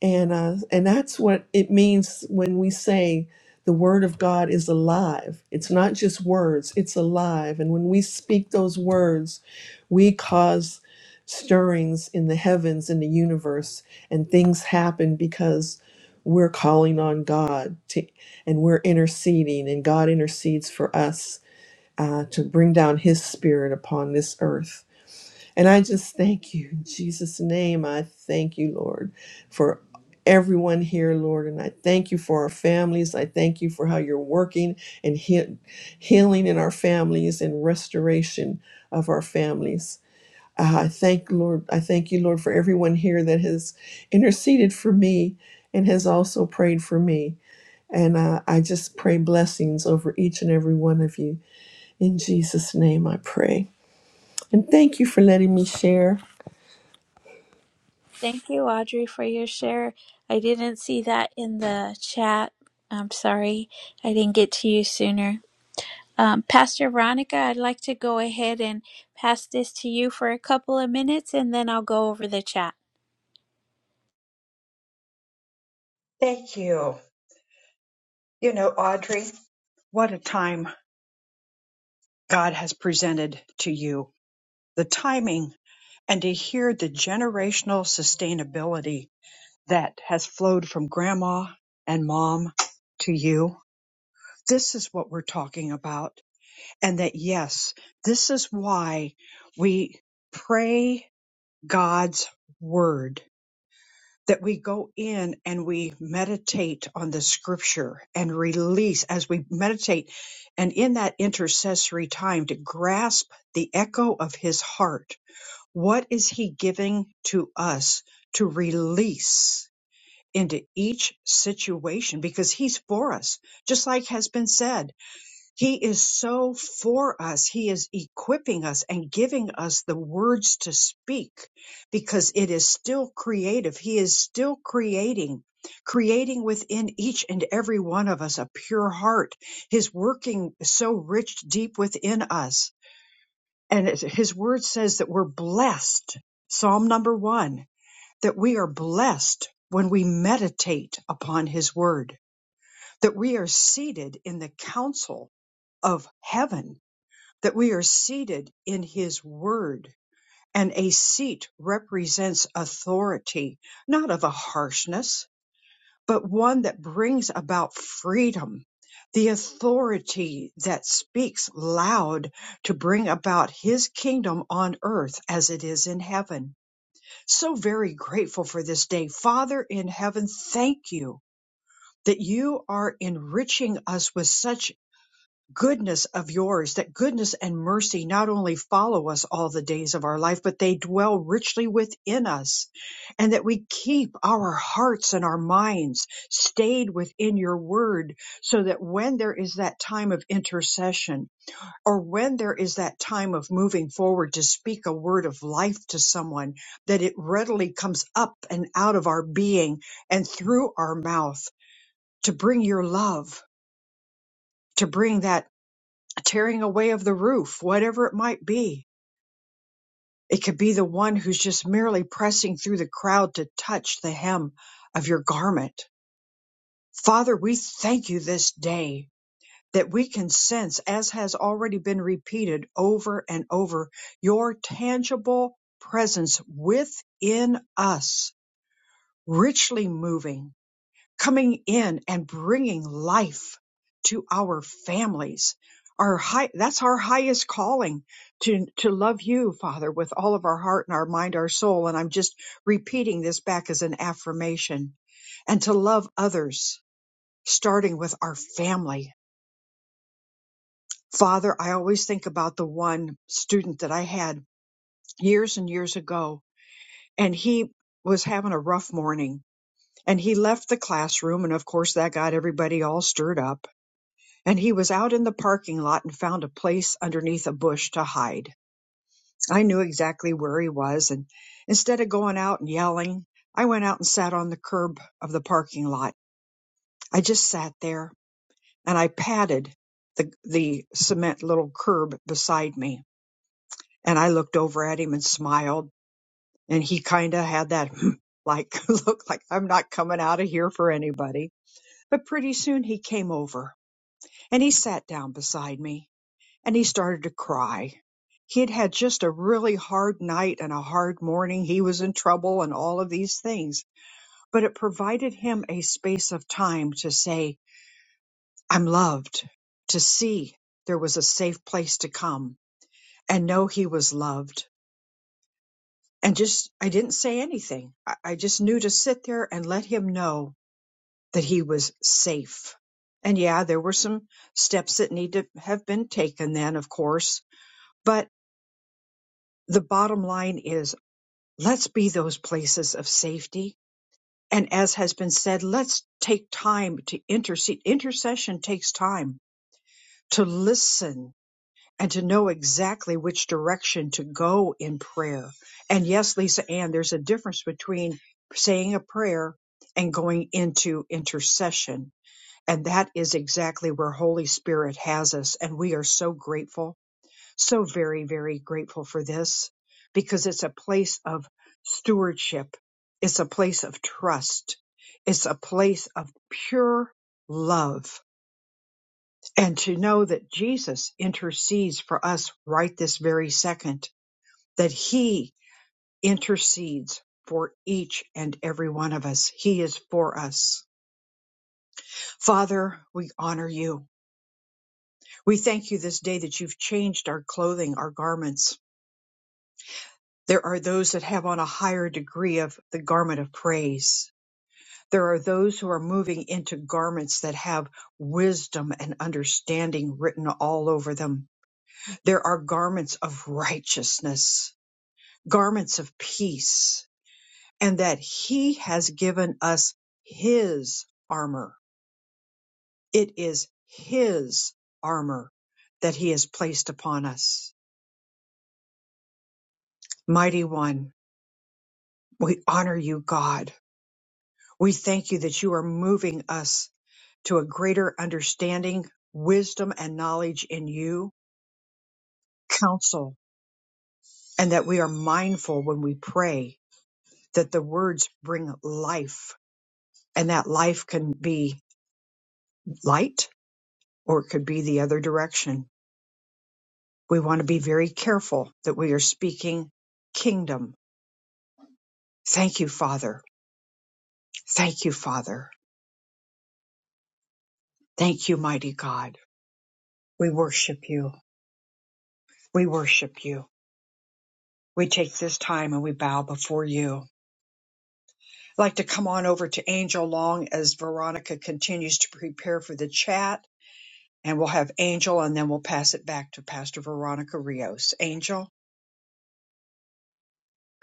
and uh, and that's what it means when we say the word of God is alive. It's not just words, it's alive. And when we speak those words, we cause stirrings in the heavens in the universe and things happen because we're calling on God to, and we're interceding and God intercedes for us uh, to bring down his spirit upon this earth. And I just thank you in Jesus' name. I thank you, Lord, for everyone here, Lord. And I thank you for our families. I thank you for how you're working and heal- healing in our families and restoration of our families. Uh, I thank Lord. I thank you, Lord, for everyone here that has interceded for me and has also prayed for me. And uh, I just pray blessings over each and every one of you. In Jesus' name, I pray. And thank you for letting me share.
Thank you, Audrey, for your share. I didn't see that in the chat. I'm sorry I didn't get to you sooner. Um, Pastor Veronica, I'd like to go ahead and pass this to you for a couple of minutes and then I'll go over the chat.
Thank you. You know, Audrey, what a time God has presented to you, the timing, and to hear the generational sustainability that has flowed from grandma and mom to you. This is what we're talking about. And that, yes, this is why we pray God's word that we go in and we meditate on the scripture and release as we meditate and in that intercessory time to grasp the echo of his heart. What is he giving to us to release into each situation? Because he's for us, just like has been said. He is so for us. He is equipping us and giving us the words to speak because it is still creative. He is still creating, creating within each and every one of us a pure heart. His working is so rich deep within us. And it- his word says that we're blessed. Psalm number one, that we are blessed when we meditate upon his word, that we are seated in the counsel of heaven that we are seated in his word. And a seat represents authority, not of a harshness, but one that brings about freedom. The authority that speaks loud to bring about his kingdom on earth as it is in heaven. So very grateful for this day. Father in heaven, thank you that you are enriching us with such goodness of yours, that goodness and mercy not only follow us all the days of our life, but they dwell richly within us, and that we keep our hearts and our minds stayed within your word, so that when there is that time of intercession, or when there is that time of moving forward to speak a word of life to someone, that it readily comes up and out of our being and through our mouth to bring your love, to bring that a tearing away of the roof, whatever it might be. It could be the one who's just merely pressing through the crowd to touch the hem of your garment. Father, we thank you this day that we can sense, as has already been repeated over and over, your tangible presence within us, richly moving coming in and bringing life to our families. Our high, that's our highest calling to, to love you, Father, with all of our heart and our mind, our soul. And I'm just repeating this back as an affirmation and to love others, starting with our family. Father, I always think about the one student that I had years and years ago, and he was having a rough morning and he left the classroom. And of course, that got everybody all stirred up and he was out in the parking lot and found a place underneath a bush to hide. I knew exactly where he was, and instead of going out and yelling, I went out and sat on the curb of the parking lot. I just sat there and I patted the, the cement little curb beside me. And I looked over at him and smiled. And he kind of had that like look like I'm not coming out of here for anybody. But pretty soon he came over and he sat down beside me and he started to cry. He had had just a really hard night and a hard morning. He was in trouble and all of these things, but it provided him a space of time to say, I'm loved, to see there was a safe place to come and know he was loved. And just, I didn't say anything. I, I just knew to sit there and let him know that he was safe. And yeah, there were some steps that need to have been taken then, of course, but the bottom line is Let's be those places of safety. And as has been said, let's take time to intercede. Intercession takes time to listen and to know exactly which direction to go in prayer. And yes, Lisa Ann, there's a difference between saying a prayer and going into intercession. And that is exactly where Holy Spirit has us. And we are so grateful so very, very grateful for this because it's a place of stewardship. It's a place of trust. It's a place of pure love. And to know that Jesus intercedes for us right this very second, that he intercedes for each and every one of us. He is for us. Father, we honor you. We thank you this day that you've changed our clothing, our garments There are those that have on a higher degree of the garment of praise. There are those who are moving into garments that have wisdom and understanding written all over them. There are garments of righteousness, garments of peace, and that He has given us His armor. It is His armor that He has placed upon us. Mighty One, we honor you, God. We thank you that you are moving us to a greater understanding, wisdom, and knowledge in you, counsel, and that we are mindful when we pray that the words bring life, and that life can be light or it could be the other direction. We want to be very careful that we are speaking kingdom. Thank you, Father. Thank you, Father. Thank you, mighty God. We worship you. We worship you. We take this time and we bow before you I'd like to come on over to Angel Long as Veronica continues to prepare for the chat. And we'll have Angel and then we'll pass it back to Pastor Veronica Rios. Angel?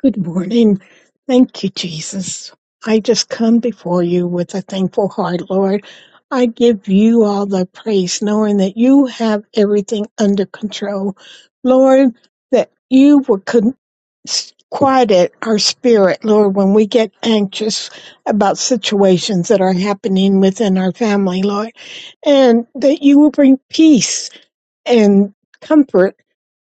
Good morning. Thank you, Jesus. I just come before you with a thankful heart, Lord. I give you all the praise, knowing that you have everything under control. Lord, that you will con- s- quiet our spirit, Lord, when we get anxious about situations that are happening within our family, Lord, and that you will bring peace and comfort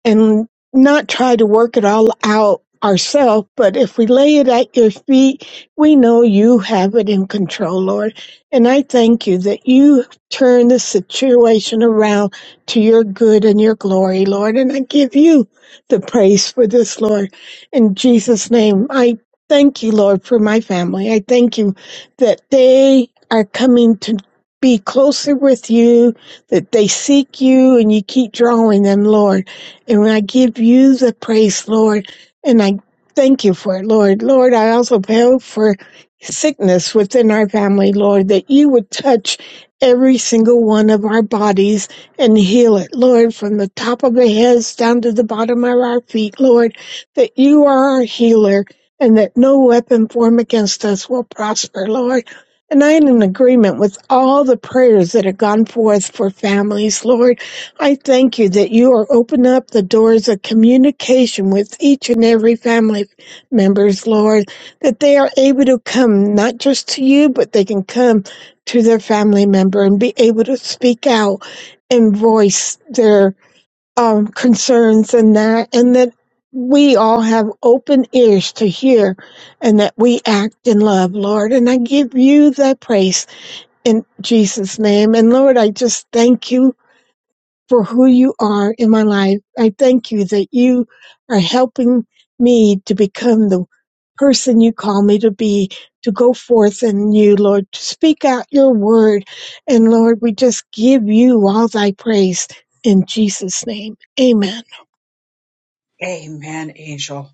and not try to work it all out ourselves, but if we lay it at your feet, we know you have it in control, Lord. And I thank you that you turn the situation around to your good and your glory, Lord. And I give you the praise for this, Lord. In Jesus' name, I thank you, Lord, for my family. I thank you that they are coming to be closer with you, that they seek you and you keep drawing them, Lord. And I give you the praise, Lord, and I thank you for it, Lord. Lord, I also pray for sickness within our family, Lord, that you would touch every single one of our bodies and heal it, Lord, from the top of the heads down to the bottom of our feet, Lord, that you are our healer and that no weapon formed against us will prosper, Lord. And I am in agreement with all the prayers that have gone forth for families, Lord. I thank you that you are opening up the doors of communication with each and every family members, Lord, that they are able to come not just to you, but they can come to their family member and be able to speak out and voice their um, concerns and that, and that we all have open ears to hear and that we act in love, Lord. And I give you that praise in Jesus' name. And Lord, I just thank you for who you are in my life. I thank you that you are helping me to become the person you call me to be, to go forth in you, Lord, to speak out your word. And Lord, we just give you all thy praise in Jesus' name. Amen.
Amen, Angel.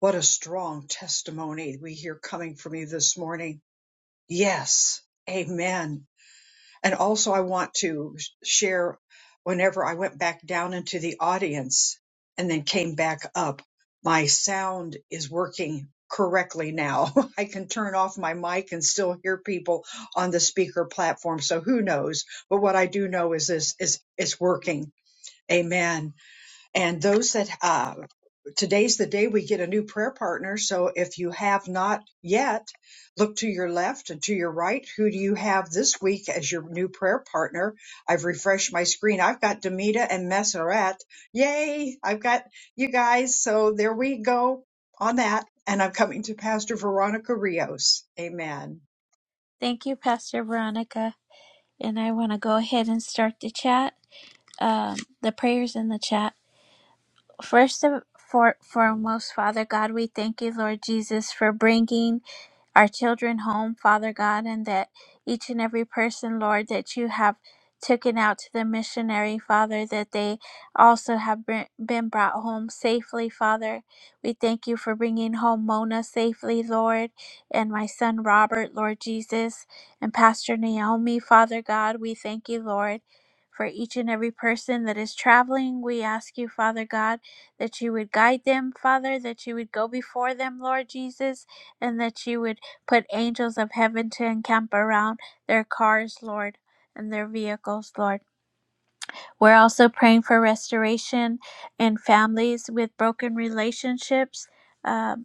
What a strong testimony we hear coming from you this morning. Yes. Amen. And also, I want to share whenever I went back down into the audience and then came back up, my sound is working correctly now. I can turn off my mic and still hear people on the speaker platform. So who knows? But what I do know is this is it's working. Amen. And those that uh, today's the day we get a new prayer partner. So if you have not yet, look to your left and to your right. Who do you have this week as your new prayer partner? I've refreshed my screen. I've got Demita and Messeret. Yay! I've got you guys. So there we go on that. And I'm coming to Pastor Veronica Rios. Amen.
Thank you, Pastor Veronica. And I want to go ahead and start the chat, um, the prayers in the chat. First of for, foremost, Father God, we thank you, Lord Jesus, for bringing our children home, Father God, and that each and every person, Lord, that you have taken out to the missionary, Father, that they also have been been brought home safely, Father. We thank you for bringing home Mona safely, Lord, and my son Robert, Lord Jesus, and Pastor Naomi, Father God. We thank you, Lord. For each and every person that is traveling, we ask you, Father God, that you would guide them, Father, that you would go before them, Lord Jesus, and that you would Put angels of heaven to encamp around their cars, Lord, and their vehicles, Lord. We're also praying for restoration in families with broken relationships. uh,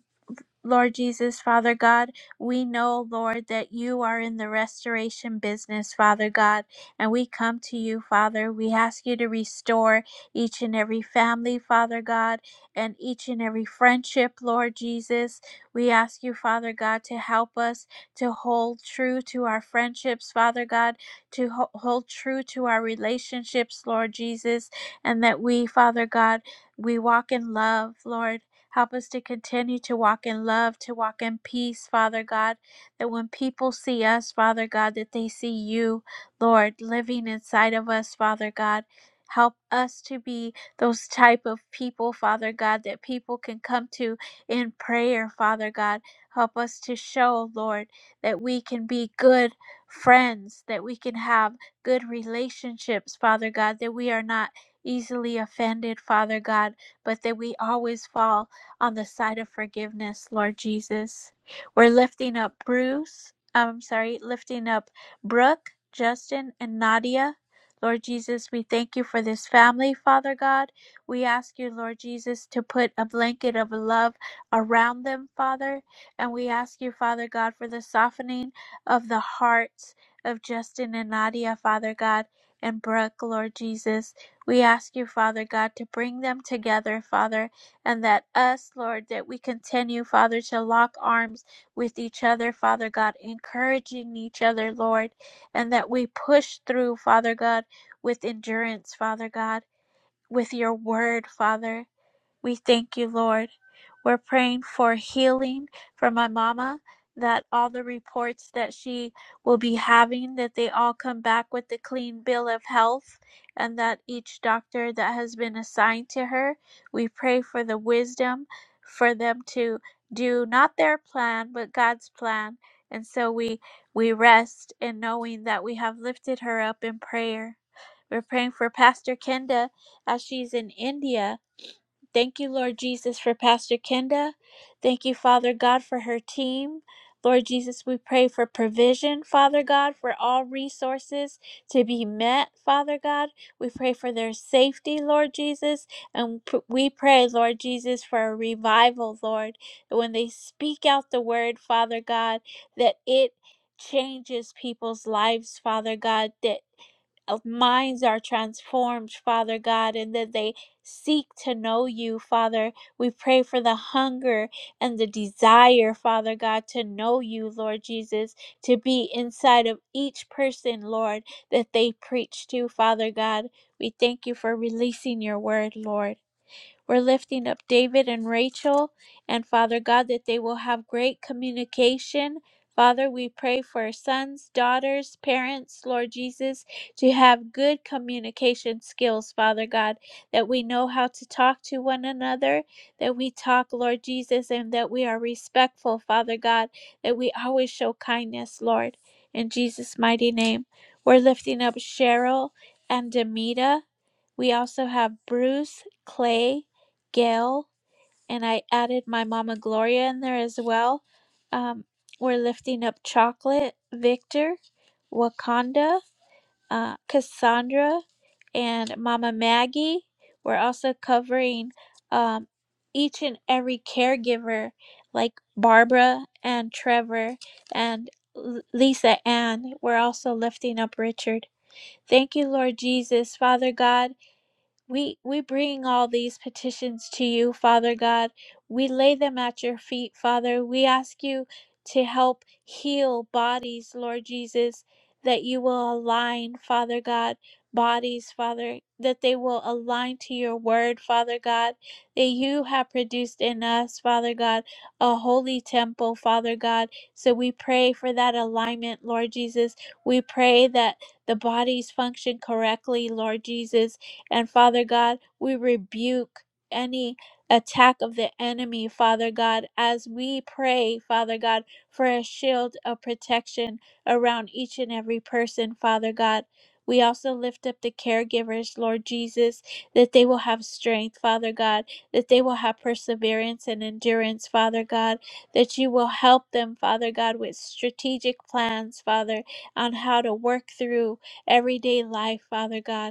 Lord Jesus, Father God, we know, Lord, that you are in the restoration business, Father God, and we come to you, Father. We ask you to restore each and every family, Father God, and each and every friendship, Lord Jesus. We ask you, Father God, to help us to hold true to our friendships, Father God, to ho- hold true to our relationships, Lord Jesus, and that we, Father God, we walk in love, Lord. Help us to continue to walk in love, to walk in peace, Father God, that when people see us, Father God, that they see you, Lord, living inside of us, Father God. Help us to be those type of people, Father God, that people can come to in prayer, Father God. Help us to show, Lord, that we can be good friends, that we can have good relationships, Father God, that we are not easily offended, Father God, but that we always fall on the side of forgiveness, Lord Jesus. We're lifting up Bruce, I'm sorry, lifting up Brooke, Justin, and Nadia. Lord Jesus, we thank you for this family, Father God. We ask you, Lord Jesus, to put a blanket of love around them, Father. And we ask you, Father God, for the softening of the hearts of Justin and Nadia, Father God, and Brooke, Lord Jesus. We ask you, Father God, to bring them together, Father and that us, Lord, that we continue, Father, to lock arms with each other, Father God, encouraging each other, Lord, and that we push through, Father God, with endurance, Father God, with your word, Father. We thank you, Lord. We're praying for healing for my mama, that all the reports that she will be having, that they all come back with a clean bill of health, and that each doctor that has been assigned to her, we pray for the wisdom for them to do not their plan, but God's plan. And so we we rest in knowing that we have lifted her up in prayer. We're praying for Pastor Kenda as she's in India Thank you, Lord Jesus, for Pastor Kenda. Thank you, Father God, for her team. Lord Jesus, we pray for provision, Father God, for all resources to be met, Father God. We pray for their safety, Lord Jesus. And p- we pray, Lord Jesus, for a revival, Lord. that When they speak out the word, Father God, that it changes people's lives, Father God, that of minds are transformed, Father God, and that they seek to know you, Father. We pray for the hunger and the desire, Father God, to know you, Lord Jesus, to be inside of each person, Lord, that they preach to, Father God. We thank you for releasing your word, Lord. We're lifting up David and Rachel and Father God that they will have great communication. Father, we pray for sons, daughters, parents, Lord Jesus, to have good communication skills, Father God, that we know how to talk to one another, that we talk, Lord Jesus, and that we are respectful, Father God, that we always show kindness, Lord. In Jesus' mighty name, we're lifting up Cheryl and Demita. We also have Bruce, Clay, Gail, and I added my Mama Gloria in there as well. Um, we're lifting up Chocolate, Victor, Wakanda, uh, Cassandra, and Mama Maggie. We're also covering um, each and every caregiver, like Barbara and Trevor and L- Lisa Ann. We're also lifting up Richard. Thank you, Lord Jesus, Father God. We we bring all these petitions to you, Father God. We lay them at your feet, Father. We ask you to help heal bodies, Lord Jesus, that you will align, Father God, bodies, Father, that they will align to your word, Father God, that you have produced in us, Father God, a holy temple, Father God. So we pray for that alignment, Lord Jesus. We pray that the bodies function correctly, Lord Jesus and Father God, we rebuke any attack of the enemy, Father God, as we pray, Father God, for a shield of protection around each and every person, Father God. We also lift up the caregivers, Lord Jesus, that they will have strength, Father God, that they will have perseverance and endurance, Father God, that you will help them, Father God, with strategic plans, Father, on how to work through everyday life, Father God.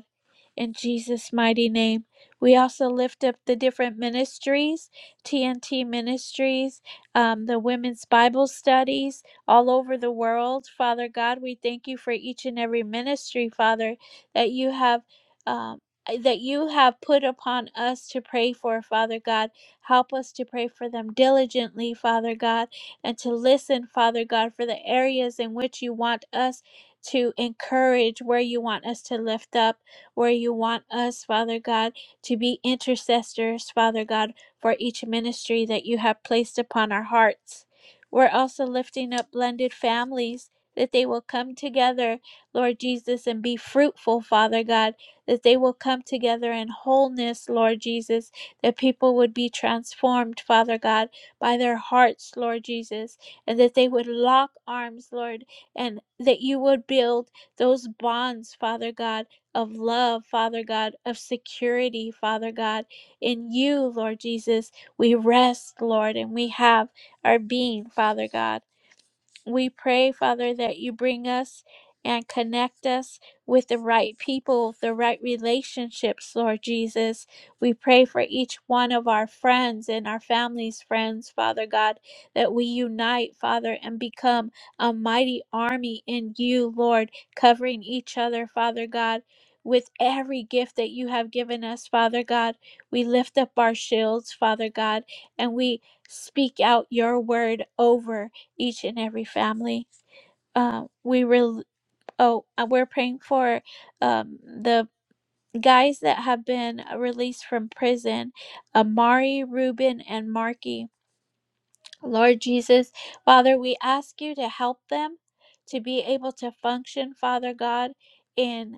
In Jesus' mighty name, we also lift up the different ministries, TNT ministries, um, the women's Bible studies all over the world. Father God, we thank you for each and every ministry, Father, that you have. Um, that you have put upon us to pray for, Father God. Help us to pray for them diligently, Father God, and to listen, Father God, for the areas in which you want us to encourage, where you want us to lift up where you want us, Father God, to be intercessors, Father God, for each ministry that you have placed upon our hearts. We're also lifting up blended families that they will come together, Lord Jesus, and be fruitful, Father God, that they will come together in wholeness, Lord Jesus, that people would be transformed, Father God, by their hearts, Lord Jesus, and that they would lock arms, Lord, and that you would build those bonds, Father God of love, Father God, of security, Father God. In you, Lord Jesus, we rest, Lord, and we have our being, Father God. We pray, Father, that you bring us and connect us with the right people, the right relationships, Lord Jesus. We pray for each one of our friends and our families' friends, Father God, that we unite, Father, and become a mighty army in you, Lord, covering each other, Father God. With every gift that you have given us, Father God, we lift up our shields, Father God, and we speak out your word over each and every family. Uh, we rel oh, uh, we're praying for um, the guys that have been released from prison, Amari, Reuben, and Marky. Lord Jesus, Father, we ask you to help them to be able to function, Father God, in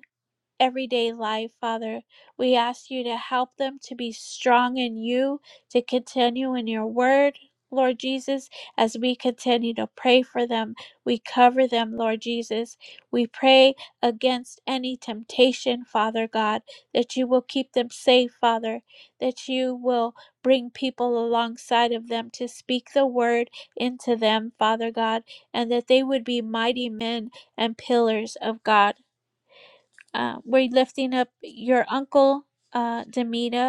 everyday life, Father. We ask you to help them to be strong in you, to continue in your word, Lord Jesus, as we continue to pray for them. We cover them, Lord Jesus. We pray against any temptation, Father God, that you will keep them safe, Father, that you will bring people alongside of them to speak the word into them, Father God, and that they would be mighty men and pillars of God. Uh, we're lifting up your uncle, uh, Demita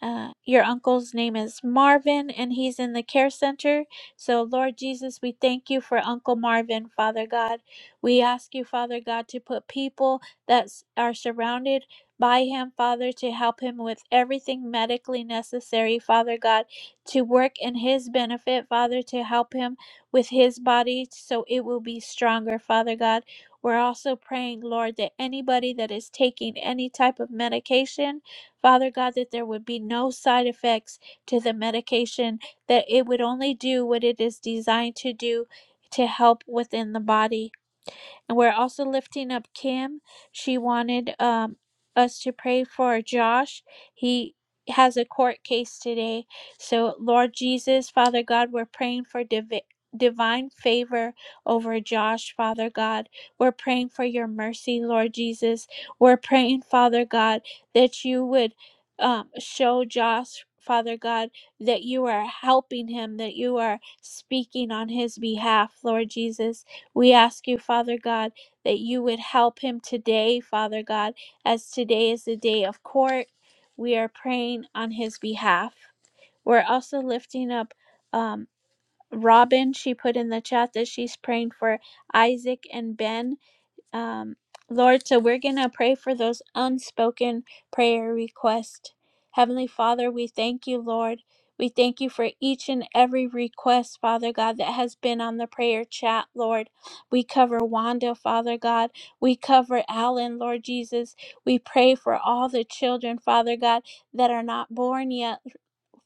uh, your uncle's name is Marvin, and he's in the care center. So, Lord Jesus, we thank you for Uncle Marvin, Father God. We ask you, Father God, to put people that s- are surrounded by him, Father, to help him with everything medically necessary, Father God, to work in his benefit, Father, to help him with his body so it will be stronger, Father God. We're also praying, Lord, that anybody that is taking any type of medication, Father God, that there would be no side effects to the medication, that it would only do what it is designed to do to help within the body. And we're also lifting up Kim. She wanted um, us to pray for Josh. He has a court case today. So, Lord Jesus, Father God, we're praying for divi- divine favor over Josh, Father God. We're praying for your mercy, Lord Jesus. We're praying, Father God, that you would um, show Josh. Father God, that you are helping him, that you are speaking on his behalf, Lord Jesus. We ask you, Father God, that you would help him today, Father God, as today is the day of court. We are praying on his behalf. We're also lifting up um, Robin. She put in the chat that she's praying for Isaac and Ben um, Lord, so we're going to pray for those unspoken prayer requests. Heavenly Father, we thank you, Lord. We thank you for each and every request, Father God, that has been on the prayer chat, Lord. We cover Wanda, Father God. We cover Alan, Lord Jesus. We pray for all the children, Father God, that are not born yet,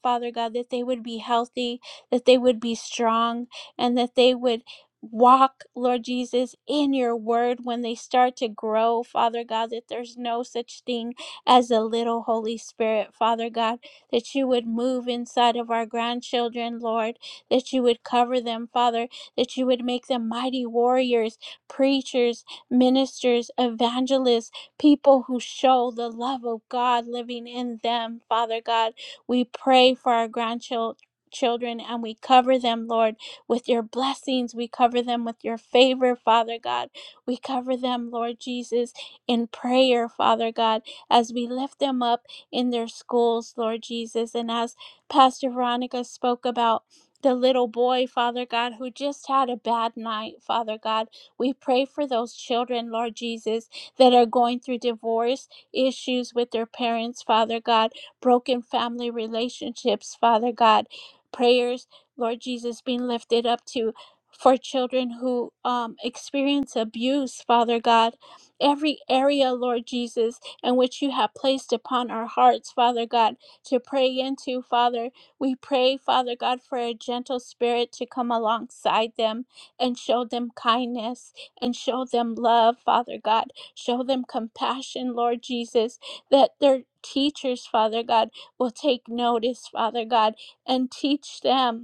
Father God, that they would be healthy, that they would be strong, and that they would walk, Lord Jesus, in your word when they start to grow, Father God, that there's no such thing as a little Holy Spirit, Father God, that you would move inside of our grandchildren, Lord, that you would cover them, Father, that you would make them mighty warriors, preachers, ministers, evangelists, people who show the love of God living in them, Father God. We pray for our grandchildren. Children and we cover them, Lord with your blessings. We cover them with your favor, Father God. We cover them, Lord Jesus, in prayer, Father God, as we lift them up in their schools, Lord Jesus. And as Pastor Veronica spoke about, the little boy, Father God, who just had a bad night, Father God. We pray for those children, Lord Jesus, that are going through divorce issues with their parents, Father God, broken family relationships, Father God. Prayers Lord Jesus, being lifted up to for children who um, experience abuse, Father God, every area, Lord Jesus, in which you have placed upon our hearts, Father God, to pray into, Father. We pray, Father God, for a gentle spirit to come alongside them and show them kindness and show them love, Father God. Show them compassion, Lord Jesus, that their teachers, Father God, will take notice, Father God, and teach them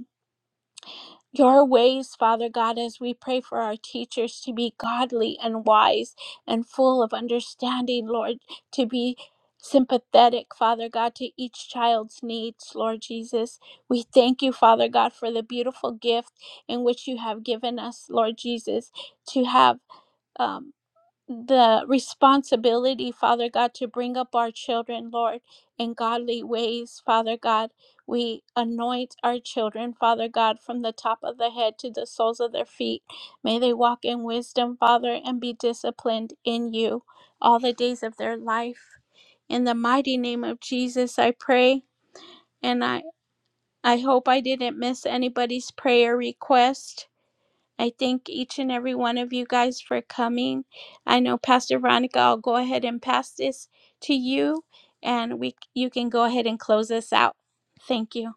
your ways, Father God, as we pray for our teachers to be godly and wise and full of understanding, Lord, to be sympathetic, Father God, to each child's needs, Lord Jesus. We thank you, Father God, for the beautiful gift in which you have given us, Lord Jesus, to have. um, the responsibility, Father God, to bring up our children, Lord, in godly ways, Father God. We anoint our children, Father God, from the top of the head to the soles of their feet. May they walk in wisdom, Father, and be disciplined in you all the days of their life. In the mighty name of Jesus, I pray, and I, I hope I didn't miss anybody's prayer request. I thank each and every one of you guys for coming. I know Pastor Veronica, I'll go ahead and pass this to you and we you can go ahead and close this out. Thank you.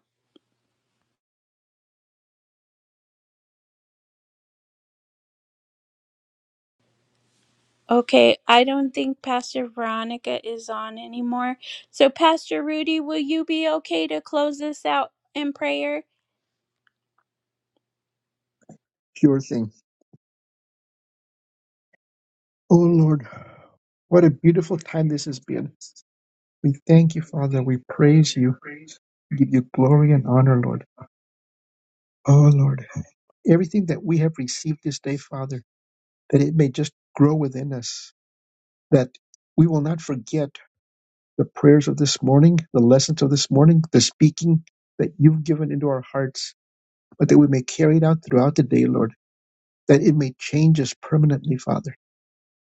Okay, I don't think Pastor Veronica is on anymore. So Pastor Rudy, will you be okay to close this out in prayer?
Sure thing. Oh, Lord, what a beautiful time this has been. We thank you, Father. We praise you. We give you glory and honor, Lord. Oh, Lord. Everything that we have received this day, Father. that it may just grow within us, that we will not forget the prayers of this morning, the lessons of this morning, the speaking that you've given into our hearts, but that we may carry it out throughout the day, Lord, that it may change us permanently, Father.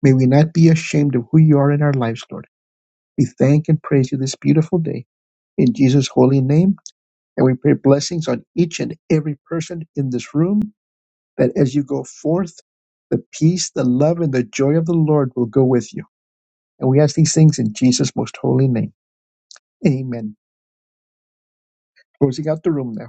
May we not be ashamed of who you are in our lives, Lord. We thank and praise you this beautiful day in Jesus' holy name, and we pray blessings on each and every person in this room, that as you go forth, the peace, the love, and the joy of the Lord will go with you And we ask these things in Jesus' most holy name. Amen. Closing out the room now.